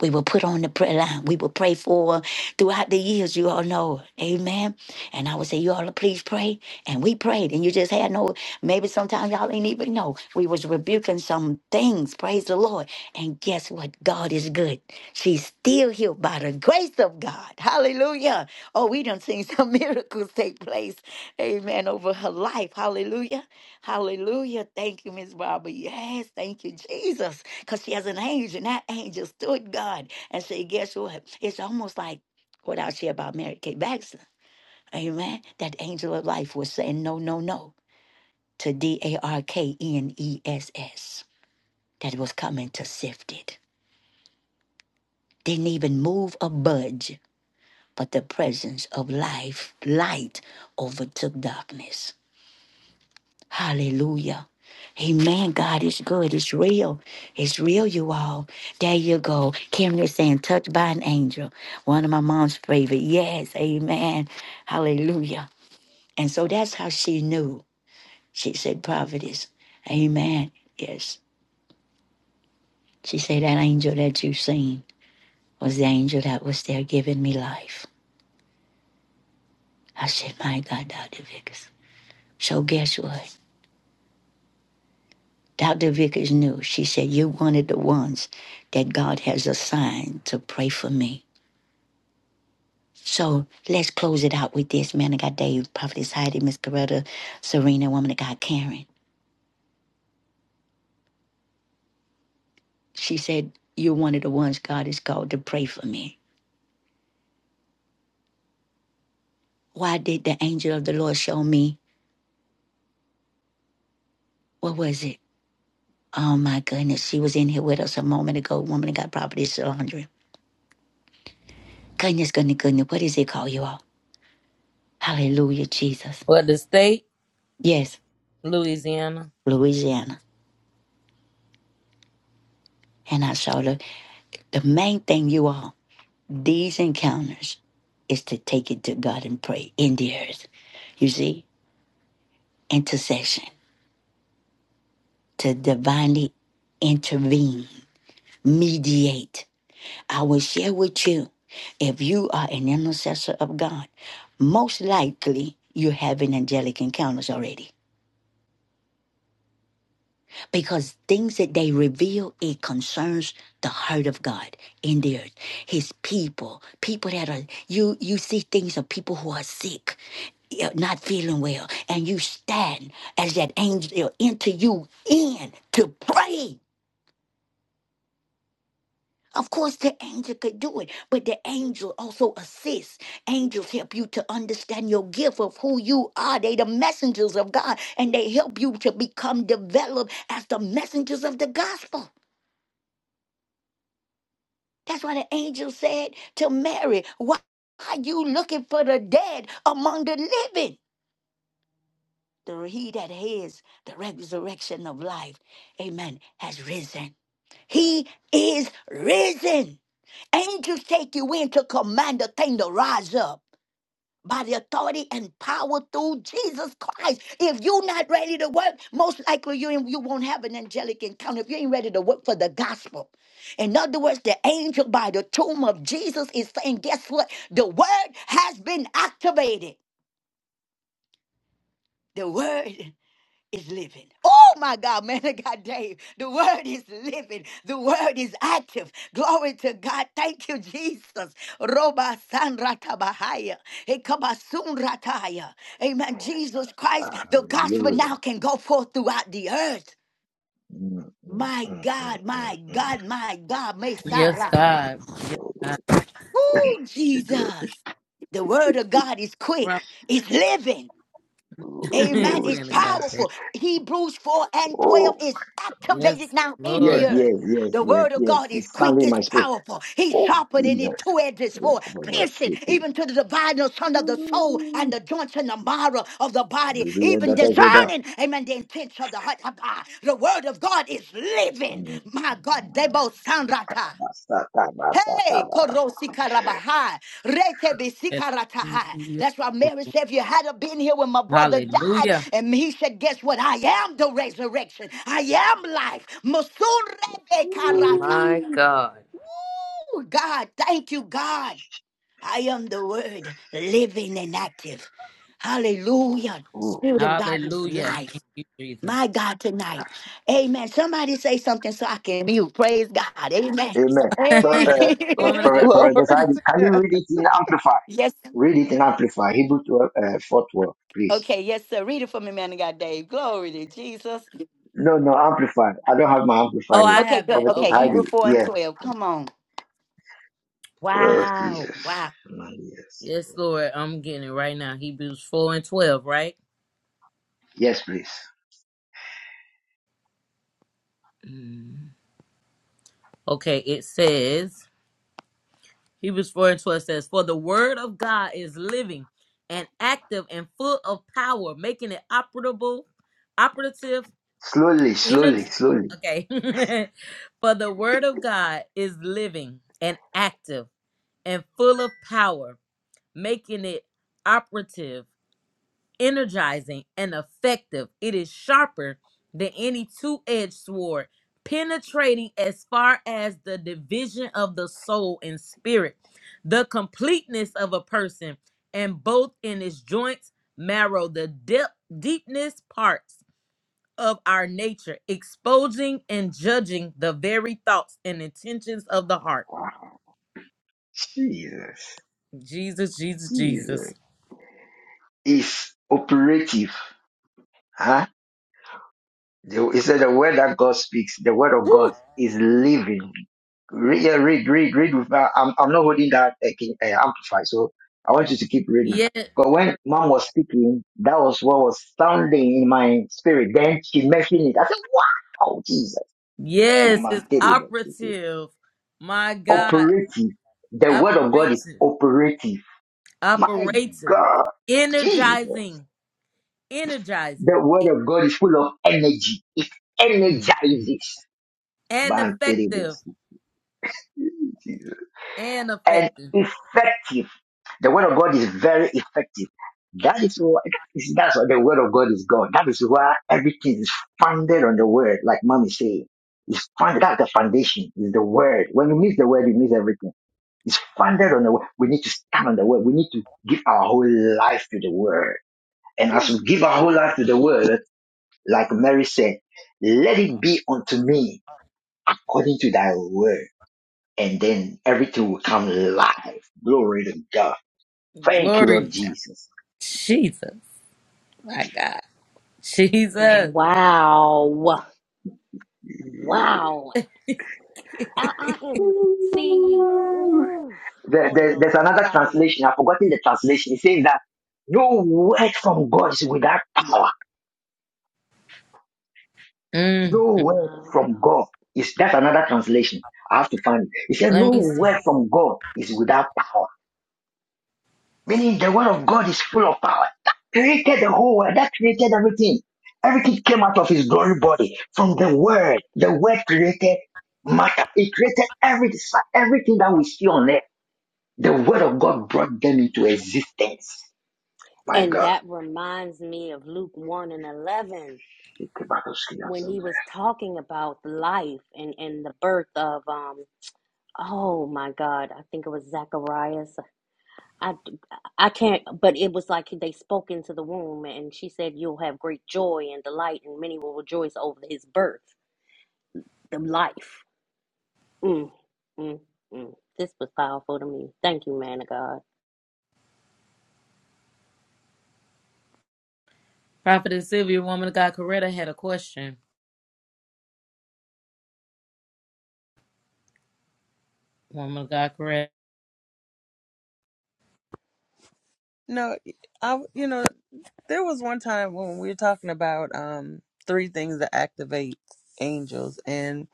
[SPEAKER 1] We will put on the prayer line. We will pray for throughout the years. You all know. Amen. And I would say, you all please pray. And we prayed. And you just had no, maybe sometimes y'all ain't even know. We was rebuking some things. Praise the Lord. And guess what? God is good. She's still healed by the grace of God. Hallelujah. Oh, we done seen some miracles take place. Amen. Over her life. Hallelujah. Hallelujah. Thank you, Miss Barbara. Yes, thank you, Jesus. Because she has an angel, and that angel stood God and said, Guess what? It's almost like what I share about Mary Kay Baxter. Amen. That angel of life was saying no, no, no to D A R K N E S S that was coming to sift it. Didn't even move or budge, but the presence of life, light overtook darkness. Hallelujah. Amen. God is good. It's real. It's real, you all. There you go. Cameron is saying, touched by an angel. One of my mom's favorite. Yes. Amen. Hallelujah. And so that's how she knew. She said, prophetess. Amen. Yes. She said, that angel that you have seen was the angel that was there giving me life. I said, my God, Dr. Vickers. So guess what? Dr. Vickers knew. She said, You're one of the ones that God has assigned to pray for me. So let's close it out with this. Man of God, Dave, Prophetess Heidi, Miss Coretta, Serena, Woman of God, Karen. She said, You're one of the ones God has called to pray for me. Why did the angel of the Lord show me? What was it? Oh my goodness. She was in here with us a moment ago, Woman of God, Prophetess Andrea. Goodness, goodness, goodness. What does it call you all? Hallelujah, Jesus.
[SPEAKER 2] For the state,
[SPEAKER 1] Yes,
[SPEAKER 2] Louisiana.
[SPEAKER 1] Louisiana. And I saw the The main thing, you all, these encounters is to take it to God and pray in the earth. You see, intercession, to divinely intervene, mediate. I will share with you if you are an intercessor of God, most likely you have an angelic encounters already because things that they reveal it concerns the heart of god in the earth his people people that are you you see things of people who are sick yeah, not feeling well and you stand as that angel enter you in to pray of course the angel could do it but the angel also assists angels help you to understand your gift of who you are they the messengers of god and they help you to become developed as the messengers of the gospel That's what the angel said to Mary. Why are you looking for the dead among the living? The he that is the resurrection of life, amen, has risen. He is risen. Angels take you in to command the thing to rise up by the authority and power through Jesus Christ. If you're not ready to work, most likely you, ain't- you won't have an angelic encounter if you ain't ready to work for the gospel. In other words, the angel by the tomb of Jesus is saying, guess what? The word has been activated. The word is living. Oh my God, man of God, Dave. The word is living. The word is active. Glory to God. Thank you, Jesus. Roba san ratabahaya. Hey, kabasun rataya. Amen. Jesus Christ, the gospel now
[SPEAKER 5] Hallelujah.
[SPEAKER 1] can go forth throughout the earth.
[SPEAKER 5] Mm, mm,
[SPEAKER 1] My
[SPEAKER 5] mm, mm,
[SPEAKER 1] God,
[SPEAKER 5] mm,
[SPEAKER 1] my
[SPEAKER 5] mm.
[SPEAKER 1] God, my God,
[SPEAKER 2] Yes,
[SPEAKER 1] Messiah.
[SPEAKER 2] God. Yes,
[SPEAKER 5] Oh,
[SPEAKER 2] God.
[SPEAKER 1] Oh,
[SPEAKER 5] the glory.
[SPEAKER 1] Jesus. The word of God is
[SPEAKER 2] Right.
[SPEAKER 1] quick, it's living. Amen.
[SPEAKER 2] It's
[SPEAKER 5] Oh,
[SPEAKER 1] It's
[SPEAKER 2] man of God.
[SPEAKER 5] Jesus.
[SPEAKER 1] powerful. Hebrews 4 and 12
[SPEAKER 5] Oh,
[SPEAKER 1] is
[SPEAKER 2] Yes,
[SPEAKER 1] activated now in
[SPEAKER 5] yes,
[SPEAKER 1] the
[SPEAKER 2] Lord.
[SPEAKER 1] earth.
[SPEAKER 5] yes, yes,
[SPEAKER 1] The
[SPEAKER 5] yes,
[SPEAKER 1] word of
[SPEAKER 5] yes.
[SPEAKER 1] God is
[SPEAKER 5] It's
[SPEAKER 1] quick,
[SPEAKER 5] sounding in
[SPEAKER 1] it's
[SPEAKER 5] my spirit.
[SPEAKER 1] powerful. He's
[SPEAKER 5] Oh,
[SPEAKER 1] sharper than a
[SPEAKER 5] Jesus.
[SPEAKER 1] two-edged
[SPEAKER 5] Oh,
[SPEAKER 1] sword,
[SPEAKER 5] come on, that
[SPEAKER 1] piercing
[SPEAKER 5] city.
[SPEAKER 1] even to the dividing son of the soul and the joints and the marrow of the body,
[SPEAKER 5] Maybe I
[SPEAKER 1] even
[SPEAKER 5] got to say that.
[SPEAKER 1] discerning, amen, the intents of the heart. The word of God is living.
[SPEAKER 5] Mm.
[SPEAKER 1] My God, Debo Sanrata.
[SPEAKER 5] Basta, basta,
[SPEAKER 1] Hey, Korosi Karabahai, Retebi
[SPEAKER 2] Yes.
[SPEAKER 1] Sikaratahai. That's why Mary said, if you had have been here when my brother died,
[SPEAKER 2] Hallelujah.
[SPEAKER 1] and he said, guess what? I am the resurrection. I am life. Musurebe Karata.
[SPEAKER 5] Ooh.
[SPEAKER 1] Woo, God, thank you, God. I am the word, living and active. Hallelujah. The Spirit of God is
[SPEAKER 2] Hallelujah.
[SPEAKER 1] life.
[SPEAKER 2] Thank you, Jesus.
[SPEAKER 1] My God, tonight. Amen. Somebody say something so I can mute. Praise God. Amen.
[SPEAKER 5] Amen. For, uh, for,
[SPEAKER 2] Woman
[SPEAKER 1] Hey.
[SPEAKER 2] of God.
[SPEAKER 5] for
[SPEAKER 3] Well,
[SPEAKER 5] for the side, can you read it in Amplify?
[SPEAKER 1] Yes.
[SPEAKER 5] Read it in Amplify. Hebrew 12, uh, 4 12, please.
[SPEAKER 1] Okay. Yes, sir. Read it for me, man of God, Dave. Glory to Jesus.
[SPEAKER 5] No, no, Amplify. I don't have my Amplify
[SPEAKER 2] Oh, I
[SPEAKER 5] here.
[SPEAKER 1] Okay.
[SPEAKER 2] have
[SPEAKER 1] Good.
[SPEAKER 2] it.
[SPEAKER 5] Prophetess
[SPEAKER 1] Okay.
[SPEAKER 2] Okay.
[SPEAKER 1] Hebrew
[SPEAKER 5] Heidi,
[SPEAKER 1] 4 and
[SPEAKER 5] yes.
[SPEAKER 1] 12. Come on.
[SPEAKER 5] Oh,
[SPEAKER 1] Wow.
[SPEAKER 5] Jesus.
[SPEAKER 1] Wow.
[SPEAKER 5] Man, Yes,
[SPEAKER 2] Yes, Lord. I'm getting it right now. Hebrews 4 and 12, right?
[SPEAKER 5] Yes, please.
[SPEAKER 2] Mm. Okay. It says, Hebrews 4 and 12 says, For the word of God is living and active and full of power, making it operable, operative,
[SPEAKER 5] Slowly, slowly,
[SPEAKER 2] energy.
[SPEAKER 5] slowly.
[SPEAKER 2] Okay. For the word of God is living and active and full of power making it operative, energizing, and effective. It is sharper than any two edged sword, penetrating as far as the division of the soul and spirit, the completeness of a person, and both in its joints, marrow, the depth, deepness parts of our nature, exposing and judging the very thoughts and intentions of the heart.
[SPEAKER 5] Jesus.
[SPEAKER 2] Jesus, Jesus, Jesus.
[SPEAKER 5] Jesus is operative. Huh? The- He said the word that God speaks, the word of God
[SPEAKER 2] Woo.
[SPEAKER 5] is living. Read, yeah, read, read, read. With, uh, I'm, I'm not holding that uh, King- uh, amplified, so I want you to keep reading.
[SPEAKER 2] Yes,
[SPEAKER 5] But when mom was speaking, that was what was sounding in my spirit. Then she mentioned it. I said, wow, Jesus.
[SPEAKER 2] Yes,
[SPEAKER 5] Man,
[SPEAKER 2] it's
[SPEAKER 5] tell you that, tell you.
[SPEAKER 2] operative. My God,
[SPEAKER 5] Operative. The word of God is
[SPEAKER 2] operative,
[SPEAKER 5] operative. My
[SPEAKER 2] operative,
[SPEAKER 5] God. Jesus.
[SPEAKER 2] energizing, energizing,
[SPEAKER 5] The word of God is full of energy. It energizes.
[SPEAKER 2] and
[SPEAKER 5] Man, terrible.
[SPEAKER 2] effective,
[SPEAKER 5] Jesus.
[SPEAKER 2] and
[SPEAKER 5] And
[SPEAKER 2] effective.
[SPEAKER 5] effective. The word of God is very effective. That is what that's what the word of God is God. That is why everything is founded on the word, like mommy said. It's founded that's the foundation, is the word. When you miss the word, you miss everything. It's founded on the word. We need to stand on the word. We need to give our whole life to the word. And as
[SPEAKER 2] Ooh,
[SPEAKER 5] we give our whole life to the word, Like Mary said, let it be unto me according to thy word. And then everything will come live. Glory to God. Thank you,
[SPEAKER 2] glory, to
[SPEAKER 5] Lord
[SPEAKER 2] God.
[SPEAKER 5] Jesus.
[SPEAKER 2] Jesus, my God, Jesus.
[SPEAKER 4] Wow. Wow. I, I am, see,
[SPEAKER 5] Ooh.
[SPEAKER 4] ooh,
[SPEAKER 5] There,
[SPEAKER 4] Holy
[SPEAKER 5] there-
[SPEAKER 4] Ghost
[SPEAKER 5] there's
[SPEAKER 4] and
[SPEAKER 5] another
[SPEAKER 4] fire.
[SPEAKER 5] translation. I've forgotten the translation. It says that no word from God is without power.
[SPEAKER 2] Mm,
[SPEAKER 5] No word
[SPEAKER 4] My
[SPEAKER 5] from
[SPEAKER 4] God.
[SPEAKER 5] God is, that's another translation. I have to find it. It says no
[SPEAKER 2] let me see.
[SPEAKER 5] word from God is without power. Meaning the word of God is full of power. That created the whole world. That created everything. Everything came out of his glory body from the word. The word created matter. It created every, everything that we see on earth. The word of God brought them into existence. My
[SPEAKER 4] And
[SPEAKER 5] God.
[SPEAKER 4] that reminds me of Luke 1 and 11
[SPEAKER 5] It came out of skin
[SPEAKER 4] when he was talking about life and, and the birth of, um, oh my God, I think it was Zacharias. I, I can't, but it was like they spoke into the womb and she said, You'll have great joy and delight, and many will rejoice over his birth, the life. Mm, mm, mm. This was powerful to me. Thank you, man of God.
[SPEAKER 2] Prophetess Sylvia, woman of God, Coretta had a question. Woman of God, Coretta.
[SPEAKER 3] no, I you know There was one time when we were talking about um three things that activate angels, and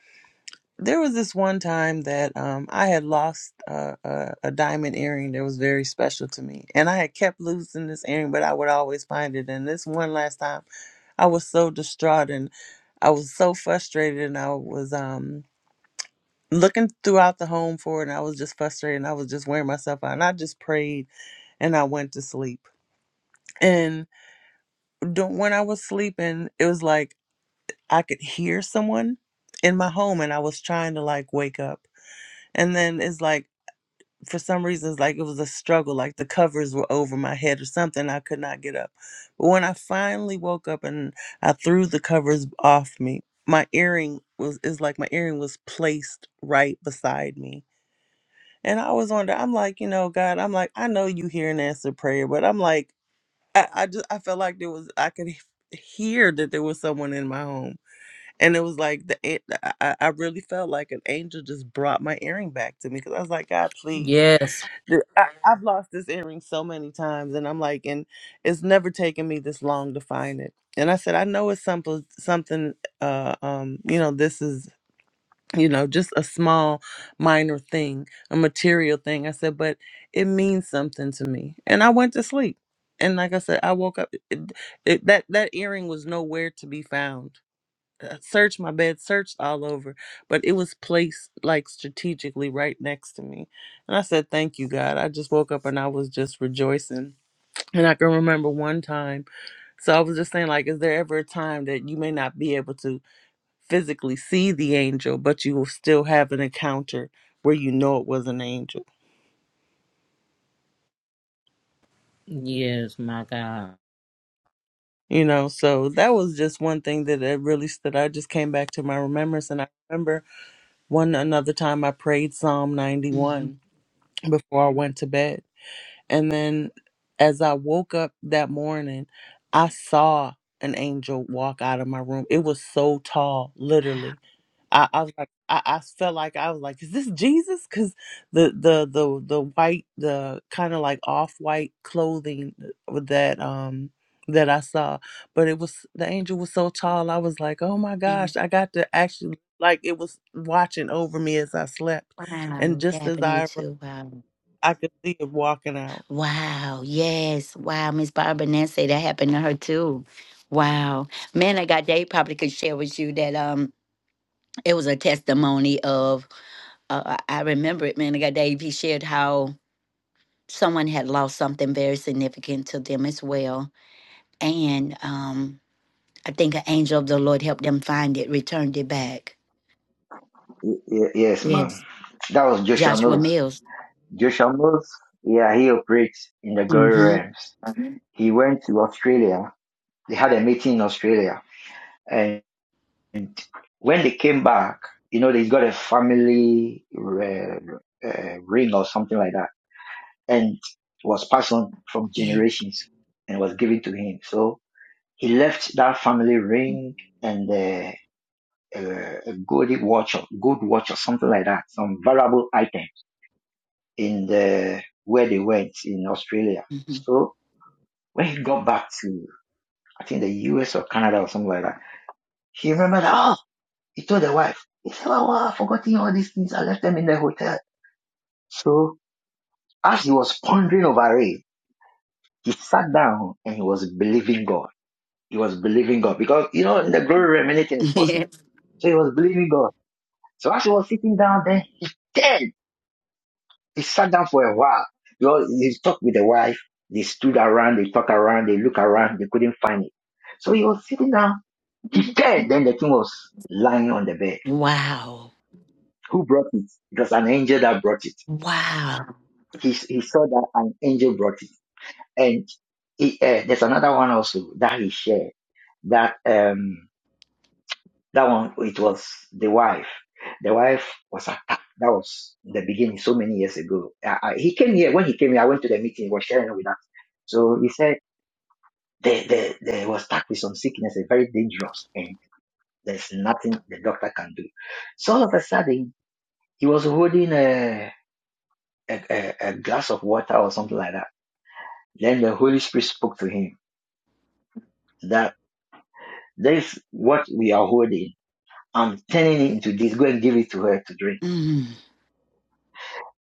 [SPEAKER 3] there was this one time that um I had lost uh, a, a diamond earring that was very special to me, and I had kept losing this earring, but I would always find it. And this one last time, I was so distraught and I was so frustrated, and I was um looking throughout the home for it, and I was just frustrated, and I was just wearing myself out, and I just prayed, and I went to sleep. And don't- when I was sleeping, it was like I could hear someone in my home and I was trying to like wake up. And then it's like for some reason it's like it was a struggle, like the covers were over my head or something. I could not get up. But when I finally woke up and I threw the covers off me, my earring was is like my earring was placed right beside me. And I was wondering, I'm like, you know, God, I'm like, I know you hear and answer prayer, but I'm like, I, I just I felt like there was I could he- hear that there was someone in my home and it was like the an- I, I really felt like an angel just brought my earring back to me because I was like, God, please,
[SPEAKER 2] Yes,
[SPEAKER 3] Th- I, I've lost this earring so many times, and I'm like, and it's never taken me this long to find it. And I said, I know it's simple, something, uh, um, you know, this is, you know, just a small, minor thing, a material thing. I said, but it means something to me. And I went to sleep, and like I said, I woke up. It, it, that that earring was nowhere to be found uh, searched my bed, searched all over, but it was placed like strategically right next to me. And I said, Thank you, God. I just woke up and I was just rejoicing. And I can remember one time. So I was just saying, like, is there ever a time that you may not be able to physically see the angel, but you will still have an encounter where you know it was an angel?
[SPEAKER 2] yes, my God.
[SPEAKER 3] You know, so that was just one thing that it really stood. I just came back to my remembrance. And I remember one another time I prayed Psalm
[SPEAKER 1] Mhm.
[SPEAKER 3] 91 before I went to bed And then as I woke up that morning, I saw an angel walk out of my room. It was so tall, literally. I, I was like, I, I felt like I was like, is this Jesus? Because the the the the white, the kind of like off white clothing that um that I saw, but it was the angel was so tall. I was like, oh my gosh,
[SPEAKER 1] Yes.
[SPEAKER 3] I got to actually like it was watching over me as I slept, and
[SPEAKER 1] Wow. That
[SPEAKER 3] just as
[SPEAKER 1] happened to you
[SPEAKER 3] I arose,
[SPEAKER 1] too. Wow.
[SPEAKER 3] I could see it walking out.
[SPEAKER 1] Wow. Yes. Wow. Miss Barbara Nancy, that happened to her too. Wow. Man of God, Dave probably could share with you that um it was a testimony of uh, I I remember it, man of God, Dave. He shared how someone had lost something very significant to them as well. And um I think an angel of the Lord helped them find it, returned it back.
[SPEAKER 5] Yes, ma'am.
[SPEAKER 1] Yes.
[SPEAKER 5] That was Joshua
[SPEAKER 1] Joshua
[SPEAKER 5] Mills.
[SPEAKER 1] Mills.
[SPEAKER 5] Joshua Mills, yeah, he operates in the glory
[SPEAKER 1] Mm-hmm.
[SPEAKER 5] realms. He went to Australia. They had a meeting in Australia and. And When they came back, you know, they got a family uh, uh, ring or something like that, and was passed on from
[SPEAKER 1] Yeah.
[SPEAKER 5] generations and was given to him. So he left that family ring and uh, a, a good watch, or good watch or something like that, some valuable items in the where they went in Australia.
[SPEAKER 1] Mm-hmm.
[SPEAKER 5] So when he got back to, I think the U.S. or Canada or something like that, he remembered. oh, He told the wife, he said, "Wow, wow, I've forgotten all these things. I left them in the hotel. So as he was pondering over it, he sat down and he was believing God. He was believing God because, you know, in the glory realm, anything is possible.
[SPEAKER 1] Yes.
[SPEAKER 5] So he was believing God. So as he was sitting down, then he turned. He sat down for a while. You know, he talked with the wife. They stood around, they talked around, they looked around, they couldn't find it. So he was sitting down. He turned. Then the thing was lying on the bed.
[SPEAKER 1] Wow.
[SPEAKER 5] Who brought it? It was an angel that brought it.
[SPEAKER 1] Wow.
[SPEAKER 5] he, he saw that an angel brought it. And he, uh, there's another one also that he shared that, um, that one, it was the wife. The wife was attacked. That was the beginning so many years ago. Uh, I, he came here, when he came here, I went to the meeting, he was sharing with us. So he said, they, they, they was attacked with some sickness, a very dangerous, and there's nothing the doctor can do. So all of a sudden, he was holding a, a, a, a glass of water or something like that. Then the Holy Spirit spoke to him that this what we are holding. I'm turning it into this. Go and give it to her to drink.
[SPEAKER 1] Mm.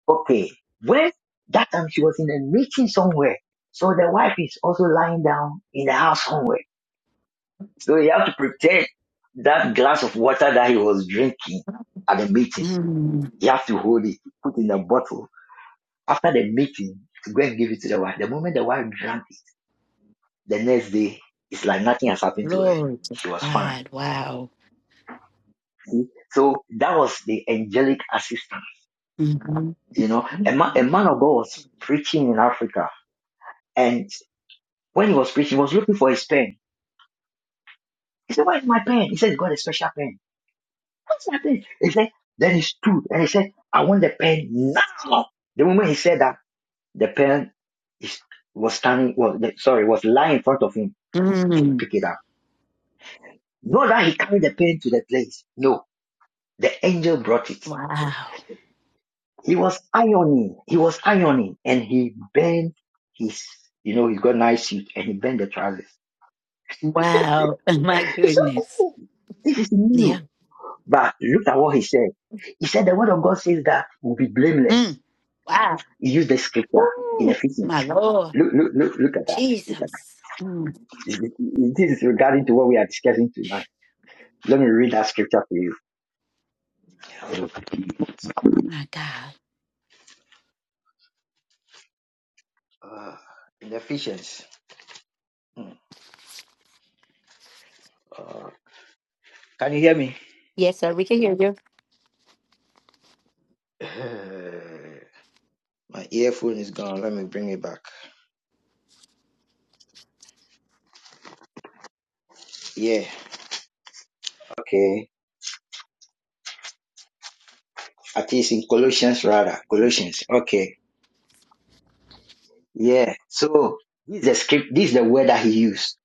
[SPEAKER 5] Okay. When that time she was in a meeting somewhere. So the wife is also lying down in the house somewhere. So you have to pretend that glass of water that he was drinking at the meeting.
[SPEAKER 1] Mm.
[SPEAKER 5] You have to hold it, put in a bottle. After the meeting, to go and give it to the wife. The moment the wife drank it, the next day, it's like nothing has happened to her.
[SPEAKER 1] Lord to
[SPEAKER 5] She was fine.
[SPEAKER 1] God. Wow.
[SPEAKER 5] See? So that was the angelic assistance
[SPEAKER 1] Mm-hmm.
[SPEAKER 5] You know, a, ma- a man of God was preaching in Africa, and when he was preaching, he was looking for his pen. He said, "Where is my pen?" He said, "God, a special pen." What's my pen? He said. Then he stood and he said, "I want the pen now." The moment he said that, the pen is, was standing, was sorry, was lying in front of him, and he
[SPEAKER 1] Mm.
[SPEAKER 5] picked it up. Not that he carried the pen to the place. No, the angel brought it.
[SPEAKER 1] Wow.
[SPEAKER 5] He was ironing. He was ironing, and he bent his, you know, he got nice suit, and he bent the trousers.
[SPEAKER 1] Wow. My
[SPEAKER 5] It's So
[SPEAKER 1] goodness.
[SPEAKER 5] cool. this is
[SPEAKER 1] Yeah.
[SPEAKER 5] new. But look at what he said. He said the word of God says that we'll be blameless.
[SPEAKER 1] Mm. Wow.
[SPEAKER 5] He used the scripture in
[SPEAKER 1] Ooh.
[SPEAKER 5] Ephesians.
[SPEAKER 1] My Lord.
[SPEAKER 5] Look, look, look, look at that. Look at
[SPEAKER 1] Jesus. Mm.
[SPEAKER 5] that. This is regarding to what we are discussing tonight. Let me read that scripture for you.
[SPEAKER 1] My God.
[SPEAKER 5] Uh, in Ephesians. Hmm. Uh, can you hear me?
[SPEAKER 1] Yes, sir. We can hear you.
[SPEAKER 5] Uh, My earphone is gone. Let me bring it back. Yeah. Okay. At least in Colossians rather. Colossians. Okay. Yeah. So this is the script. This is the word that he used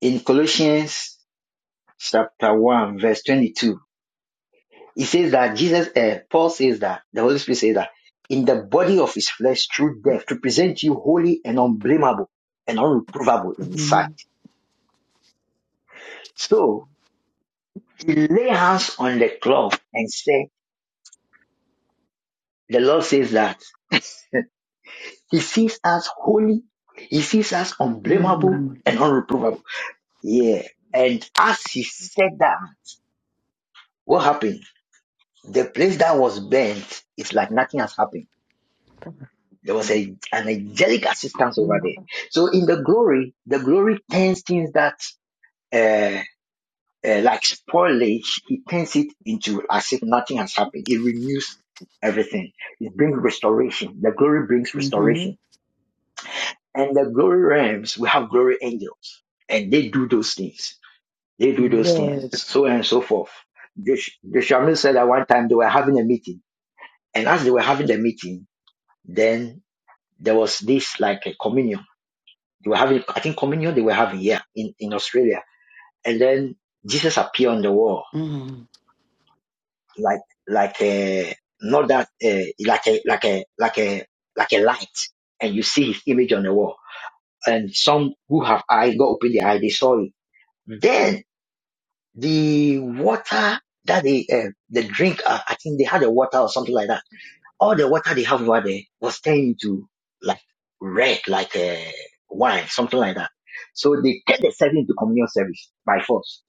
[SPEAKER 5] in Colossians chapter one, verse twenty-two. He says that Jesus, uh, Paul says that the Holy Spirit says that in the body of His flesh through death to present you holy and unblameable and unreprovable in His sight.
[SPEAKER 1] Mhm.
[SPEAKER 5] So he lay hands on the cloth and said, the Lord says that He sees us holy, He sees us unblameable and unreprovable. Yeah. And as He said that, what happened? The place that was burnt it's like nothing has happened. There was a, an angelic assistance over
[SPEAKER 1] Mhm.
[SPEAKER 5] there. So in the glory, the glory turns things that, uh, uh, like spoilage, it turns it into as if nothing has happened. It renews everything. It brings restoration. The glory brings
[SPEAKER 1] Mm-hmm.
[SPEAKER 5] restoration. And the glory realms, we have glory angels and they do those things. They do those things,
[SPEAKER 1] Good.
[SPEAKER 5] so and so forth. The, the shaman said that one time they were having a meeting and as they were having the meeting, Then there was this like a communion. They were having, I think communion they were having here in, in Australia. And then Jesus appeared on the wall
[SPEAKER 1] Mm.
[SPEAKER 5] like, like a, not that, uh, like a, like a, like a, like a light. And you see his image on the wall. And some who have eye got open their eye, they saw it. Then the water that they, uh, the drink, uh, I think they had a water or something like that all the water they have over there was turned into like red, like a wine, something like that. So they turned the service into communion service by force,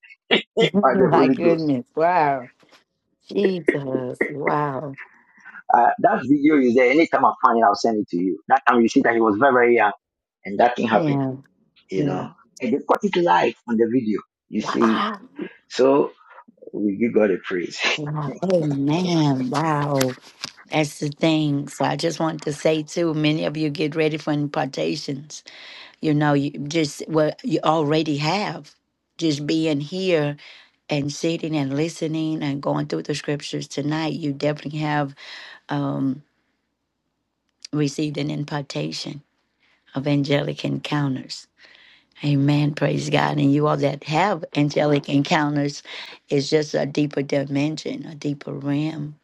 [SPEAKER 5] by the
[SPEAKER 1] My
[SPEAKER 5] Holy Ghost.
[SPEAKER 1] goodness. Wow. Jesus. Wow.
[SPEAKER 5] Uh, that video is there. Anytime I find it, I'll send it to you. That time you see that he was very, very young and that thing happened,
[SPEAKER 1] Yeah.
[SPEAKER 5] you
[SPEAKER 1] Yeah.
[SPEAKER 5] know. And they caught it live on the video, you see.
[SPEAKER 1] Wow.
[SPEAKER 5] So we give God a praise.
[SPEAKER 1] Wow. Amen. Wow. That's the thing. So I just want to say too, many of you get ready for impartations. You know, you just what you already have. Just being here and sitting and listening and going through the scriptures tonight, you definitely have um, received an impartation of angelic encounters. Amen. Praise God. And you all that have angelic encounters is just a deeper dimension, a deeper realm.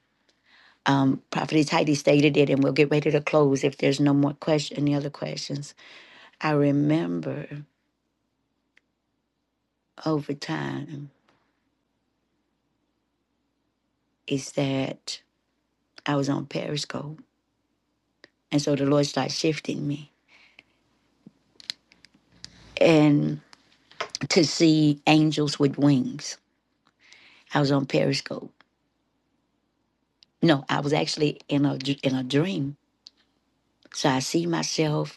[SPEAKER 1] Um, Prophetess Heidi stated it, and we'll get ready to close if there's no more question, any other questions. I remember over time is that I was on Periscope, and so the Lord started shifting me and to see angels with wings. I was on Periscope. No, I was actually in a in a dream, so I see myself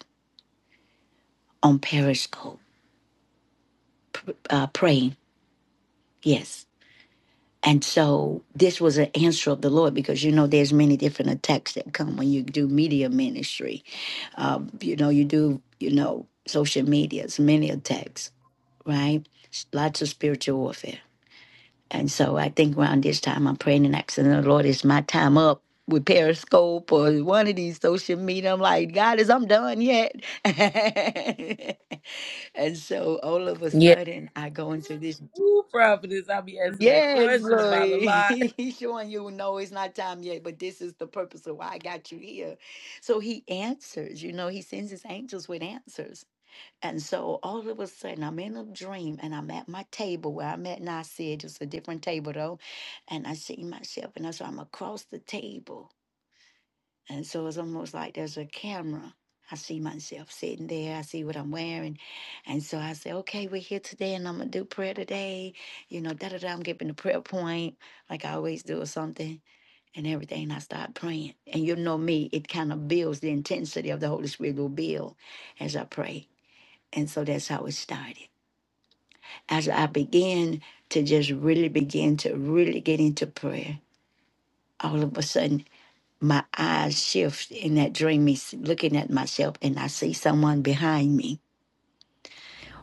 [SPEAKER 1] on Periscope uh, praying. Yes. And so this was an answer of the Lord because you know there's many different attacks that come when you do media ministry. Um, you know you do you know social media. It's many attacks, right? Lots of spiritual warfare. And so I think around this time I'm praying and asking the Lord, is my time up with Periscope or one of these social media? I'm like, God, is I'm done yet? and so all of a
[SPEAKER 2] Yes.
[SPEAKER 1] sudden I go into this.
[SPEAKER 2] Ooh, prophetess, I be asking that
[SPEAKER 1] Yes,
[SPEAKER 2] question about a
[SPEAKER 1] Louis.
[SPEAKER 2] lot.
[SPEAKER 1] He's showing you, no, it's not time yet, but this is the purpose of why I got you here. So he answers, you know, he sends his angels with answers. And so all of a sudden, I'm in a dream and I'm at my table where I'm at, and I said, it's a different table though. And I see myself, and I said, I'm across the table. And so it's almost like there's a camera. I see myself sitting there. I see what I'm wearing. And so I say, okay, we're here today and I'm going to do prayer today. You know, da da da. I'm giving the prayer point like I always do or something and everything. And I start praying. And you know me, it kind of builds the intensity of the Holy Spirit will build as I pray. And so that's how it started. As I began to just really begin to really get into prayer, all of a sudden my eyes shift in that dream, me looking at myself, and I see someone behind me,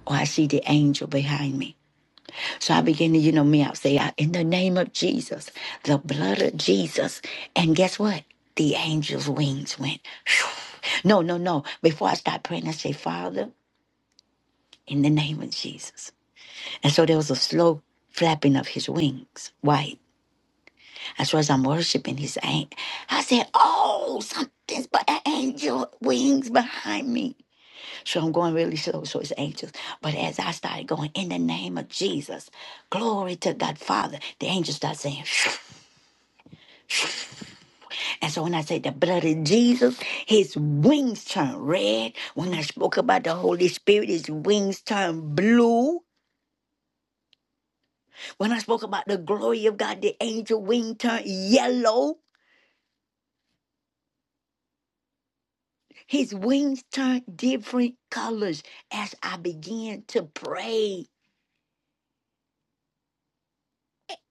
[SPEAKER 1] or I see the angel behind me. So I begin to, you know, me, I'll say, in the name of Jesus, the blood of Jesus. And guess what? The angel's wings went. phew. No, no, no. Before I start praying, I say, Father, in the name of Jesus. And so there was a slow flapping of his wings, white. As well as I'm worshiping his angel, I said, Oh, something's but an angel wings behind me. So I'm going really slow, so it's anxious. But as I started going, in the name of Jesus, glory to God, Father, the angels start saying, "Phew." and so when I say the blood of Jesus, his wings turn red. When I spoke about the Holy Spirit, his wings turn blue. When I spoke about the glory of God, the angel wing turned yellow. His wings turned different colors as I began to pray.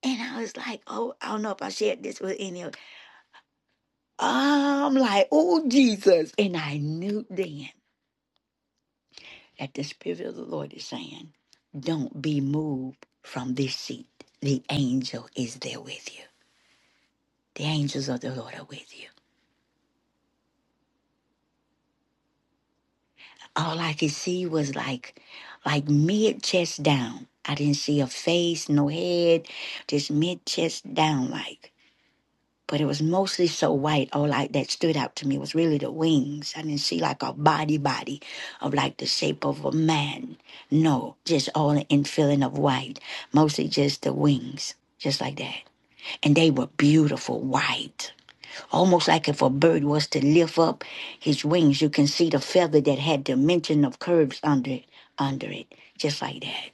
[SPEAKER 1] And I was like, oh, I don't know if I shared this with any of you I'm like, oh, Jesus. And I knew then that the Spirit of the Lord is saying, don't be moved from this seat. The angel is there with you. The angels of the Lord are with you. All I could see was like, like mid chest down. I didn't see a face, no head, just mid chest down, like. but it was mostly so white. All like that stood out to me was really the wings. I didn't see like a body, body of like the shape of a man. No, just all in filling of white, mostly just the wings, just like that. And they were beautiful white, almost like if a bird was to lift up his wings, you can see the feather that had dimension of curves under it, under it, just like that.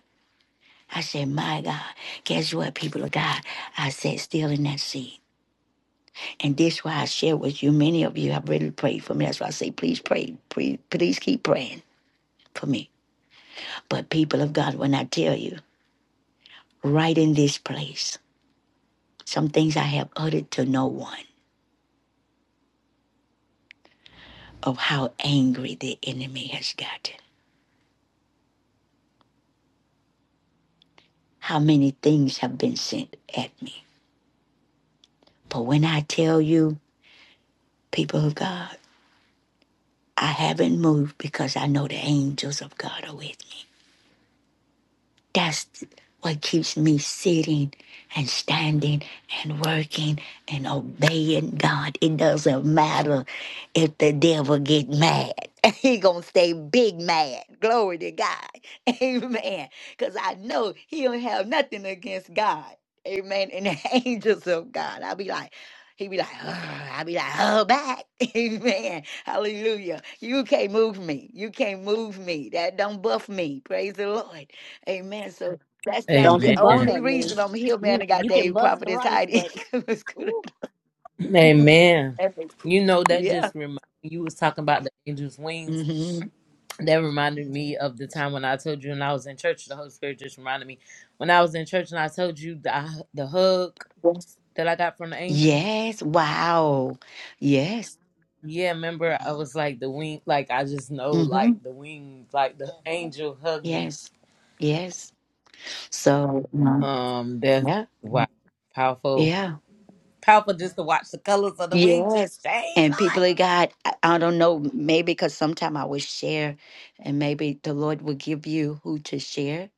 [SPEAKER 1] I said, my God, guess what, people of God? I said, still in that seat. And this why I share with you. Many of you have really prayed for me. That's why I say, please pray. Please, please keep praying for me. But people of God, when I tell you, right in this place, some things I have uttered to no one of how angry the enemy has gotten. How many things have been sent at me. But when I tell you, people of God, I haven't moved because I know the angels of God are with me. That's what keeps me sitting and standing and working and obeying God. It doesn't matter if the devil get mad. He gonna stay big mad. Glory to God. Amen. Cause I know he don't have nothing against God. Amen. And the angels of God. I'll be like, he be like, "Ugh." I be like, oh back. Amen. Hallelujah. You can't move me. You can't move me. That don't buff me. Praise the Lord. Amen. So that's that's
[SPEAKER 4] Don't
[SPEAKER 1] the
[SPEAKER 4] you buff
[SPEAKER 2] Amen.
[SPEAKER 1] only
[SPEAKER 4] at me.
[SPEAKER 1] reason I'm here, man.
[SPEAKER 4] You
[SPEAKER 1] I got
[SPEAKER 4] you can
[SPEAKER 1] Dave
[SPEAKER 4] buff
[SPEAKER 1] Prophet is
[SPEAKER 4] thrice,
[SPEAKER 1] Heidi.
[SPEAKER 4] but
[SPEAKER 1] It was good.
[SPEAKER 4] ooh,
[SPEAKER 2] Amen. You know that
[SPEAKER 1] Yeah.
[SPEAKER 2] just remind you was talking about the angel's wings.
[SPEAKER 1] hmm
[SPEAKER 2] That reminded me of the time when I told you when I was in church. The Holy Spirit just reminded me when I was in church and I told you the uh, the hug
[SPEAKER 1] Yes.
[SPEAKER 2] that I got from the angel.
[SPEAKER 1] Yes. Wow. Yes.
[SPEAKER 2] Yeah, remember I was like the wing, like I just know
[SPEAKER 1] hmm
[SPEAKER 2] like the wings, like the angel hugged me.
[SPEAKER 1] Yes. Yes. So um,
[SPEAKER 2] Um, that's
[SPEAKER 1] yeah.
[SPEAKER 2] wow, powerful,
[SPEAKER 1] Yeah.
[SPEAKER 2] powerful just to watch the colors of the wings
[SPEAKER 1] Yes.
[SPEAKER 2] just change,
[SPEAKER 1] And people of
[SPEAKER 2] Lord.
[SPEAKER 1] God, I, I don't know, maybe because sometime I will share, and maybe the Lord will give you who to share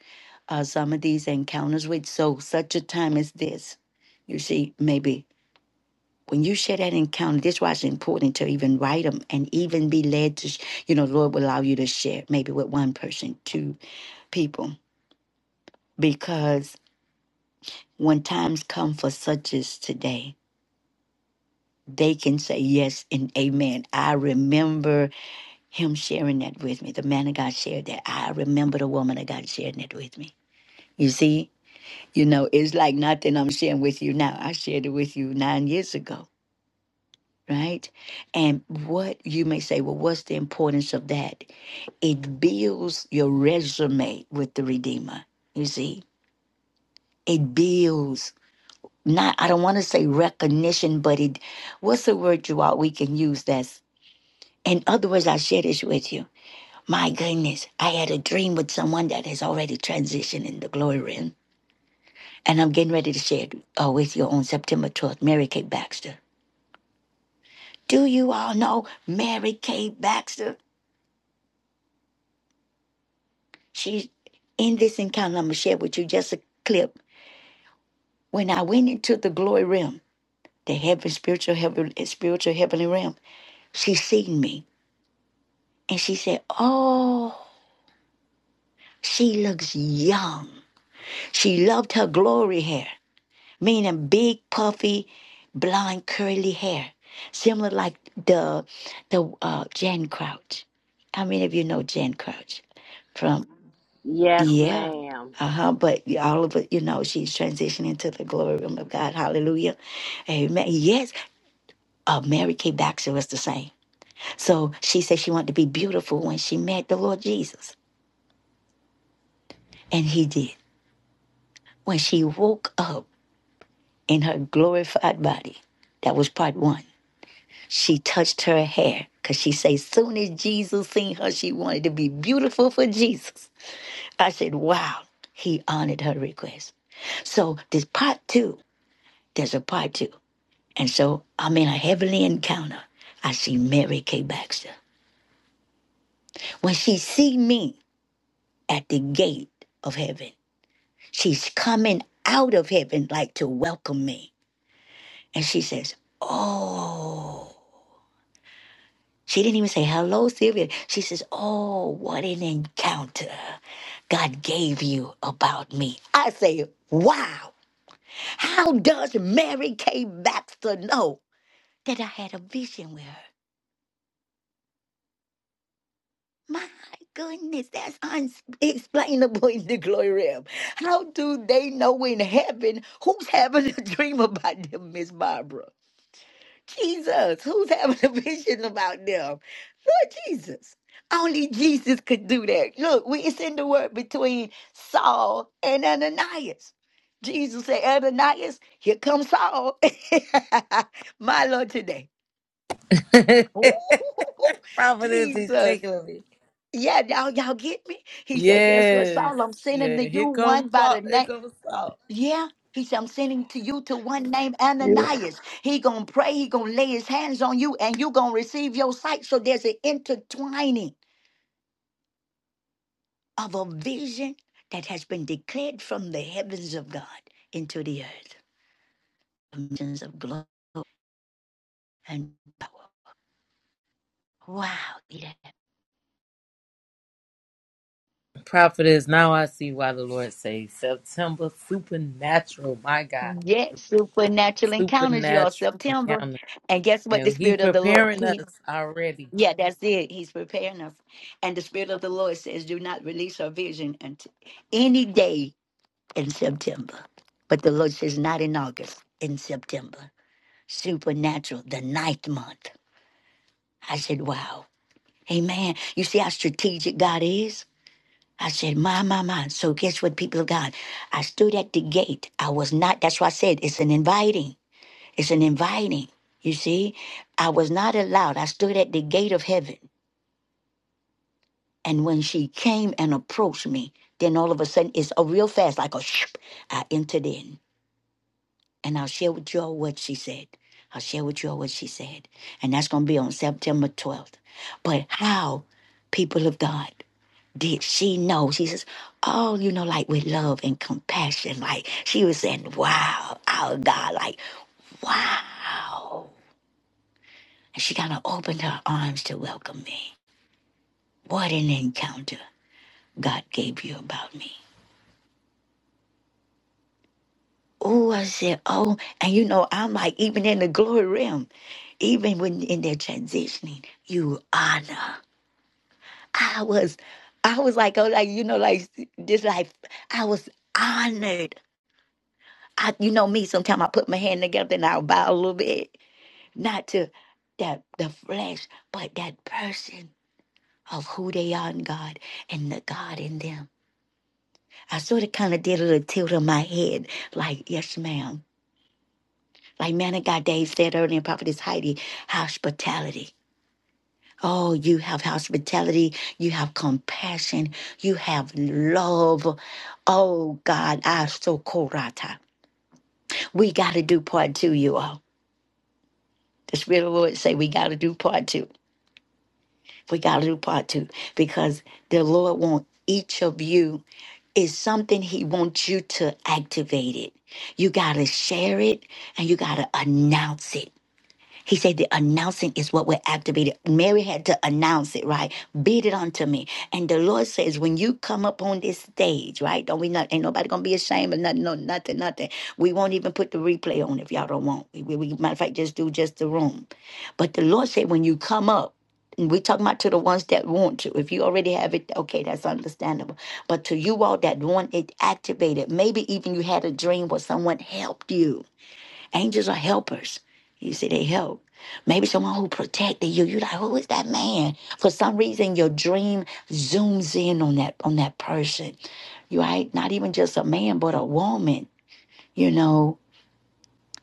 [SPEAKER 1] uh, some of these encounters with. So such a time as this, you see, maybe when you share that encounter, that's why it's important to even write them and even be led to, you know, Lord will allow you to share maybe with one person, two people, because when times come for such as today, they can say yes and amen. I remember him sharing that with me. The man of God shared that. I remember the woman of God sharing that with me. You see, you know, it's like nothing I'm sharing with you now. I shared it with you nine years ago, right? And what you may say, well, what's the importance of that? It builds your resume with the Redeemer. You see, it builds. Not, I don't want to say recognition, but it, what's the word you all we can use that's, in other words, I share this with you. My goodness, I had a dream with someone that has already transitioned in the glory realm, and I'm getting ready to share it uh, with you on September 12th, Mary Kay Baxter. Do you all know Mary Kay Baxter? She's in this encounter, I'm going to share with you just a clip. When I went into the glory realm, the heaven, spiritual heaven, eh, spiritual heavenly realm. She seen me and she said, "Oh, she looks young." She loved her glory hair, meaning big, puffy, blonde, curly hair, similar like the the uh, Jan Crouch. How many of you know Jan Crouch from?
[SPEAKER 4] yes,
[SPEAKER 1] Yeah.
[SPEAKER 4] ma'am.
[SPEAKER 1] Uh huh. But all of it, you know, she's transitioning to the glory realm of God. Hallelujah. Amen. Yes. Uh, Mary Kay Baxter was the same. So she said she wanted to be beautiful when she met the Lord Jesus. And he did. When she woke up in her glorified body, that was part one. She touched her hair because she said, soon as Jesus seen her, she wanted to be beautiful for Jesus. I said, wow, he honored her request. So this part two, there's a part two. And so I'm in a heavenly encounter. I see Mary K. Baxter. When she see me at the gate of heaven, She's coming out of heaven like to welcome me. And she says, Oh. She didn't even say hello, Sylvia. She says, Oh, what an encounter God gave you about me. I say, Wow. How does Mary Kay Baxter know that I had a vision with her? My goodness, that's unexplainable in the glory realm. How do they know in heaven who's having a dream about them, Miss Barbara? Jesus, who's having a vision about them? Lord Jesus. Only Jesus could do that. Look, we it's in the word between Saul and Ananias. Jesus said, Ananias, here comes Saul. My Lord today. Ooh,
[SPEAKER 2] powerful is
[SPEAKER 1] Jesus.
[SPEAKER 2] particularly.
[SPEAKER 1] Yeah, y'all, y'all get me? He said, Guess what,
[SPEAKER 2] Yes.
[SPEAKER 1] Saul? I'm sending
[SPEAKER 2] Yeah.
[SPEAKER 1] to you
[SPEAKER 2] Here
[SPEAKER 1] one
[SPEAKER 2] come
[SPEAKER 1] by
[SPEAKER 2] fa-
[SPEAKER 1] the
[SPEAKER 2] here
[SPEAKER 1] name.
[SPEAKER 2] comes salt.
[SPEAKER 1] Yeah. He said, I'm sending to you to one named
[SPEAKER 5] Yeah,
[SPEAKER 1] Ananias. He gonna pray, he gonna lay his hands on you, and you gonna receive your sight. So there's an intertwining of a vision that has been declared from the heavens of God into the earth. Visions of glory and power. Wow. Yeah.
[SPEAKER 2] Prophetess, now I see why the Lord says September supernatural. My God.
[SPEAKER 1] Yes, supernatural encounters, y'all.
[SPEAKER 2] Supernatural
[SPEAKER 1] September.
[SPEAKER 2] encounter.
[SPEAKER 1] And guess what? The
[SPEAKER 2] And he
[SPEAKER 1] Spirit of the Lord.
[SPEAKER 2] preparing
[SPEAKER 1] He,
[SPEAKER 2] us already.
[SPEAKER 1] yeah, that's it. He's preparing us. And the Spirit of the Lord says, Do not release our vision until any day in September. But the Lord says, not in August, in September. Supernatural, the ninth month. I said, wow. Amen. You see how strategic God is? I said, my, my, my. So guess what, people of God? I stood at the gate. I was not, that's why I said it's an inviting. It's an inviting. You see, I was not allowed. I stood at the gate of heaven. And when she came and approached me, then all of a sudden, it's a real fast, like a shh, I entered in. and I'll share with y'all what she said. I'll share with y'all what she said. And that's going to be on September 12th. But how, people of God, did she know? She says, oh, you know, like with love and compassion. Like she was saying, wow, our God, like, wow. And she kind of opened her arms to welcome me. What an encounter God gave you about me. Oh, I said, oh, and you know, I'm like, even in the glory realm, even when in their transitioning, you honor. I was, I was like, oh, like, you know, like, just like, I was honored. I, you know me, sometimes I put my hand together and I'll bow a little bit, not to that, the flesh, but that person of who they are in God and the God in them. I sort of kind of did a little tilt of my head, like, yes, ma'am. Like man of God Dave said earlier, Prophetess Heidi, hospitality. Oh, you have hospitality, you have compassion, you have love. Oh God, I so korata. We gotta do part two, you all. The Spirit of the Lord say we gotta do part two. We gotta do part two because the Lord want each of you is something he wants you to activate it. You gotta share it and you gotta announce it. He said the announcing is what we're activated. Mary had to announce it, right? Beat it unto me. And the Lord says, when you come up on this stage, right? Don't we not ain't nobody gonna be ashamed of nothing, no, nothing, nothing. We won't even put the replay on if y'all don't want. We, we, we- matter of fact, just do just the room. But the Lord said, when you come up, and we're talking about to the ones that want to. If you already have it, okay, that's understandable. But to you all that want it activated, maybe even you had a dream where someone helped you Angels are helpers. You see, they help. Maybe someone who protected you. You're like, who is that man? For some reason, your dream zooms in on that on that person. You right? Not even just a man, but a woman. You know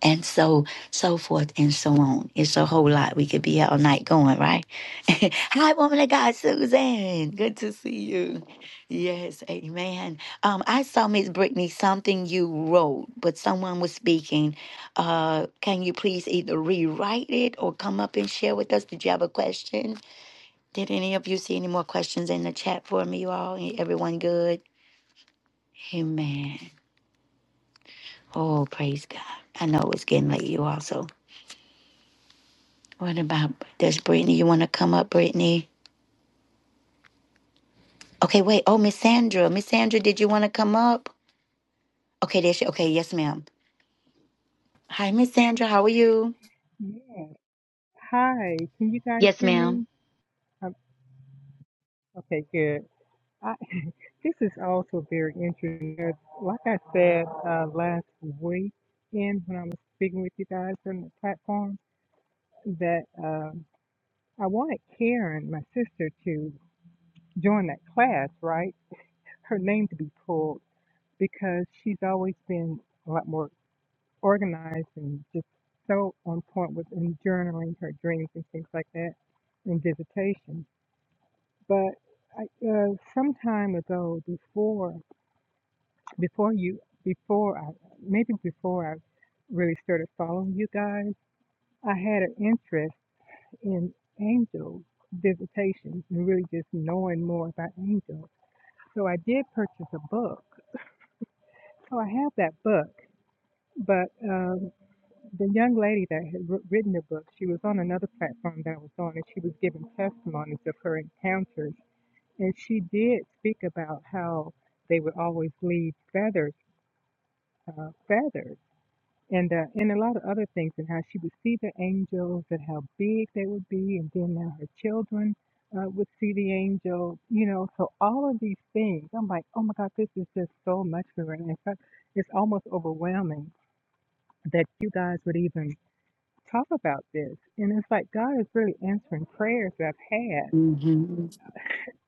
[SPEAKER 1] and so so forth and so on. It's a whole lot. We could be here all night going, right? Hi, woman of God, Suzanne. Good to see you. Yes, amen. Um, I saw Miss Brittany something you wrote, but someone was speaking. Uh, can you please either rewrite it or come up and share with us? Did you have a question? Did any of you see any more questions in the chat for me, you all? Everyone good? Amen. Oh, praise God. I know it's getting late, you all, so What about does Brittany? You want to come up, Brittany? Okay, wait. Oh, Miss Sandra. Miss Sandra, did you want to come up? Okay, there she. Okay, yes, ma'am. Hi, Miss Sandra. How are you?
[SPEAKER 7] Yes. Hi. Can you guys
[SPEAKER 1] Yes,
[SPEAKER 7] hear
[SPEAKER 1] madam
[SPEAKER 7] me? Um, okay, good. I, this is also very interesting. As- Like I said uh, last week, and when I was speaking with you guys on the platform, that um, I wanted Karen, my sister, to join that class, right? Her name to be pulled because she's always been a lot more organized and just so on point with in journaling her dreams and things like that in visitation. But I, uh, some time ago, before before you before I maybe before I really started following you guys, I had an interest in angel visitations and really just knowing more about angels. So I did purchase a book. So I have that book. But um, the young lady that had wr- written the book, she was on another platform that I was on, and she was giving testimonies of her encounters And she did speak about how they would always leave feathers, uh, feathers, and uh, and a lot of other things, and how she would see the angels and how big they would be, and then now her children uh, would see the angel, you know. So all of these things, I'm like, oh my God, this is just so much for her. And in fact, it's almost overwhelming that you guys would even talk about this. And it's like God is really answering prayers that I've had
[SPEAKER 1] Mm-hmm.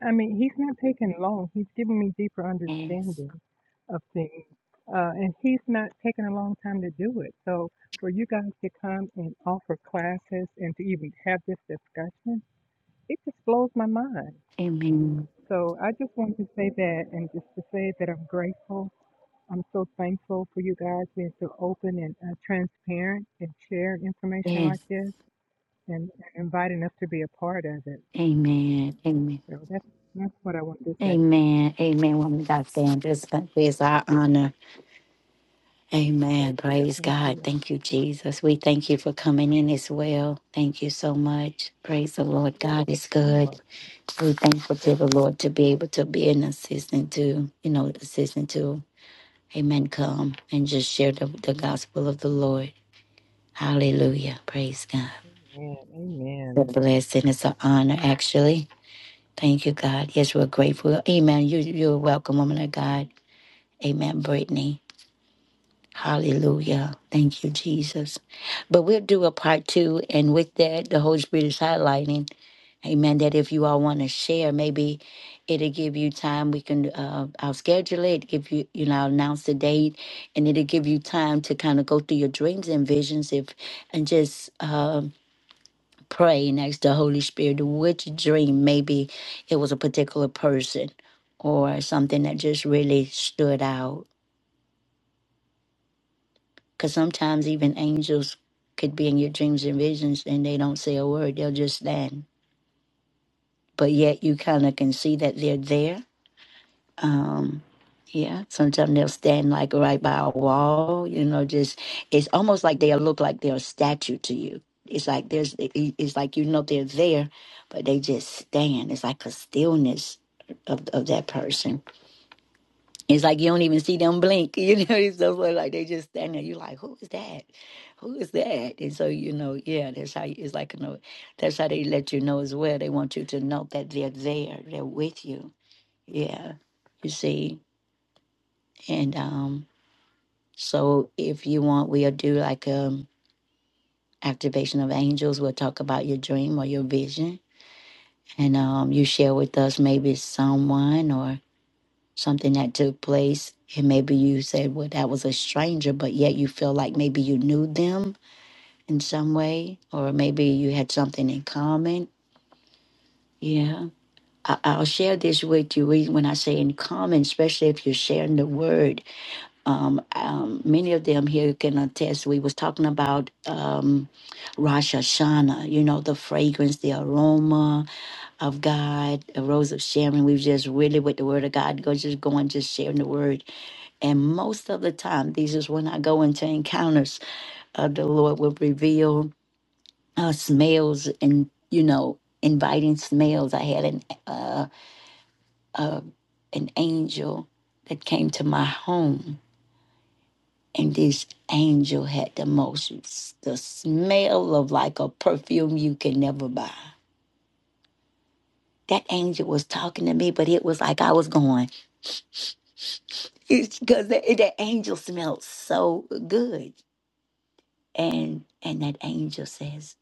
[SPEAKER 7] I mean, he's not taking long. He's giving me deeper
[SPEAKER 1] Yes.
[SPEAKER 7] understanding of things. Uh, and he's not taking a long time to do it. So for you guys to come and offer classes and to even have this discussion, it just blows my mind.
[SPEAKER 1] Amen.
[SPEAKER 7] So I just wanted to say that and just to say that I'm grateful. I'm so thankful for you guys being so open and uh, transparent and sharing information
[SPEAKER 1] Yes.
[SPEAKER 7] like this and, and inviting us to be a part of it.
[SPEAKER 1] Amen. Amen.
[SPEAKER 7] So that's, that's what I want to say.
[SPEAKER 1] Amen. Amen. Woman, of God, Sandra, this country is our honor. Amen. Praise
[SPEAKER 7] Thank
[SPEAKER 1] God.
[SPEAKER 7] you.
[SPEAKER 1] Thank you, Jesus. We thank you for coming in as well. Thank you so much. Praise the Lord. God is
[SPEAKER 7] You're welcome.
[SPEAKER 1] good. We're thankful to the Lord to be able to be an assistant to, you know, assistant to, amen, come and just share the, the gospel of the Lord. Hallelujah. Praise God.
[SPEAKER 7] Amen.
[SPEAKER 1] It's
[SPEAKER 7] Amen.
[SPEAKER 1] a blessing. It's an honor, actually. Thank you, God. Yes, we're grateful. Amen. You, you're welcome, woman of God. Amen, Brittany. Hallelujah. Thank you, Jesus. But we'll do a part two. And with that, the Holy Spirit is highlighting. Amen. That if you all want to share, maybe it'll give you time. We can, uh, I'll schedule it, give you, you know, I'll announce the date, and it'll give you time to kind of go through your dreams and visions if, and just uh, pray and ask the Holy Spirit which dream, maybe it was a particular person or something that just really stood out. Because sometimes even angels could be in your dreams and visions and they don't say a word, they'll just stand. But yet you kind of can see that they're there Um, yeah, sometimes they'll stand like right by a wall, you know, just it's almost like they'll look like they're a statue to you. It's like there's it- it's like you know they're there, but they just stand. It's like a stillness of of that person. It's like you don't even see them blink, you know, it's so funny, like they just stand there. You're like, Who is that? Who is that? And so, you know, yeah, that's how you, it's like you know that's how they let you know as well. They want you to know that they're there, they're with you. Yeah. You see. And um, so if you want, we'll do like um activation of angels. We'll talk about your dream or your vision. And um, you share with us maybe someone or something that took place. And maybe you said, well, that was a stranger, but yet you feel like maybe you knew them in some way, or maybe you had something in common. Yeah. I- I'll share this with you We- when I say in common, especially if you're sharing the word um, um, many of them here can attest. We was talking about um, Rosh Hashanah, you know, the fragrance, the aroma of God, the rose of Sharon. We was just really with the word of God, go just going, just sharing the word. And most of the time, these is when I go into encounters. Uh, the Lord will reveal uh, smells and you know, inviting smells. I had an uh, uh, an angel that came to my home and this angel had the most the smell of like a perfume you can never buy that angel was talking to me but it was like i was going it's because that, that angel smelled so good and and that angel says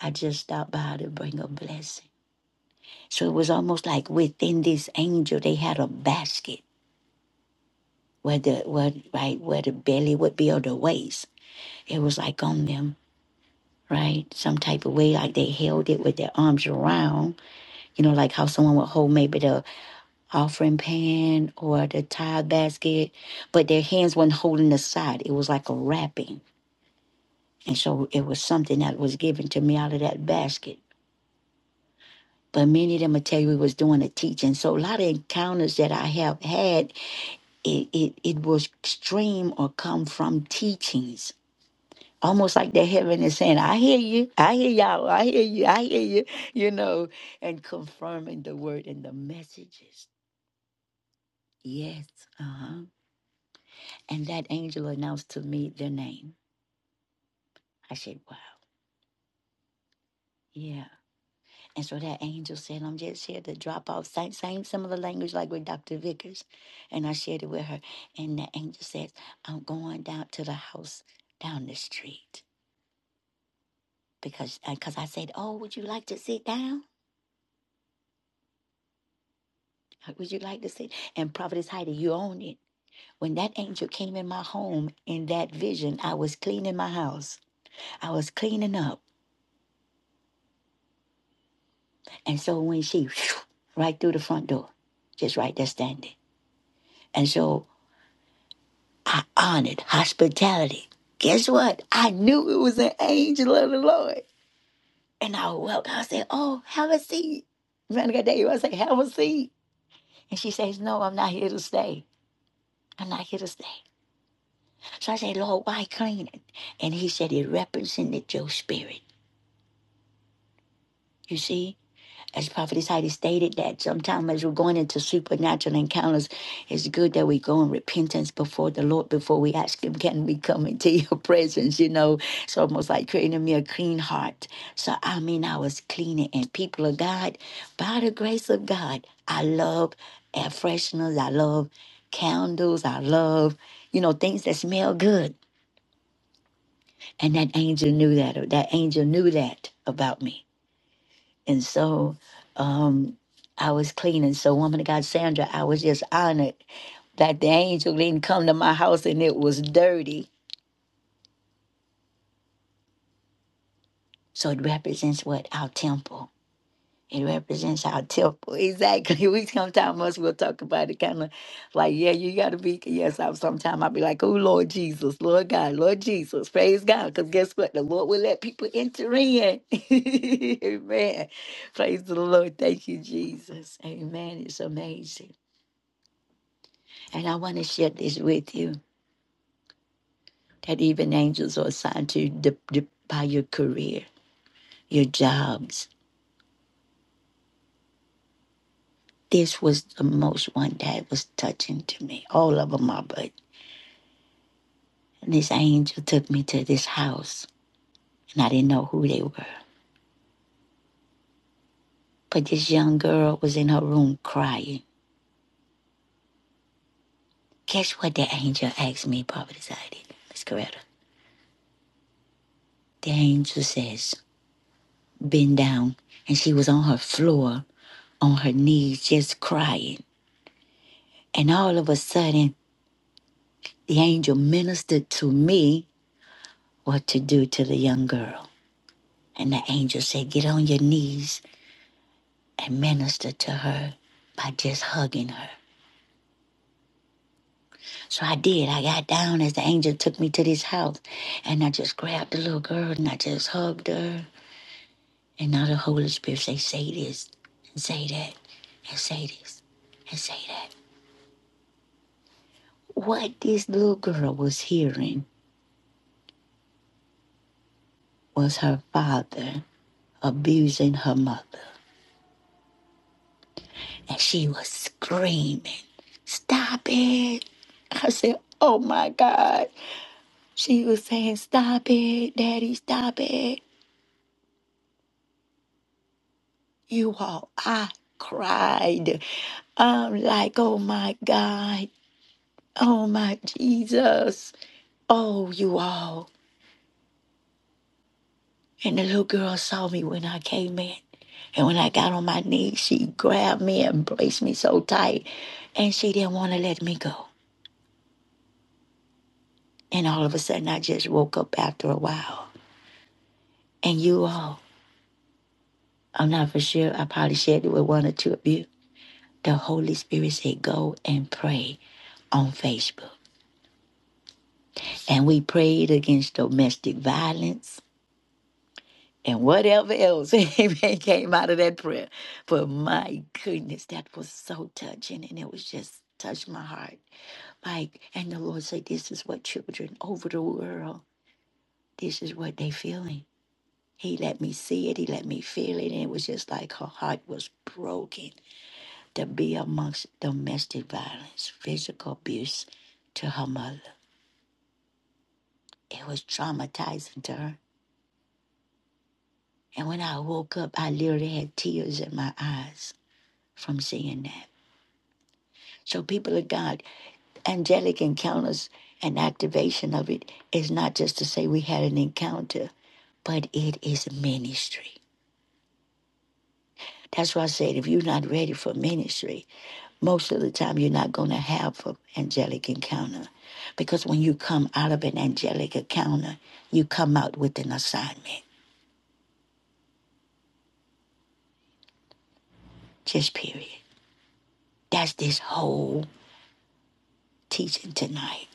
[SPEAKER 1] i just stopped by to bring a blessing so it was almost like within this angel they had a basket where the where right where the belly would be or the waist it was like on them right some type of way like they held it with their arms around You know, like how someone would hold maybe the offering pan or the tithe basket, but their hands were not holding the side. It was like a wrapping. And so it was something that was given to me out of that basket. But many of them will tell you it was doing a teaching. So a lot of encounters that I have had, it, it, it was stream or come from teachings. Almost like the heaven is saying, I hear you, I hear y'all, I hear you, I hear you, you know, and confirming the word and the messages. Yes. Uh-huh. And that angel announced to me their name. I said, wow. Yeah. And so that angel said, I'm just here to drop off same, same similar language like with Dr. Vickers. And I shared it with her. And the angel says, I'm going down to the house down the street. Because because I said, Oh, would you like to sit down? Like, Would you like to sit? And Prophetess Heidi, you own it. When that angel came in my home in that vision, I was cleaning my house. I was cleaning up. And so when she right through the front door, just right there standing. And so I honored hospitality. Guess what? I knew it was an angel of the Lord. And I welcome. I said, Oh, have a seat. Remember that day I said, Have a seat. And she says, No, I'm not here to stay. I'm not here to stay. So I said, Lord, why clean it? And he said, It represented your spirit. You see? as Prophetess Heidi stated, that sometimes as we're going into supernatural encounters, it's good that we go in repentance before the Lord before we ask Him, Can we come into your presence? You know, it's almost like creating me a clean heart. So, I mean, I was cleaning, and people of God, by the grace of God, I love air fresheners, I love candles, I love, you know, things that smell good. And that angel knew that, that angel knew that about me. And so um, I was cleaning. So, woman of God, Sandra, I was just honored that the angel didn't come to my house and it was dirty. So, it represents what? Our temple. It represents our temple. Exactly. We sometimes us we'll talk about it kind of like, yeah, you gotta be yes, I sometimes I'll be like, oh Lord Jesus, Lord God, Lord Jesus, praise God. Because guess what? The Lord will let people enter in. Amen. Praise the Lord. Thank you, Jesus. Amen. It's amazing. And I want to share this with you that even angels are assigned to you by your career, your jobs. This was the most one that was touching to me. All of them are, but and this angel took me to this house and I didn't know who they were. But this young girl was in her room crying. Guess what the angel asked me, Papa decided, Miss Coretta? The angel says, bend down. And she was on her floor, on her knees, just crying. And all of a sudden, The angel ministered to me what to do to the young girl. And the angel said, Get on your knees and minister to her by just hugging her. So I did. I got down as the angel took me to this house. And I just grabbed the little girl and I just hugged her. And now the Holy Spirit say, Say this and say that and say this and say that. What this little girl was hearing was her father abusing her mother. and she was screaming, Stop it. I said, Oh my God. She was saying, Stop it, Daddy, stop it. You all, I cried. I'm like, Oh my God. Oh my Jesus. Oh, you all. And the little girl saw me when I came in. And when I got on my knees, she grabbed me and embraced me so tight. And she didn't want to let me go. And all of a sudden, I just woke up after a while. And you all, I'm not for sure, I probably shared it with one or two of you. The Holy Spirit said, Go and pray on Facebook. And we prayed against domestic violence and whatever else amen, came out of that prayer. But my goodness, that was so touching. And it was just touched my heart. Like, and the Lord said, This is what children over the world, this is what they feeling. He let me see it. He let me feel it. And it was just like her heart was broken to be amongst domestic violence, physical abuse to her mother. It was traumatizing to her. And when I woke up, I literally had tears in my eyes from seeing that. So, people of God, angelic encounters and activation of it is not just to say we had an encounter, but it is ministry. That's why I said, if you're not ready for ministry, most of the time you're not going to have an angelic encounter because when you come out of an angelic encounter you come out with an assignment just period that's this whole teaching tonight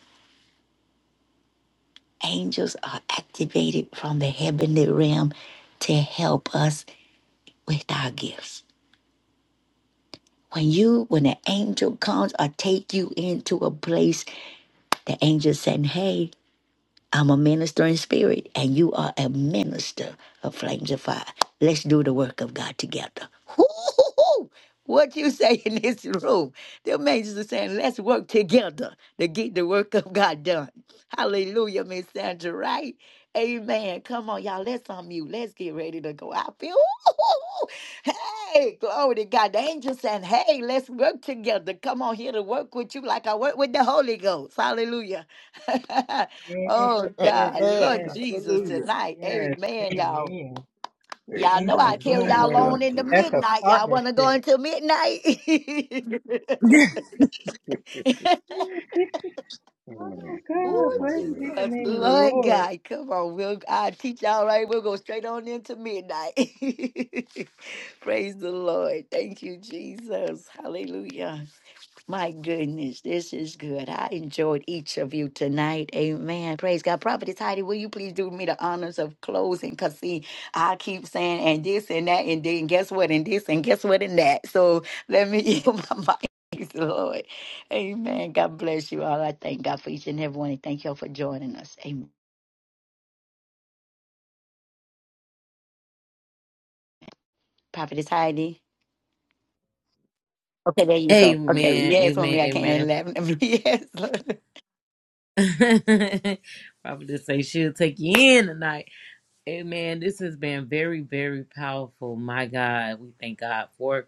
[SPEAKER 1] angels are activated from the heavenly realm to help us with our gifts when you when an angel comes or take you into a place the angel saying hey I'm a minister in spirit, and you are a minister of flames of fire. Let's do the work of God together. Hoo-hoo-hoo. What you say in this room? The angels are saying, let's work together to get the work of God done. Hallelujah, Miss Sandra, right? Amen. Come on, y'all. Let's unmute. Let's get ready to go. I feel, hoo-hoo-hoo! hey, glory to God. The angels saying, hey, let's work together. Come on here to work with you like I work with the Holy Ghost. Hallelujah.
[SPEAKER 7] Yes,
[SPEAKER 1] Oh
[SPEAKER 7] yes,
[SPEAKER 1] God,
[SPEAKER 3] Amen.
[SPEAKER 1] Lord
[SPEAKER 7] yes,
[SPEAKER 1] Jesus,
[SPEAKER 7] yes,
[SPEAKER 3] Hallelujah.
[SPEAKER 1] tonight.
[SPEAKER 7] yes.
[SPEAKER 1] Amen, y'all.
[SPEAKER 7] Amen.
[SPEAKER 5] praise
[SPEAKER 1] Y'all
[SPEAKER 7] Thank
[SPEAKER 1] know
[SPEAKER 7] you,
[SPEAKER 1] I
[SPEAKER 5] God.
[SPEAKER 1] carry y'all
[SPEAKER 5] Thank
[SPEAKER 7] Lord.
[SPEAKER 5] you,
[SPEAKER 3] Amen.
[SPEAKER 1] on
[SPEAKER 5] Lord
[SPEAKER 1] into
[SPEAKER 5] Jesus.
[SPEAKER 7] That's a
[SPEAKER 1] midnight. Y'all
[SPEAKER 7] partnership.
[SPEAKER 1] wanna go into midnight?
[SPEAKER 7] oh,
[SPEAKER 5] Amen. Good
[SPEAKER 7] God,
[SPEAKER 1] oh
[SPEAKER 7] bless
[SPEAKER 5] morning.
[SPEAKER 7] me the
[SPEAKER 1] Jesus,
[SPEAKER 5] yeah.
[SPEAKER 7] name of the
[SPEAKER 5] Glory.
[SPEAKER 1] Lord
[SPEAKER 7] Lord.
[SPEAKER 1] God, come on. We'll I teach y'all right. We'll go straight on into midnight. Praise the Lord. Thank you, Jesus. Hallelujah. My goodness, this is good. I enjoyed each of you tonight. Amen. Praise God. Prophetess Heidi, will you please do me the honors of closing? Because, see, I keep saying, and this and that, and then guess what, and this, and guess what, and that. So let me yield my mic. Praise the Lord. Amen. God bless you all. I thank God for each and every one. And thank you all for joining us. Amen. Prophetess Heidi. Okay, there you go. Okay.
[SPEAKER 2] Amen.
[SPEAKER 1] Yes, woman, I can't
[SPEAKER 2] Amen.
[SPEAKER 1] laugh. Yes.
[SPEAKER 2] Amen. Prophetess say she'll take you in tonight. Amen. This has been very, very powerful. My God. We thank God for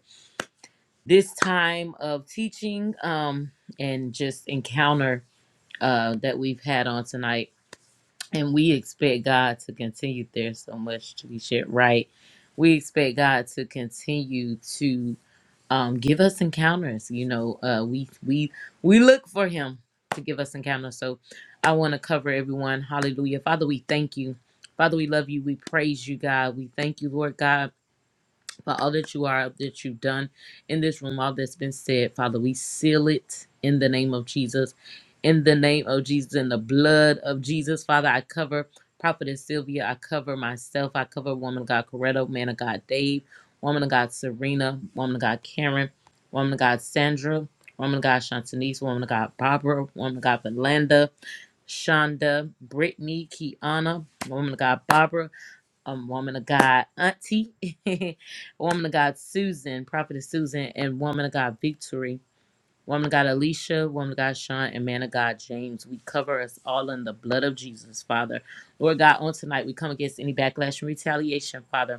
[SPEAKER 2] this time of teaching um and just encounter uh, that we've had on tonight. And we expect God to continue. There's so much to be shared, right? We expect God to continue to um, give us encounters. You know, uh, we we we look for Him to give us encounters. So I want to cover everyone. Hallelujah, Father, we thank you. Father, we love you. We praise you, God. We thank you, Lord God for all that you are, that you've done in this room, all that's been said. Father, we seal it in the name of Jesus. In the name of Jesus, in the blood of Jesus, Father, I cover Prophetess Sylvia. I cover myself. I cover woman of God Coretto, man of God Dave, woman of God Serena, woman of God Karen, woman of God Sandra, woman of God Shantanese, woman of God Barbara, woman of God Valanda, Shonda, Brittany, Kiana, woman of God Barbara, a woman of God, Auntie, A woman of God, Susan, Prophetess Susan, and woman of God, Victory, woman of God, Alicia, woman of God, Sean, and man of God, James. We cover us all in the blood of Jesus, Father. Lord God, on tonight, we come against any backlash and retaliation, Father.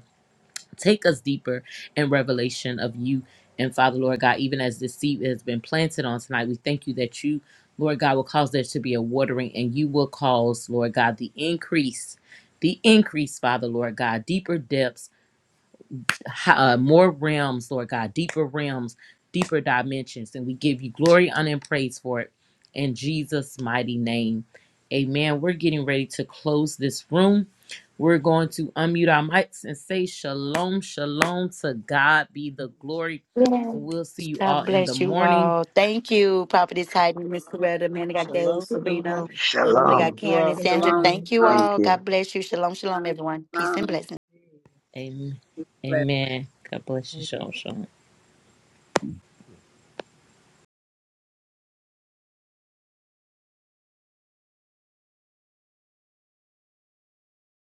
[SPEAKER 2] Take us deeper in revelation of you. And Father, Lord God, even as this seed has been planted on tonight, we thank you that you, Lord God, will cause there to be a watering and you will cause, Lord God, the increase, the increase, Father, Lord God, deeper depths uh, more realms, Lord God, deeper realms, deeper dimensions. And we give you glory, honor, and praise for it in Jesus' mighty name. Amen. We're getting ready to close this room. We're going to unmute our mics and say shalom, shalom to God be the glory.
[SPEAKER 1] Lord.
[SPEAKER 2] And we'll see you all
[SPEAKER 1] God
[SPEAKER 2] in the
[SPEAKER 1] bless you
[SPEAKER 2] morning.
[SPEAKER 1] all. Thank you, Prophetess Heidi, Miss Coretta, Man of God Dave,
[SPEAKER 3] Shalom,
[SPEAKER 1] Serena,
[SPEAKER 3] shalom. God
[SPEAKER 1] Woman of
[SPEAKER 3] bless
[SPEAKER 1] God
[SPEAKER 5] Shalom.
[SPEAKER 3] you
[SPEAKER 1] Karen
[SPEAKER 3] all.
[SPEAKER 1] and Sandra.
[SPEAKER 6] long,
[SPEAKER 7] Shalom.
[SPEAKER 1] Thank you
[SPEAKER 6] long.
[SPEAKER 5] Thank
[SPEAKER 1] all.
[SPEAKER 5] you.
[SPEAKER 1] God bless you. Shalom, shalom, everyone. Peace and
[SPEAKER 6] long.
[SPEAKER 1] blessings.
[SPEAKER 2] Amen. Amen. God bless you.
[SPEAKER 7] Amen.
[SPEAKER 2] Shalom, shalom.